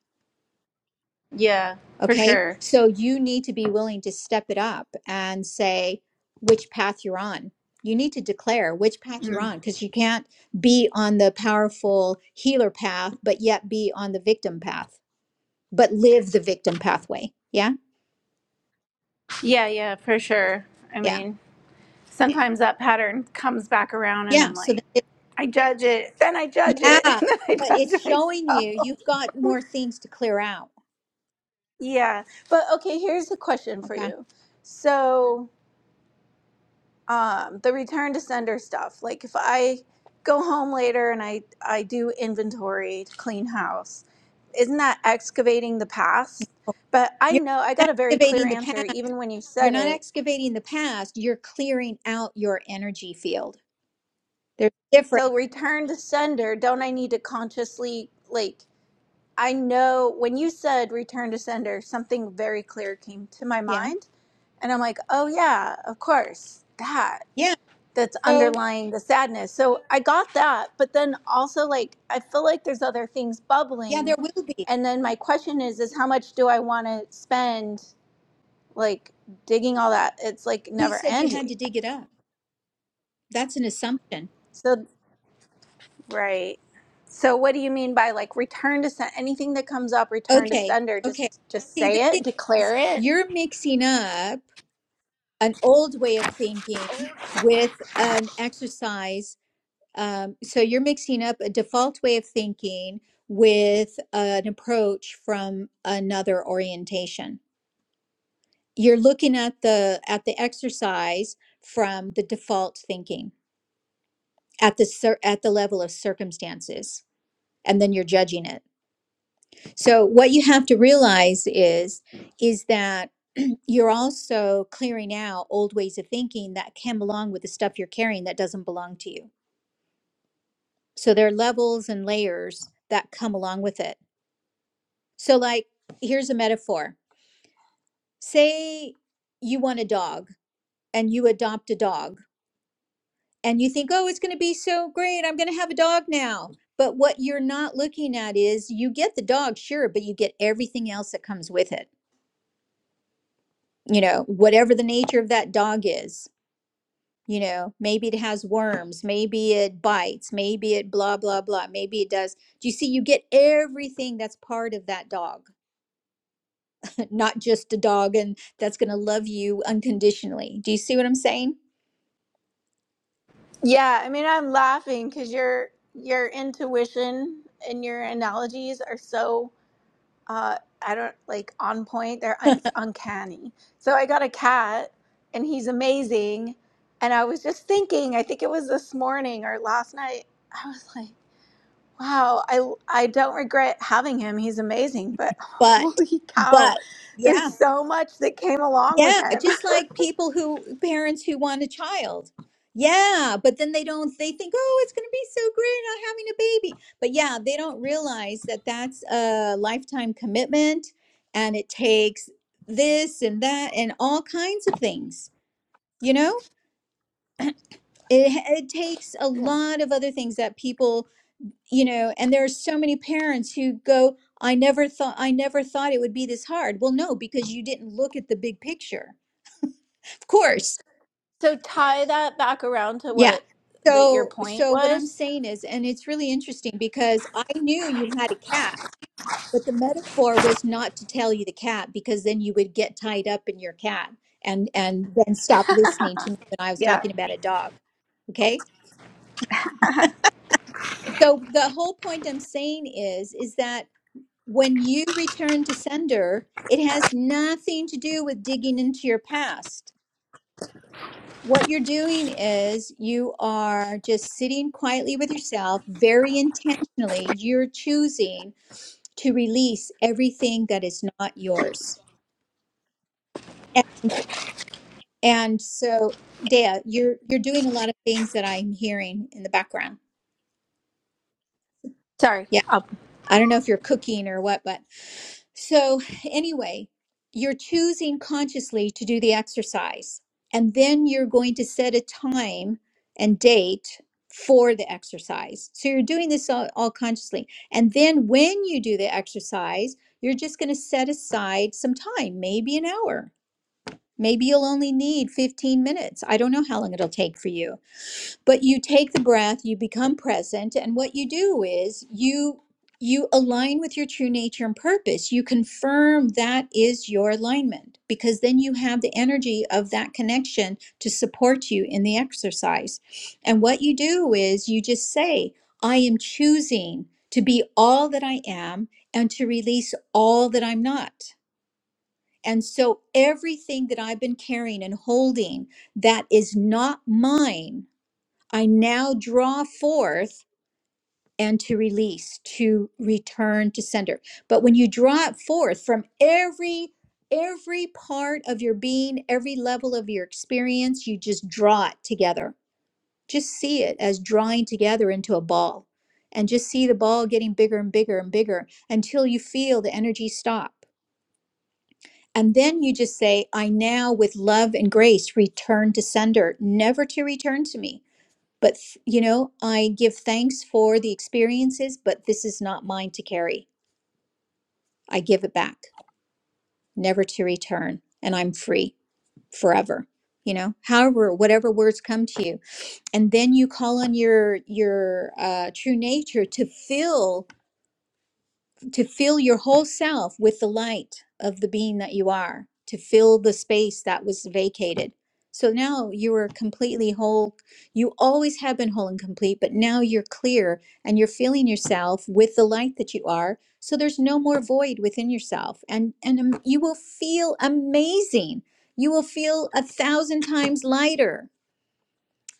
Yeah, for
Okay.
sure.
So you need to be willing to step it up and say which path you're on. You need to declare which path you're
Mm.
on because you can't be on the powerful healer path, but yet be on the victim path, but live the victim pathway. Yeah.
Yeah, yeah, for sure. I
Yeah.
mean, sometimes that pattern comes back around, and
Yeah.
I'm
So
like,
that
I judge it, then I judge
Yeah,
it, and then I
but it's
judge
showing
myself.
you you've got more things to clear out.
Yeah, but okay. Here's a question for
Okay.
you. So. um, the return to sender stuff. Like if I go home later and I I do inventory to clean house, isn't that excavating the past? But I
You're
know I got
not
a very clear
excavating the
answer
past.
even when you
You're
said
not
it.
excavating the past. You're clearing out your energy field. They're different.
So return to sender, don't I need to consciously like I know when you said return to sender, something very clear came to my
Yeah.
mind and I'm like, "Oh yeah, of course. That.
Yeah.
that's
So,
underlying the sadness. So I got that, but then also like I feel like there's other things
yeah,
bubbling.
there will be.
And then my question is is how much do I want to spend like digging all that? It's like
Who
never
said you had
ending.
to dig it up? That's an assumption.
So right. So what do you mean by like return to send anything that comes up return to
Okay.
sender just
Okay.
just
See, the
say
thing
it,
is,
declare it?
you're mixing up an old way of thinking with an exercise Um, so you're mixing up a default way of thinking with an approach from another orientation. You're looking at the at the exercise from the default thinking at the cir- at the level of circumstances, and then you're judging it. So what you have to realize is is that you're also clearing out old ways of thinking that can belong with the stuff you're carrying that doesn't belong to you. So there are levels and layers that come along with it So, like, here's a metaphor say you want a dog and you adopt a dog, and you think, oh, it's going to be so great. I'm going to have a dog now. But what you're not looking at is you get the dog, sure, but you get everything else that comes with it. You know, whatever the nature of that dog is, you know, maybe it has worms, maybe it bites, maybe it blah, blah, blah, maybe it does. Do you see? You get everything that's part of that dog not just a dog and that's going to love you unconditionally. Do you see what I'm saying?
Yeah, I mean I'm laughing cuz your your intuition and your analogies are so uh, I don't like on point. They're it's uncanny. So I got a cat, and he's amazing. And I was just thinking, I think it was this morning or last night. I was like, wow, I I don't regret having him. He's amazing. But
But
holy cow,
but
there's
yeah.
so much that came along with
Yeah,
him.
just like people who parents who want a child. Yeah, but then they don't they think, "Oh, it's going to be so great not having a baby." But yeah, they don't realize that that's a lifetime commitment and it takes this and that and all kinds of things, you know? It it takes a lot of other things that people you know and there are so many parents who go i never thought i never thought it would be this hard well no because you didn't look at the big picture of course
So tie that back around to
yeah
what the, your
so
point
so what i'm
was.
saying is and it's really interesting because i knew you had a cat but the metaphor was not to tell you the cat because then you would get tied up in your cat and and then stop listening to me when i was
Yeah.
talking about a dog okay so the whole point i'm saying is is that when you return to sender, it has nothing to do with digging into your past. What you're doing is you are just sitting quietly with yourself, very intentionally, you're choosing to release everything that is not yours. And and so Dea, you're you're doing a lot of things that I'm hearing in the background.
Sorry.
Yeah.
I'll,
I don't know if you're cooking or what, but so anyway, you're choosing consciously to do the exercise. And then you're going to set a time and date for the exercise. So you're doing this all, all consciously. And then when you do the exercise, you're just going to set aside some time, maybe an hour. Maybe you'll only need 15 minutes. I don't know how long it'll take for you but you take the breath you become present and what you do is you you align with your true nature and purpose you confirm that is your alignment because then you have the energy of that connection to support you in the exercise and what you do is you just say i am choosing to be all that i am and to release all that i'm not and so everything that i've been carrying and holding that is not mine I now draw forth and to release, to return to sender. But when you draw it forth from every every part of your being, every level of your experience, you just draw it together. Just see it as drawing together into a ball and just see the ball getting bigger and bigger and bigger until you feel the energy stop. And then you just say, I now with love and grace return to sender, never to return to me but, you know, I give thanks for the experiences, but this is not mine to carry. I give it back, never to return, and I'm free forever. You know, however, whatever words come to you, and then you call on your your uh, true nature to fill to fill your whole self with the light of the being that you are, to fill the space that was vacated. So now you are completely whole. You always have been whole and complete, but now you're clear and you're filling yourself with the light that you are. So there's no more void within yourself, and and um, you will feel amazing. You will feel a thousand times lighter.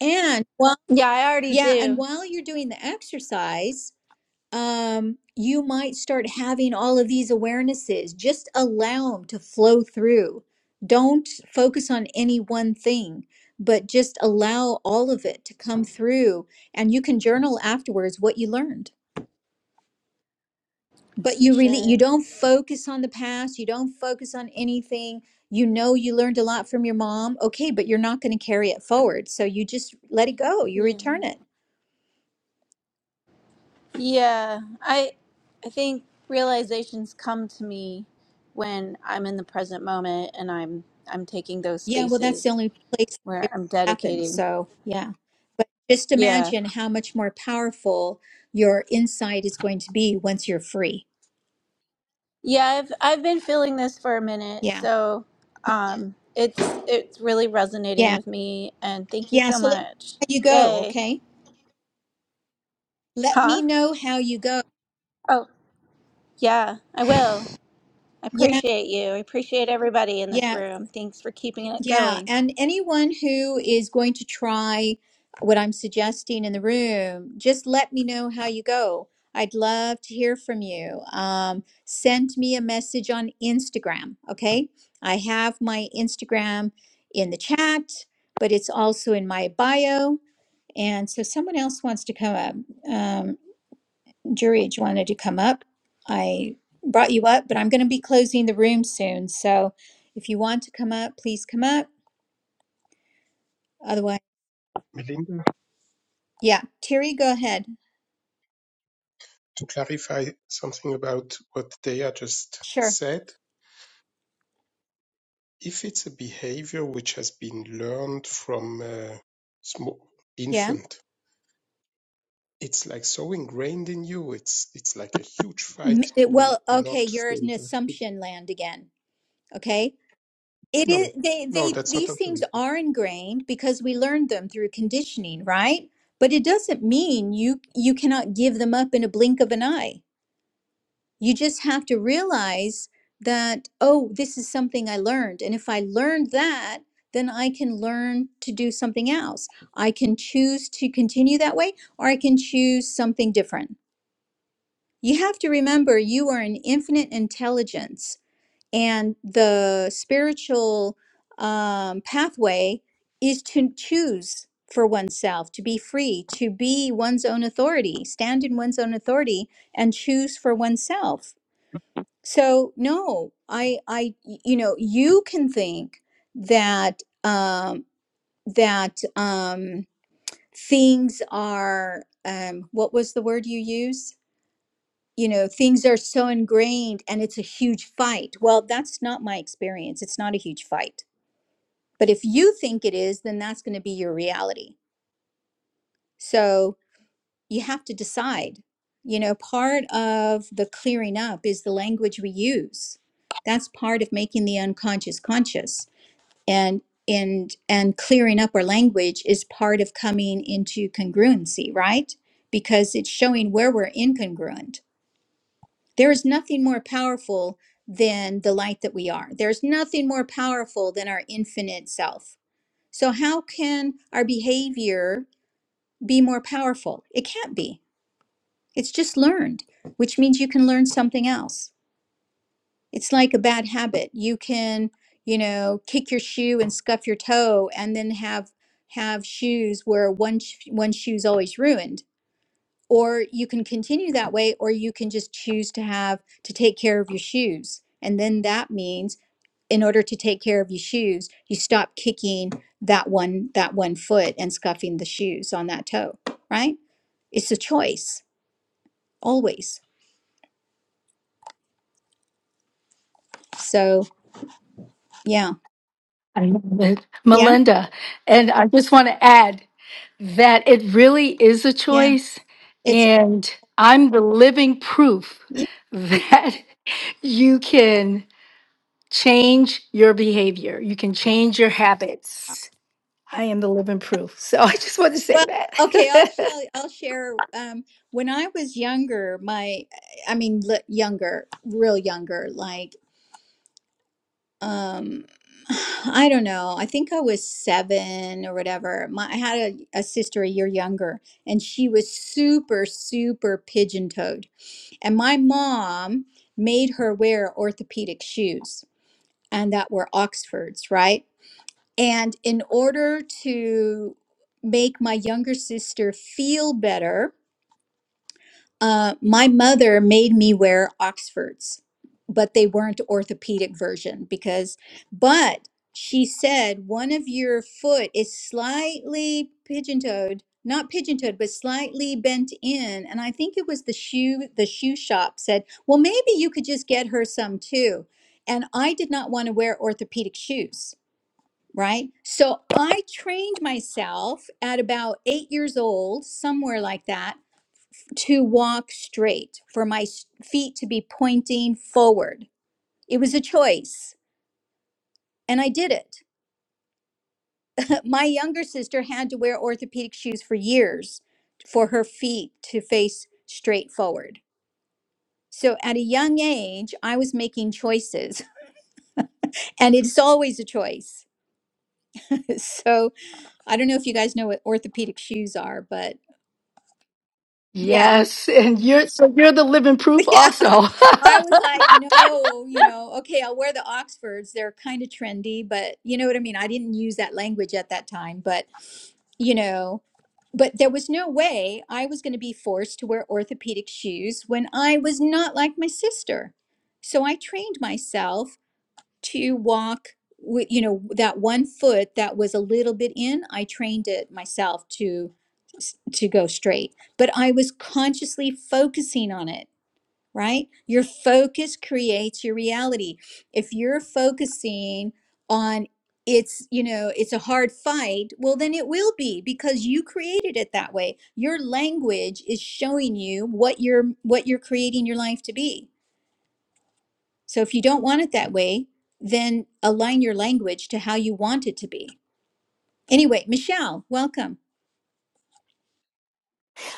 And while
yeah, I already
yeah, and
do
while you're doing the exercise, um, you might start having all of these awarenesses. Just allow them to flow through. Don't focus on any one thing, but just allow all of it to come through. And you can journal afterwards what you learned. But
for
you really you
sure.
don't focus on the past. You don't focus on anything. You know you learned a lot from your mom. Okay, but you're not going to carry it forward. So you just let it go. You
Yeah.
return it
Yeah, I I think realizations come to me when I'm in the present moment and I'm I'm taking those
Yeah, well, that's the
spaces
only place
where
it really
I'm
happened.
dedicating.
So, yeah. But just
Yeah.
imagine how much more powerful your insight is going to be once you're free.
Yeah, I've I've been feeling this for a minute,
Yeah.
so um it's it's really resonating
Yeah.
with me and thank you
Yeah.
so
So let me know
much.
how you go.
Yay.
Okay. Let
Huh?
me know how you go.
Oh, yeah, I will. I
Yeah.
appreciate you. I appreciate everybody in this
Yeah.
room. Thanks for keeping it
Yeah,
going.
and anyone who is going to try what I'm suggesting in the room, just let me know how you go. I'd love to hear from you. Um, send me a message on Instagram, okay? I have my Instagram in the chat, but it's also in my bio. And so someone else wants to come up. Um, Jurij wanted to come up. I brought you up, but I'm going to be closing the room soon. So if you want to come up, please come up. Otherwise.
Melinda,
Yeah, Terry, go ahead.
to clarify something about what Dea just
Sure.
said, if it's a behavior which has been learned from a small
Yeah.
infant, it's like so ingrained in you. It's it's like a huge
M-
fight
it-
to
Well, okay,
not
you're
fall
in
back to.
assumption land again. Okay. It is
No,
they
no,
they
that's not.
these things are ingrained because we learned them through conditioning, right? But it doesn't mean you you cannot give them up in a blink of an eye. You just have to realize that oh, this is something I learned, and if I learned that, then I can learn to do something else. I can choose to continue that way, or I can choose something different You have to remember you are an infinite intelligence, and the spiritual um, pathway is to choose for oneself, to be free, to be one's own authority, stand in one's own authority, and choose for oneself. So, no, I, I, you know, you can think that um, that um, things are um, what was the word you used? you know things are so ingrained and it's a huge fight well that's not my experience it's not a huge fight but if you think it is then that's going to be your reality so you have to decide you know part of the clearing up is the language we use that's part of making the unconscious conscious and and and clearing up our language is part of coming into congruency right because it's showing where we're incongruent There is nothing more powerful than the light that we are. There's nothing more powerful than our infinite self. So, how can our behavior be more powerful? It can't be. It's just learned, which means you can learn something else. It's like a bad habit. You can, you know, kick your shoe and scuff your toe and then have have shoes where one sh- one shoe's always ruined or you can continue that way or you can just choose to have to take care of your shoes and then that means in order to take care of your shoes you stop kicking that one that one foot and scuffing the shoes on that toe right it's a choice always so yeah
I love it.
yeah
Melinda, and I just want to add that it really is a
yeah
choice.
it's
And I'm the living proof
y-
that you can change your behavior, you can change your habits. I am the living proof. So I just want to say
well okay i'll
that.
show i'll share um when i was younger my i mean li- younger real younger like um i don't know i think i was seven or whatever my, i had a, a sister a year younger and she was super super pigeon toed and my mom made her wear orthopedic shoes and that were oxfords right and in order to make my younger sister feel better uh, my mother made me wear Oxfords, but they weren't orthopedic version because, but she said one of your foot is slightly pigeon toed, not pigeon toed, but slightly bent in. And I think it was the shoe, the shoe shop said, well, maybe you could just get her some too. And I did not want to wear orthopedic shoes. Right. So I trained myself at about eight years old, somewhere like that to walk straight, for my feet to be pointing forward. It was a choice, and I did it. My younger sister had to wear orthopedic shoes for years for her feet to face straight forward. So at a young age, I was making choices, and it's always a choice. so I don't know if you guys know what orthopedic shoes are, but yeah.
yes. And you're so you're the living proof
Yeah,
also.
I was like, no, you know, okay, I'll wear the Oxfords. They're kind of trendy, but you know what I mean? I didn't use that language at that time, but you know, but there was no way I was going to be forced to wear orthopedic shoes when I was not like my sister. So I trained myself to walk with, you know, that one foot that was a little bit in, I trained it myself to to go straight, but I was consciously focusing on it right? Your focus creates your reality. If you're focusing on it's, you know, it's a hard fight, well, then it will be because you created it that way. Your language is showing you what you're what you're creating your life to be. So if you don't want it that way, then align your language to how you want it to be. Anyway, Michelle, welcome.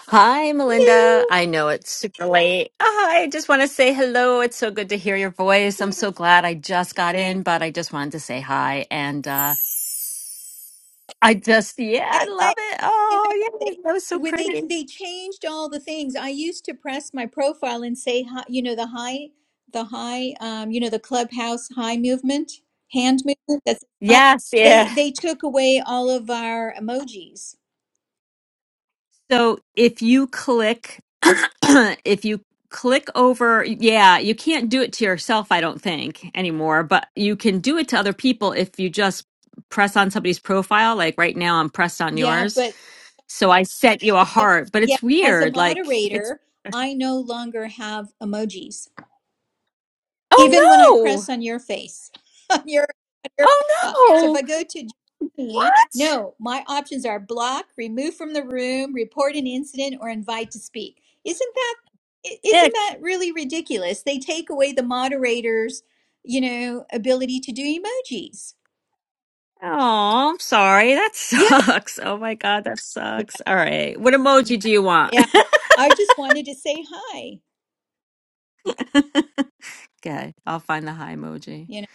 Hi, Melinda. I
Hello.
know it's super late. Ah, I just want to say hello. It's so good to hear your voice. I'm so glad I just got in, but I just wanted to say hi. And uh, I just, yeah, I
I, I
love it.
you know
Oh, yeah, that was so
they with they
pretty.
they changed all the things i used to press my profile and say hi you know the high the high um you know the clubhouse high movement hand movement that's high
Yes,
they
yeah.
they took away all of our emojis
So if you click, if you click over, yeah, you can't do it to yourself, I don't think anymore, but you can do it to other people if you just press on somebody's profile. Like right now, I'm pressed on
yeah
yours
but
So I set you a heart, but
yeah
it's
as a
weird. Like it's
moderator i no longer have emojis even when I
oh no,
press on your face, on your, on your profile.
oh
So if
no,
I go to Johnny,
what?
no, my options are block, remove from the room, report an incident, or invite to speak. Isn't that i- isn't
Ick.
that really ridiculous? They take away the moderator's, you know, ability to do emojis.
Oh, I'm sorry. That
Yeah,
sucks. Oh my god, that sucks. All right, what emoji do you want?
yeah. I just wanted to say hi.
okay, I'll find the high emoji.
You know,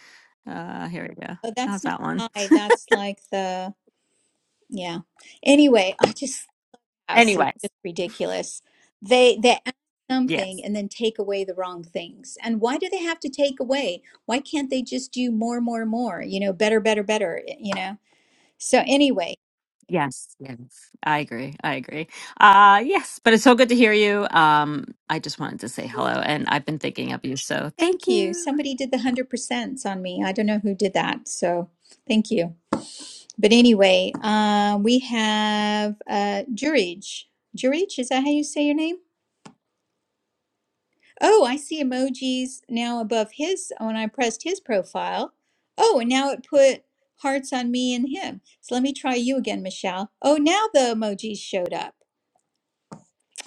Uh, here we go.
but that's
How's
not
that one?
hi. That's like the yeah. Anyway, I just house is
Anyways,
just ridiculous. They they add
yes,
something and then take away the wrong things. And why do they have to take away? Why can't they just do more, more, more? You know, better, better, better. eh, You know. So anyway,
yes, yes. I agree. I agree. Uh, yes, but it's so good to hear you. Um, I just wanted to say hello, and I've been thinking of you, so thank
thank you.
you.
Somebody did the hundred percents on me. I don't know who did that. So thank you. But anyway, uh, we have uh, Jurij. Jurij, is that how you say your name? Oh, I see emojis now above his when I pressed his profile. Oh, and now it put hearts on me and him. So let me try you again, Michelle. Oh, now the emojis showed up.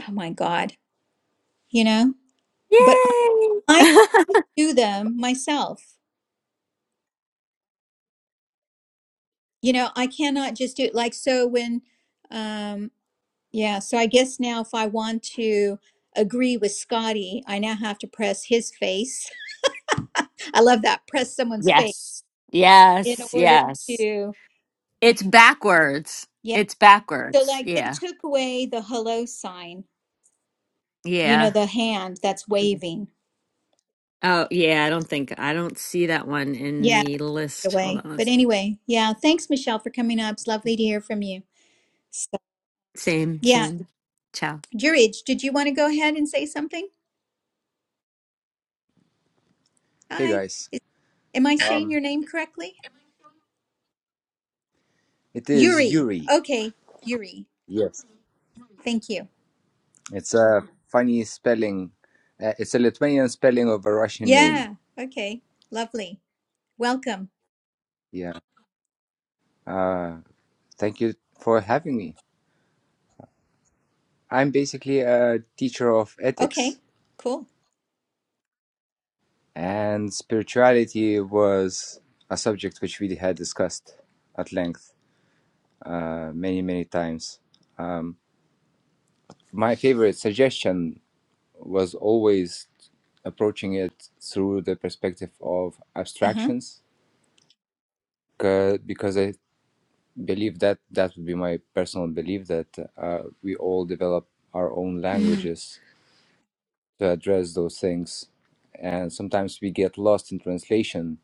Oh my God, you know? But I
Yay!
can do them myself. You know, I cannot just do it like so when, um, yeah, so I guess now if I want to agree with Scotty, I now have to press his face. I love that. Press someone's face
Yes.
in
Yes.
order
Yes.
to.
It's backwards.
yeah.
It's
So,
backwards.
like, they
Yeah.
took away the hello sign, you know,
Yeah.
the hand that's waving.
Oh, yeah. I don't think I don't see that one in
Yeah,
the
took it
list. Hold
away.
on.
But anyway, yeah, thanks, Michelle, for coming up. It's lovely to hear from you. So,
Same,
yeah,
same. Ciao.
Jurij, did you want to go ahead and say something?
Hey
Hi.
guys,
Is, am I saying
um,
your name correctly?
it is
Yuri.
Yuri.
Okay, Yuri.
Yes.
Thank you.
It's a funny spelling. Uh, it's a Lithuanian spelling of a Russian name.
Yeah, okay. Lovely. Welcome.
Yeah. Uh, thank you for having me. I'm basically a teacher of
Okay,
ethics,
cool.
and spirituality was a subject which we had discussed at length uh, many, many times. Um, my favorite suggestion was always approaching it through the perspective of
Uh huh.
abstractions 'cause- because I believe that that would be my personal belief that uh, we all develop our own
Mm,
languages to address those things and sometimes we get lost in translation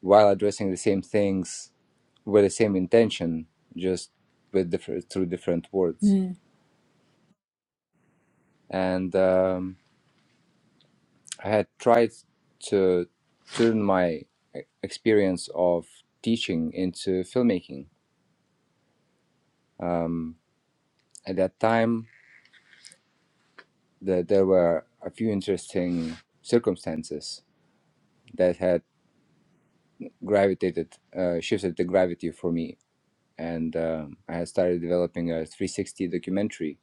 while addressing the same things with the same intention just with different through different words
mm,
and um, i had tried to turn my e- experience of teaching into filmmaking Um, at that time that there were a few interesting circumstances that had gravitated, uh, shifted the gravity for me. And um, I had started developing a 360 documentary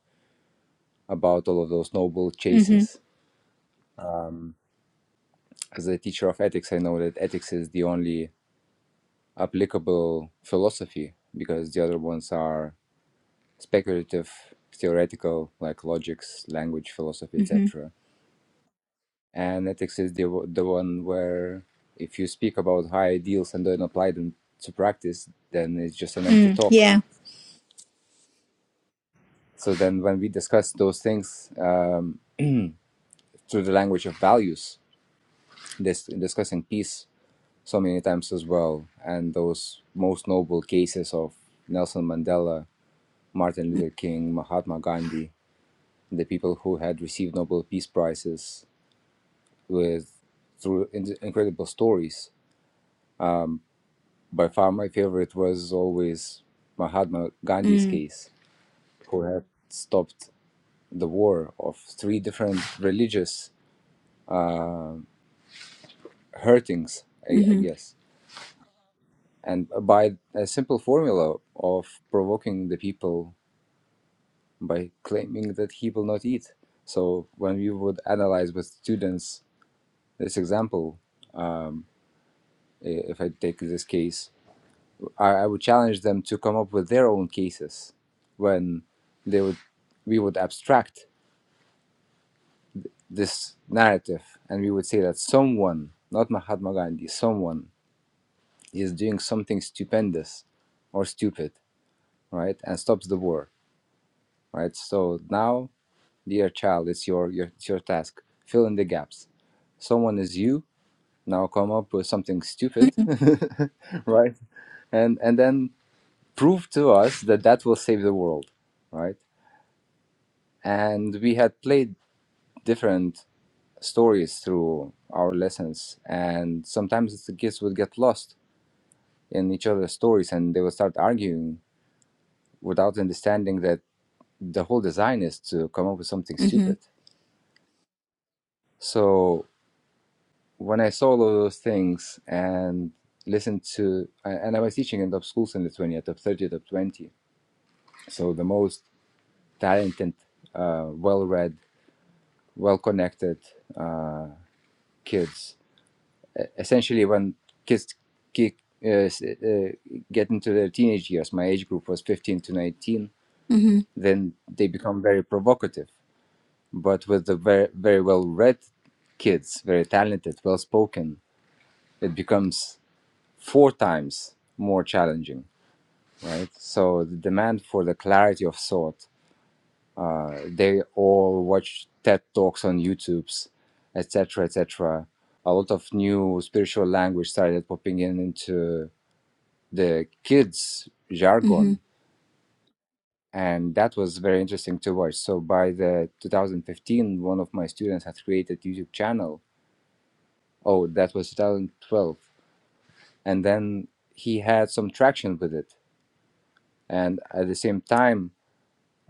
about all of those noble
mm-hmm,
chases. As a teacher of ethics, I know that ethics is the only applicable philosophy because the other ones are speculative, theoretical, like logics, language, philosophy,
mm-hmm,
etc. And ethics is the, the one where if you speak about high ideals and don't apply them to practice, then it's just an empty
mm,
talk
yeah.
So then, when we discuss those things um, through the language of values, dis- discussing peace so many times as well, and those most noble cases of Nelson Mandela, Martin Luther King, Mahatma Gandhi, the people who had received Nobel Peace Prizes with through in- incredible stories. By far, my favorite was always Mahatma Gandhi's
Mm,
case, who had stopped the war of three different religious hurtings,
mm-hmm,
I, I guess and by a simple formula of provoking the people by claiming that he will not eat. So when we would analyze with students this example, if I take this case, I, I would challenge them to come up with their own cases when they would we would abstract this narrative and we would say that someone, not Mahatma Gandhi, someone is doing something stupendous or stupid, right? And stops the war. Right. So now Dear child, it's your, your it's your task. Fill in the gaps. Someone is you. Now come up with something stupid,
mm-hmm.
right? And and then prove to us that that will save the world, right? And we had played different stories through our lessons, and sometimes the kids would get lost in each other's stories, and they would start arguing without understanding that the whole design is to come up with something
Mm-hmm.
stupid. So when I saw all of those things and listened to, and I was teaching in top schools in Lithuania, top 30, top 20. So the most talented, uh, well read, well connected uh, kids. Essentially, when kids kick, uh, uh, get into their teenage years, my age group was 15 to 19,
hmm
then they become very provocative. But with the very, very well read kids, very talented, well spoken, it becomes four times more challenging right? So the demand for the clarity of thought. Uh, they all watch TED talks on YouTube's, etc., etc. A lot of new spiritual language started popping in into the kids'
hmm
jargon, and that was very interesting to watch. So by the 2015, one of my students had created YouTube channel. Oh, that was 2012, and then he had some traction with it. And at the same time,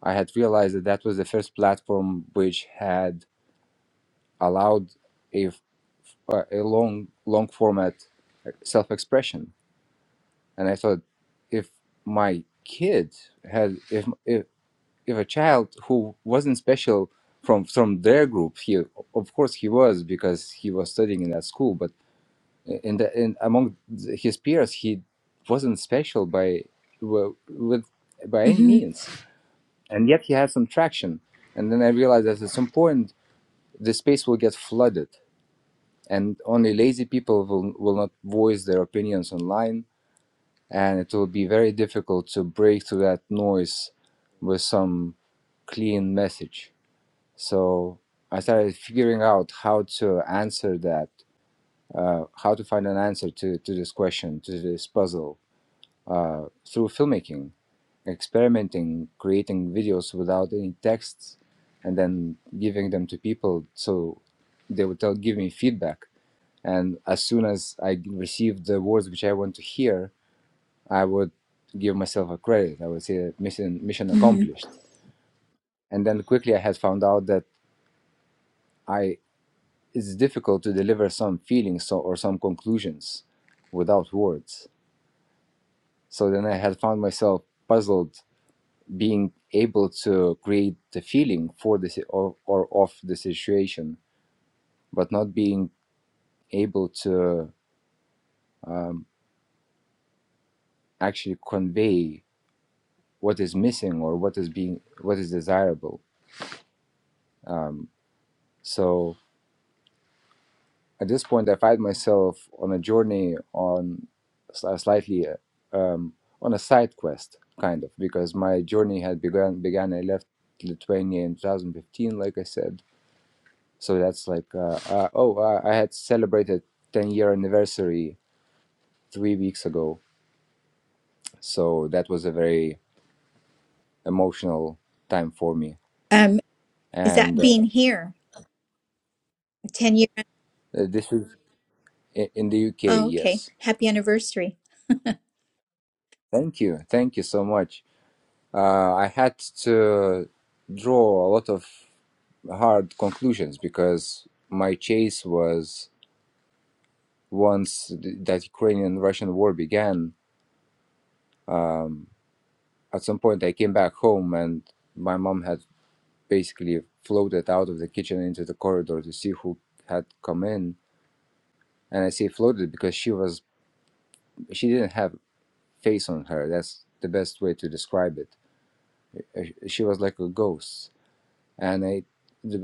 I had realized that that was the first platform which had allowed a, a long long format self expression, and I thought if my kid had if if if a child who wasn't special from from their group he of course he was because he was studying in that school but in the in among his peers he wasn't special by wi- with by any
hmm
means and yet he had some traction and then i realized that at some point the space will get flooded and only lazy people will, will not voice their opinions online and it will be very difficult to break through that noise with some clean message so i started figuring out how to answer that uh, how to find an answer to, to this question to this puzzle uh, through filmmaking experimenting creating videos without any texts and then giving them to people so they would tell give me feedback And as soon as I received the words which I want to hear, I would give myself a credit. I would say mission mission
hmm
accomplished. And then quickly I had found out that I it's difficult to deliver some feelings so, or some conclusions without words. So then I had found myself puzzled being able to create the feeling for this or, or of the situation, but not being able to um, actually convey what is missing or what is being what is desirable um, so at this point i find myself on a journey on a slightly uh, um, on a side quest kind of because my journey had begun began i left lithuania in 2015 like i said so that's like uh, uh, oh uh, i had celebrated 10 year anniversary three weeks ago so that was a very emotional time for me
Um, is
and
that
uh,
being here? A Ten year.
this is in in the uk
Oh,
yes
okay. Happy anniversary.
Thank you. Thank you so much. Uh, I had to draw a lot of hard conclusions because my chase was once th- that Ukrainian Russian war began. Um, at some point, I came back home and my mom had basically floated out of the kitchen into the corridor to see who had come in. And I say floated because she was she didn't have face on her. That's the best way to describe it. She was like a ghost and it,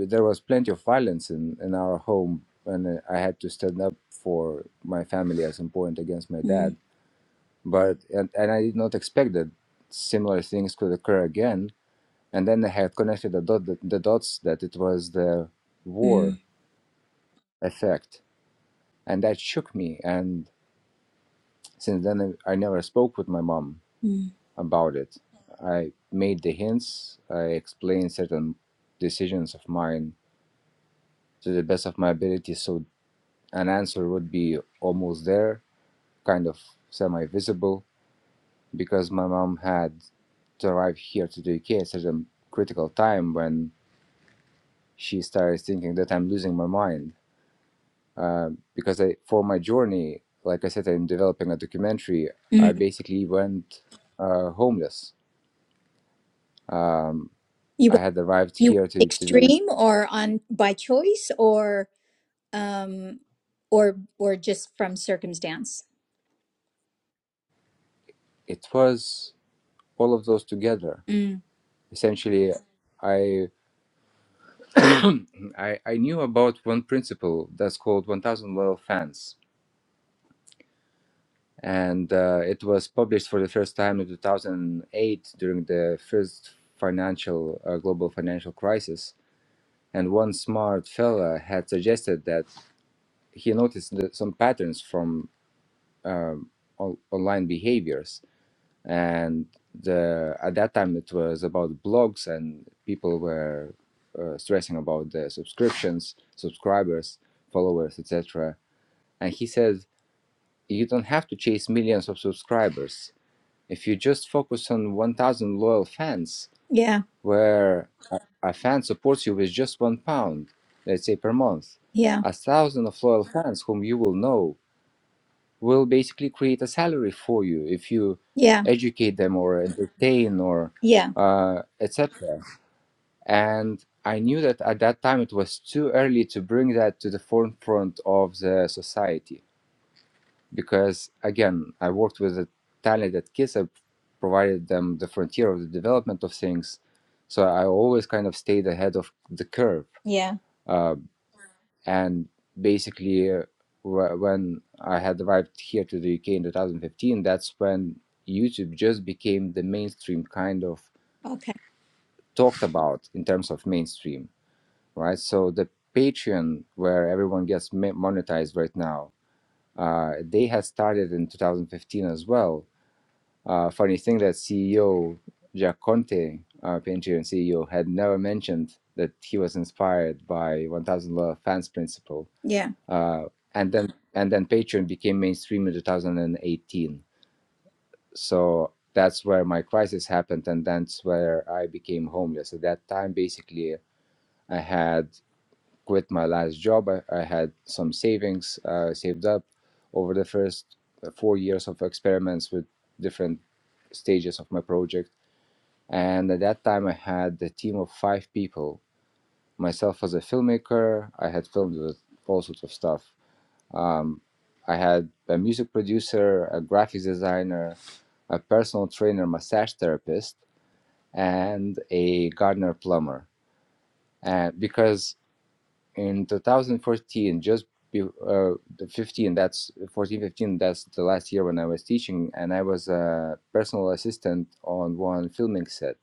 there was plenty of violence in, in our home and uh, i had to stand up for my family at some point against my dad
mm
but and, and i did not expect that similar things could occur again and then i had connected the, dot, the, the dots that it was the
mm
war effect and that shook me and since then i, I never spoke with my mom
mm
about it i made the hints i explained certain decisions of mine to the best of my ability so an answer would be almost there, kind of semi visible, because my mom had to arrive here to the UK at such a critical time when she started thinking that I'm losing my mind. Uh, because I, for my journey, like I said, I'm developing a documentary. I
mm.
basically went uh, homeless. Um,
You
I
went-
had arrived
you went
here to, to do
extreme or on by choice or um or or just from circumstance.
it was all of those together.
Mm.
Essentially, I, I I knew about one principle that's called 1,000 level fans and uh, it was published for the first time in 2008 during the first financial uh, global financial crisis and one smart fella had suggested that he noticed the, some patterns from um, on- online behaviors and the at that time it was about blogs and people were uh, stressing about the subscriptions subscribers followers etc and he said you don't have to chase millions of subscribers If you just focus on 1,000 loyal fans,
Yeah.
where a a fan supports you with just one pound, let's say per month,
Yeah.
a thousand of loyal fans whom you will know will basically create a salary for you if you
Yeah.
educate them or entertain or
Yeah.
uh, etc. And I knew that at that time it was too early to bring that to the forefront of the society because again i worked with a talented kids i provided them the frontier of the development of things so i always kind of stayed ahead of the curve
Yeah.
uh, and basically uh, wh- when i had arrived here to the uk in 2015 that's when youtube just became the mainstream kind of
Okay.
talked about in terms of mainstream right so the patreon where everyone gets ma- monetized right now uh, they had started in 2015 as well Uh, funny thing that CEO Jack Conte, uh, Patreon CEO, had never mentioned that he was inspired by 1000 Law Fans Principle.
Yeah.
Uh, and then and then Patreon became mainstream in 2018. So that's where my crisis happened, and that's where I became homeless. At that time, basically, I had quit my last job. I, I had some savings uh, saved up over the first four years of experiments with different stages of my project and at that time, I had a team of five people. Myself as a filmmaker, I had filmed with all sorts of stuff. Um, I had a music producer, a graphics designer, a personal trainer, massage therapist, and a gardener plumber. And because in 2014, just uh, the 15, that's 14, 15, that's the last year when I was teaching, and I was a personal assistant on one filming set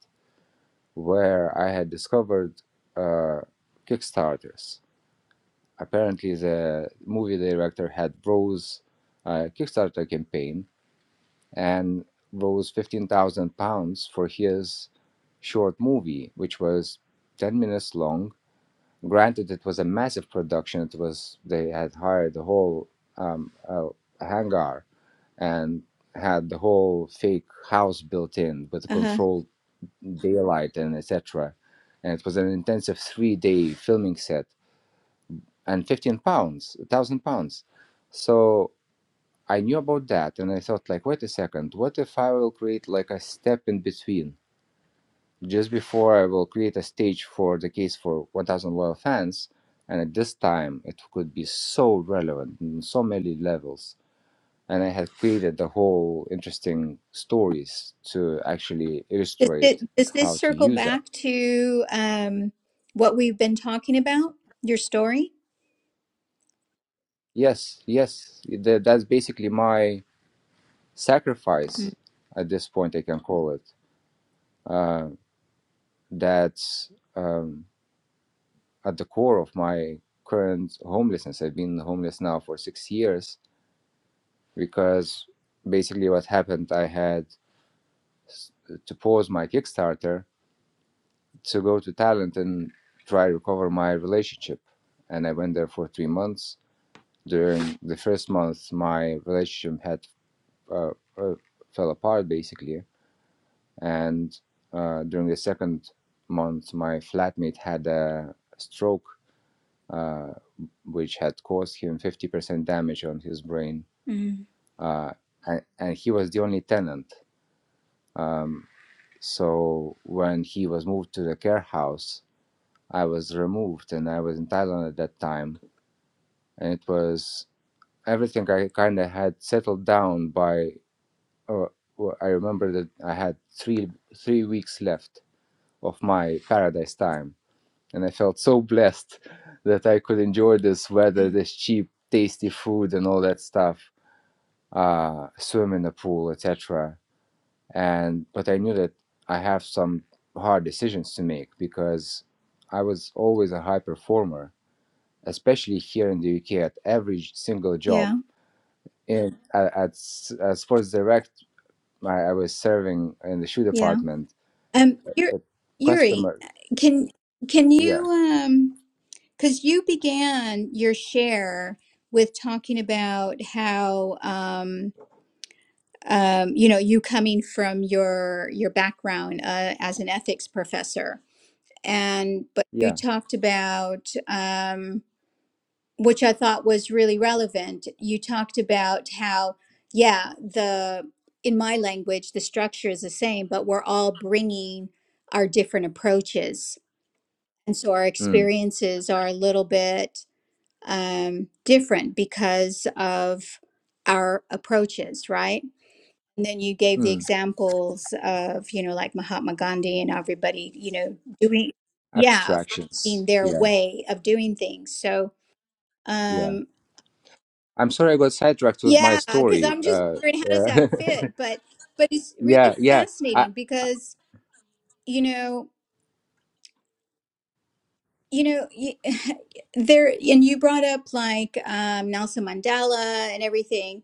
where I had discovered uh, Kickstarters. Apparently, the movie director had rose uh, Kickstarter campaign and rose fifteen thousand pounds for his short movie, which was ten minutes long. Granted, it was a massive production. It was they had hired the whole um, uh, hangar and had the whole fake house built in with a
Uh huh.
controlled daylight and etc. And it was an intensive three-day filming set and 15 pounds, 1,000 pounds. So I knew about that and I thought like, wait a second, what if I will create like a step in between? Just before I will create a stage for the case for 1,000 loyal fans, and at this time it could be so relevant in so many levels. And I had created the whole interesting stories to actually
Does
illustrate
it does this
how to
circle
use that
back to um what we've been talking about? Your story.
Yes, yes, that, that's basically my
mm
sacrifice at this point, I can call it. Uh, that's um, at the core of my current homelessness. I've been homeless now for six years because basically what happened, I had s- to pause my Kickstarter to go to Thailand and try to recover my relationship. And I went there for three months. During the first month, my relationship had uh, uh, fell apart basically and uh, during the second month my flatmate had a stroke uh, which had caused him 50% damage on his brain
Mm.
uh, and, and he was the only tenant um, so when he was moved to the care house i was removed and i was in thailand at that time and it was everything i kind of had settled down by uh, well, i remember that i had three three weeks left of my paradise time and I felt so blessed that I could enjoy this weather, this cheap, tasty food, and all that stuff. Uh, swim in the pool, etc. And but I knew that I have some hard decisions to make because I was always a high performer, especially here in the UK at every single
Yeah.
job. In at, at, s- at Sports Direct, I, I was serving in the shoe
Yeah.
department.
Um, Yuri,
But
Yuri,
customer,
can can
yeah,
you um because you began your share with talking about how um um you know you coming from your your background uh, as an ethics professor and but you
yeah,
talked about um which I thought was really relevant. You talked about how, yeah, the in my language, the structure is the same, but we're all bringing our different approaches. And so our
mm,
experiences are a little bit um, different because of our approaches, right? And then you gave the
mm,
examples of, you know, like Mahatma Gandhi and everybody, you know, doing, yeah,
abstractions,
finding their
yeah,
way of doing things. So,
yeah
um,
I'm sorry I got sidetracked with my
Yeah, because
story.
I'm just
Uh,
wondering how does that
yeah,
fit? But but it's really
yeah, yeah. I,
fascinating because you know you know y- there and you brought up like um, Nelson Mandela and everything,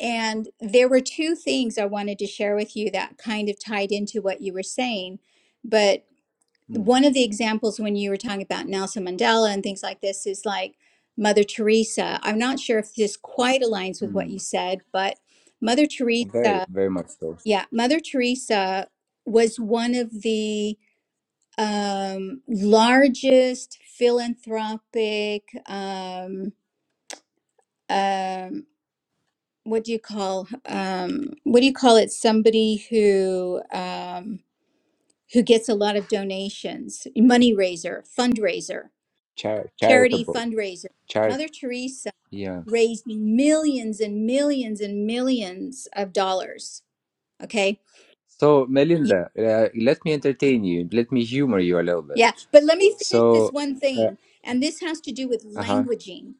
and there were two things I wanted to share with you that kind of tied into what you were saying. But
mm,
one of the examples when you were talking about Nelson Mandela and things like this is like Mother Teresa. I'm not sure if this quite aligns with what you
mm,
said, but Mother
very,
Teresa.
very much so.
Yeah, Mother Teresa was one of the um, largest philanthropic. Um, um, what do you call? Um, what do you call it? Somebody who um, who gets a lot of donations, money raiser, fundraiser,
Char-
charity
charitable.
fundraiser.
Char-
Mother Teresa
yeah.
raised millions and millions and millions of dollars. Okay,
So, Melinda, uh, let me entertain you. Let me humor you a little bit.
Yeah, but let me finish this
So,
one
uh
thing, and this has to do with
huh.
languaging.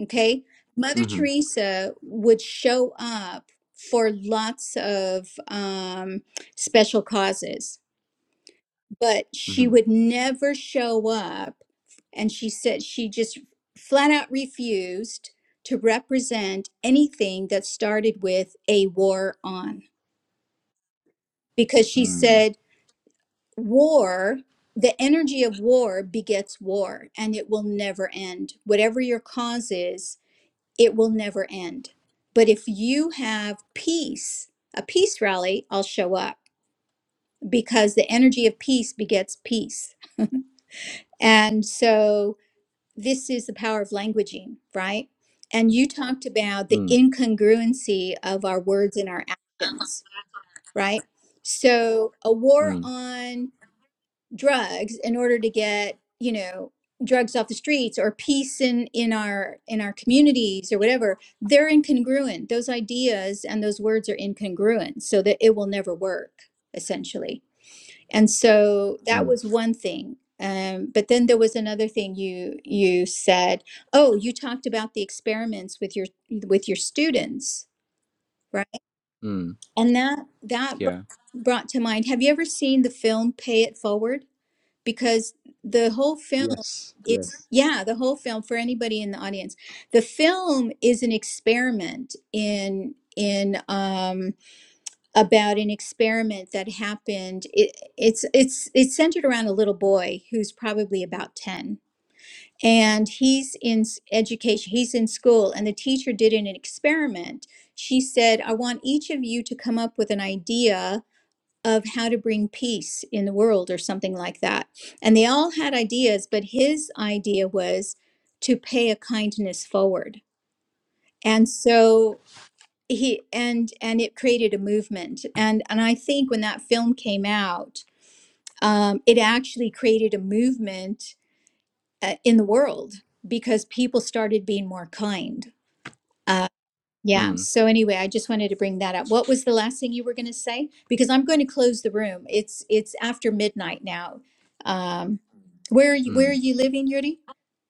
Okay. Mother
Mm hmm.
Teresa would show up for lots of um, special causes, but
Mm
she
hmm.
would never show up. And she said she just flat out refused to represent anything that started with a war on because she
Mm
said, war the energy of war begets war and it will never end whatever your cause is it will never end but if you have peace a peace rally i'll show up because the energy of peace begets peace and so this is the power of languaging right and you talked about the
mm
incongruency of our words and our actions right so a war
mm
on drugs in order to get you know drugs off the streets or peace in in our in our communities or whatever they're incongruent those ideas and those words are incongruent so that it will never work essentially and so that
mm
was one thing um, but then there was another thing you you said oh you talked about the experiments with your with your students right
mm.
and that that br-
Yeah.
brought to mind have you ever seen the film pay it forward because the whole film
Yes.
is
Yes.
yeah the whole film for anybody in the audience the film is an experiment in in um about an experiment that happened it, it's it's it's centered around a little boy who's probably about 10 and he's in s- education he's in school and the teacher did an experiment she said i want each of you to come up with an idea of how to bring peace in the world or something like that. And they all had ideas, but his idea was to pay a kindness forward. And so he and and it created a movement. And and I think when that film came out, um, it actually created a movement uh, in the world because people started being more kind. uh, Yeah.
Mm
So anyway, I just wanted to bring that up. What was the last thing you were going to say? Because I'm going to close the room. It's it's after midnight now. Um, where are you, where are
mm.
you living, Yuri?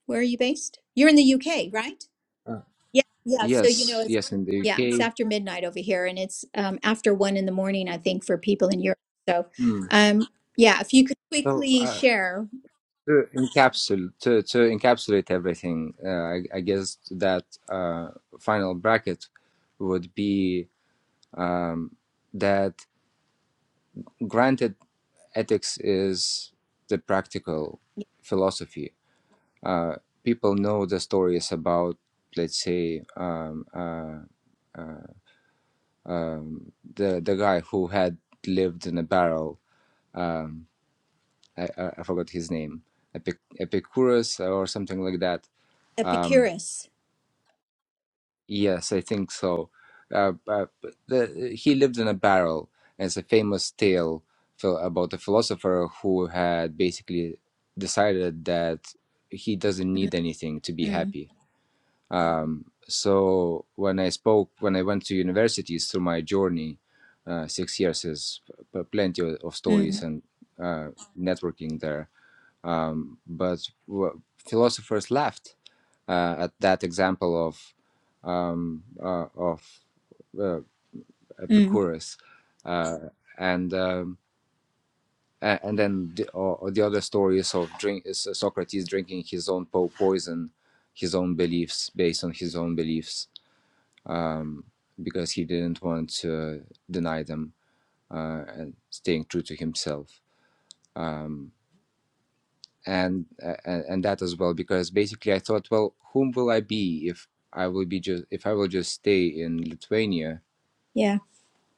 Where are you based? You're in the UK, right?
Uh,
Yeah. Yeah. So you know
yes.
it's
Yes. In the
yeah, it's
UK.
after midnight over here, and it's um, after one in the morning, I think, for people in Europe. So
Mm.
um, yeah, if you could
So.
quickly
uh.
share
to encapsulate to, to encapsulate everything uh, I, I guess that uh, final bracket would be um, that granted ethics is the practical philosophy uh, people know the stories about let's say um, uh, the the guy who had lived in a barrel um, I, I I forgot his name Epic, Epicurus or something like that Um,
Epicurus.
Yes, I think so. Uh, uh, but the, he lived in a barrel. it's a famous tale ph- about a philosopher who had basically decided that he doesn't
Mm,
need anything to be
mm,
happy. Um, so when I spoke, when I went to universities through my journey, uh, six years is p- plenty of of stories
mm,
and uh, networking there um, but w- philosophers laughed uh, at that example of um, uh, of uh,
mm.
Epicurus, uh, and um, and then the, or the other stories of drink is uh, Socrates drinking his own po- poison, his own beliefs based on his own beliefs, um, because he didn't want to deny them uh, and staying true to himself. Um, and uh, and that as well because basically I thought, well, whom will I be if I will be just if I will just stay in Lithuania
yeah.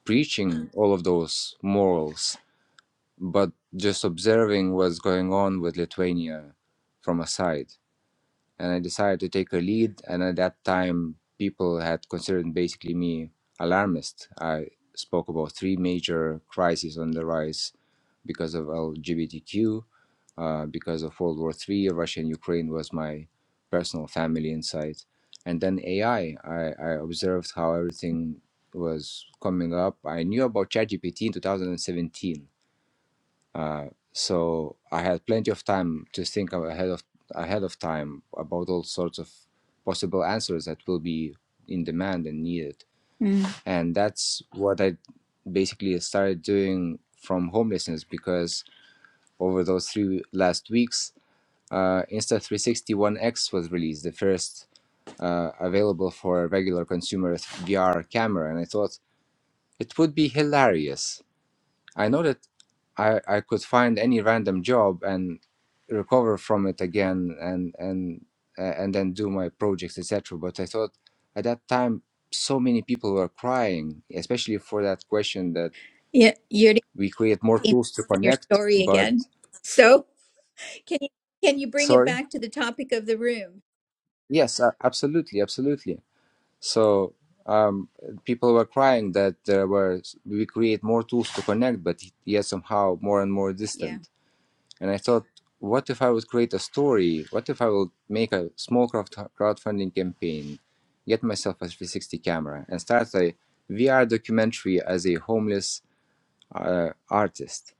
preaching Mm. all of those morals, but just observing what's going on with Lithuania from a side and I decided to take her lead. And at that time, people had considered basically me alarmist. I spoke about three major crises on the rise because of LGBTQ, uh, because of World War III, Russia and Ukraine was my personal family insight. And then AI, I I, I observed how everything was coming up. I knew about ChatGPT in 2017 uh, so I had plenty of time to think of- ahead of ahead of time about all sorts of possible answers that will be in demand and needed.
Mm.
And that's what I basically started doing from homelessness because over those three last weeks, uh, Insta361X was released, the first uh, available for regular consumer VR camera, and I thought it would be hilarious. I know that I, I could find any random job and recover from it again and and uh, and then do my projects etc but I thought at that time so many people were crying especially for that question that
Yeah, Yuri.
we create more
being lost
tools to
in your
connect
story
but
again. So can you can you bring it
sorry
back to the topic of the room?
yes uh, absolutely absolutely so um, people were crying that there were we create more tools to connect but yet somehow more and more
Yeah.
distant And I thought, what if I would create a story? What if I would make a small crowdfunding campaign, get myself a 360 camera, and start a VR documentary as a homeless uh, artist?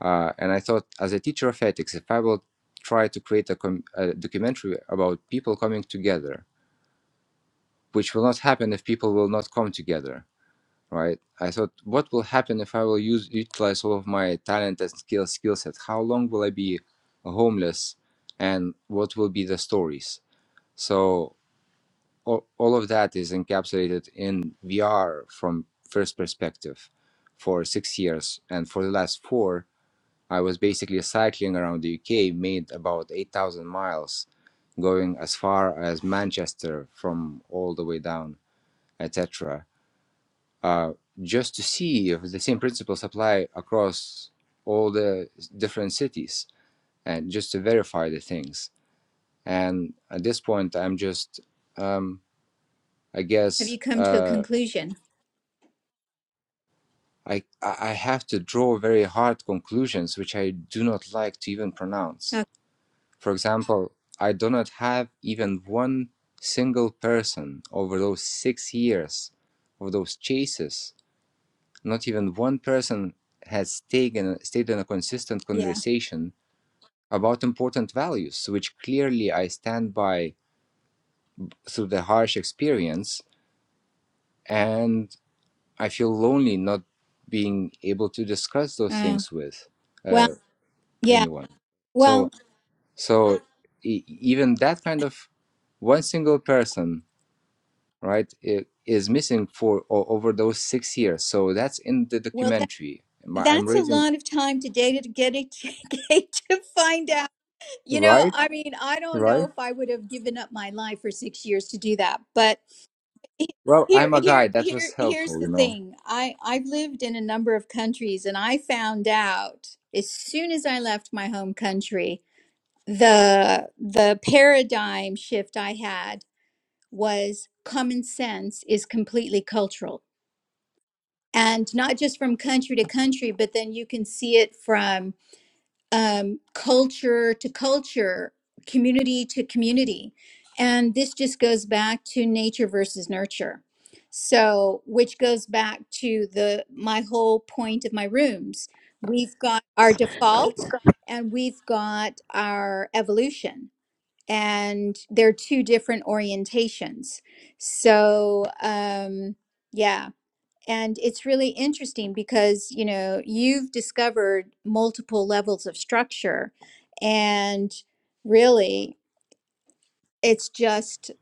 Uh, and I thought, as a teacher of ethics, if I will try to create a, com- a documentary about people coming together, which will not happen if people will not come together, right? I thought, what will happen if I will use utilize all of my talent and skill skill set? How long will I be homeless, and what will be the stories? So all, all of that is encapsulated in VR from first perspective for six years, and for the last four, I was basically cycling around the UK, made about eight thousand miles, going as far as Manchester from all the way down, etc uh, just to see if the same principles apply across all the different cities and just to verify the things. And at this point, I'm just, um, I
Have
guess,
you come to a
uh,
conclusion?
I, I have to draw very hard conclusions, which I do not like to even pronounce.
Oh,
For example, I do not have even one single person over those six years of those chases not even one person has taken, stayed in a consistent
yeah.
conversation about important values, which clearly I stand by through the harsh experience. And I feel lonely not being able to discuss those
Oh,
things with
well,
uh,
yeah.
anyone. So,
Well,
so e- even that kind of one single person, right, i- is missing for o- over those six years. So that's in the
well, that,
documentary. My- I'm
that's a
raising,
lot of time today to get it to find out. You know,
right,
I mean, I don't
right.
know if I would have given up my life for six years to do that, but he-
Well,
here,
I'm a guy.
here,
That
here,
was
here's
helpful,
the
you know.
thing. I I've lived in a number of countries, and I found out as soon as I left my home country the the paradigm shift I had was common sense is completely cultural and not just from country to country, but then you can see it from um, culture to culture, community to community. And this just goes back to nature versus nurture. So, which goes back to the my whole point of my rooms. We've got our default and we've got our evolution and they're two different orientations. So, um, yeah. And it's really interesting because, you know, you've discovered multiple levels of structure. And really, it's just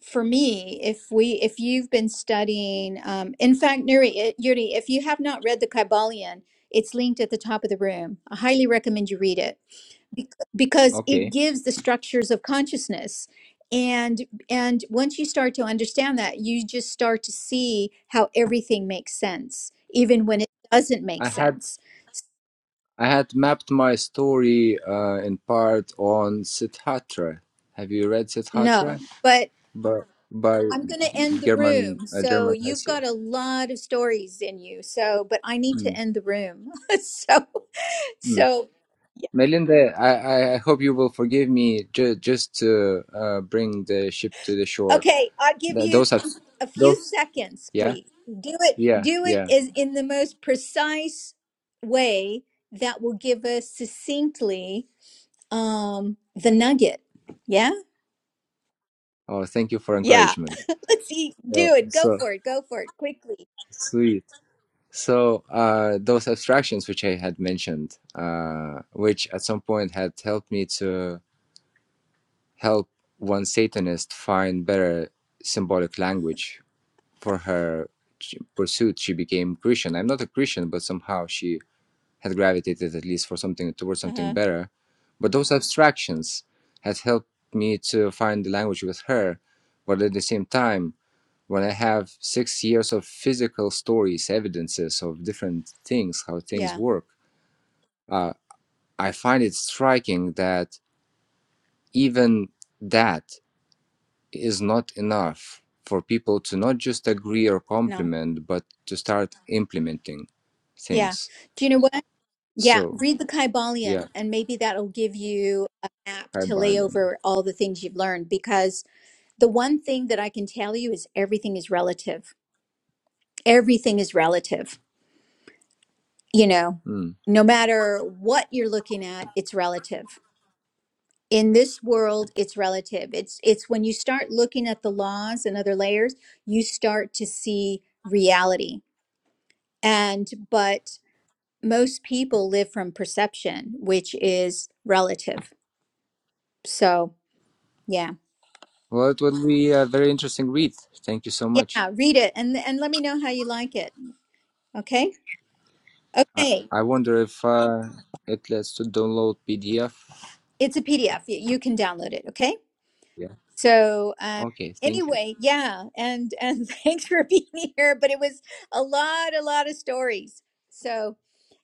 for me, if we, if you've been studying, um, in fact, Nuri, eh, Yuri, if you have not read the Kybalion, it's linked at the top of the room. I highly recommend you read it bec- because it
Okay.
gives the structures of consciousness and and once you start to understand that you just start to see how everything makes sense even when it doesn't make
I had
sense S-
I had mapped my story uh, in part on Siddhartha. Have you read Siddhartha?
no but
By by
i'm going to end the
German
room
uh,
so
German
you've
Hesse.
got a lot of stories in you so but i need
Hmm,
to end the room so
hmm.
so
Melinda, I, I I hope you will forgive me ju- just to uh, bring the ship to the shore.
Okay, I'll give
Th-
you
those are
a few
those.
seconds,
Yeah,
please. Do it.
yeah,
Do it
yeah.
is in the most precise way that will give us succinctly um, the nugget. Yeah,
Oh, thank you for
yeah.
encouragement.
Let's see.
Oh,
Do it. Go
so
for it. Go for it quickly.
sweet. So uh, those abstractions which I had mentioned, uh, which at some point had helped me to help one Satanist find better symbolic language for her pursuit, she became Christian. I'm not a Christian, but somehow she had gravitated at least for something towards
Uh
something
huh.
better. But those abstractions had helped me to find the language with her, but at the same time when I have six years of physical stories, evidences of different things, how things
Yeah.
work, uh, I find it striking that even that is not enough for people to not just agree or
No.
compliment, but to start implementing
Yeah.
things.
Do you know what? Yeah.
So,
Read the
yeah,
Kybalion, and maybe that'll give you a map
hi,
to lay
Barlin.
over all the things you've learned. Because the one thing that I can tell you is everything is relative everything is relative you know
Mm.
no matter what you're looking at it's relative in this world it's relative it's it's when you start looking at the laws and other layers you start to see reality and but most people live from perception which is relative so yeah
Well, it will be a very interesting read. Thank you so much.
yeah read it and and let me know how you like it okay
I,
okay
I wonder if uh, it lets to download PDF.
it's a pdf you you can download it okay
Yeah.
So um,
Okay. Thank you.
anyway, yeah, and and thanks for being here. But it was a lot, a lot of stories. So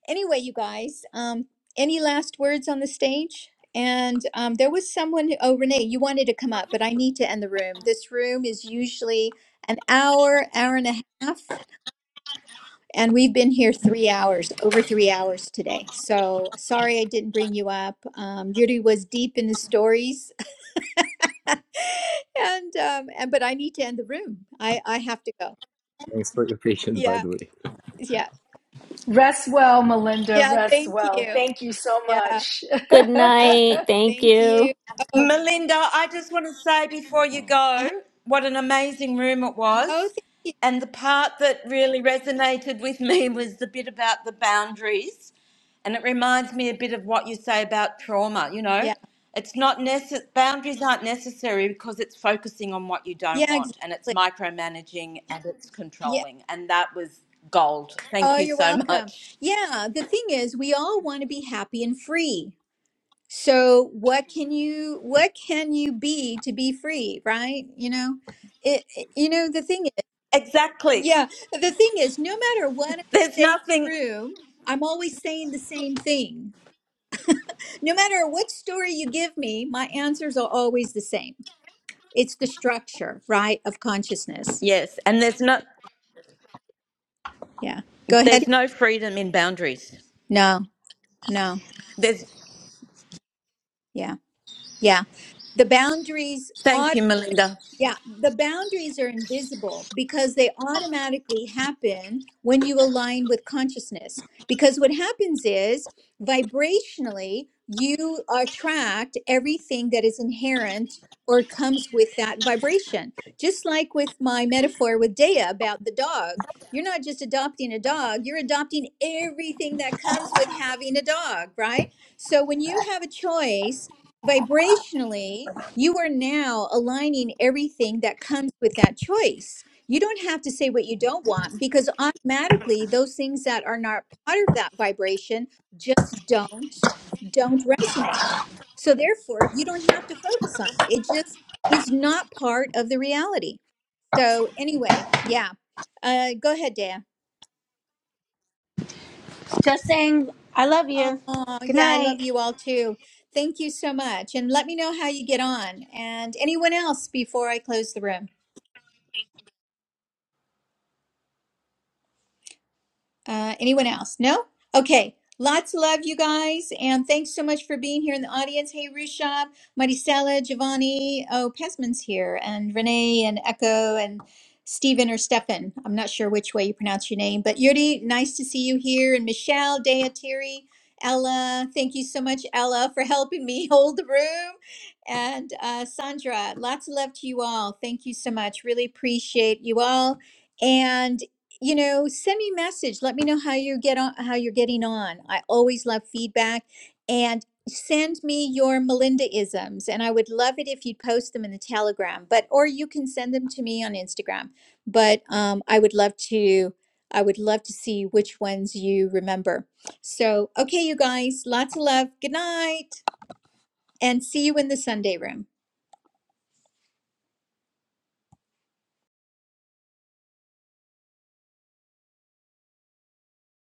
anyway, you guys, um, any last words on the stage? And um, there was someone. Oh, Renee, you wanted to come up, but I need to end the room. This room is usually an hour, hour and a half, and we've been here three hours, over three hours today. So sorry I didn't bring you up. Um, Yuri was deep in the stories, and um and but I need to end the room. I I have to go.
Thanks for your patience, by
Yeah.
the way.
Yeah.
Rest well, Melinda.
Yeah,
Rest
thank
well.
you.
Thank you so
Yeah.
much.
Good
yeah.
night. Thank
Thank
you.
you. Oh.
Right before you go
uh-huh.
what an amazing room it
Oh,
was.
thank you.
And the part that really resonated with me was the bit about the boundaries. And it reminds me a bit of what you say about trauma, you know.
Yeah.
It's not necess- boundaries aren't necessary because it's focusing on what you don't
Yeah,
want and it's
exactly.
micromanaging and it's
Yeah.
controlling. And that was gold. Thank
Oh,
you
you're
so
welcome.
much.
Yeah, the thing is we all want to be happy and free. So what can you what can you be to be free, right? You know? It, it- you know the thing
Exactly.
Yeah, the thing is, no matter what I
There's
say
nothing
through, I'm always saying the same thing. No matter what story you give me, my answers are always the same. It's the structure, right, of consciousness.
yes, and there's not
Yeah. Go ahead.
there's no freedom in boundaries.
No, no.
There's.
Yeah, yeah. The boundaries
Thank you, Melinda.
Yeah, the boundaries are invisible because they automatically happen when you align with consciousness. Because what happens is vibrationally, you attract everything that is inherent or comes with that vibration. Just like with my metaphor with Dea about the dog, you're not just adopting a dog, you're adopting everything that comes with having a dog, right? So when you have a choice, vibrationally, you are now aligning everything that comes with that choice. You don't have to say what you don't want because automatically those things that are not part of that vibration just don't don't resonate. So therefore, you don't have to focus on it. It just is not part of the reality. So anyway, yeah. Uh, go ahead, Dea.
Just saying I love you.
Oh,
Good
yeah, I
night.
love you all too. Thank you so much. And let me know how you get on. And anyone else before I close the room? Uh, anyone else? No? Okay. Lots of love, you guys. And thanks so much for being here in the audience. Hey, Rushab, Maricela, Giovanni. Oh, Pesman's here. And Renee and Echo and Stephen or Stefan. I'm not sure which way you pronounce your name. But Yuri, nice to see you here. And Michelle, Dea, Terry, Ella. Thank you so much, Ella, for helping me hold the room. And uh, Sandra, lots of love to you all. Thank you so much. Really appreciate you all. And you know, send me a message. Let me know how you get on, how you're getting on. I always love feedback and send me your Melindaisms. And I would love it if you'd post them in the Telegram, but, or you can send them to me on Instagram. But um, I would love to, I would love to see which ones you remember. So, okay, you guys, lots of love. Good night and see you in the Sunday room.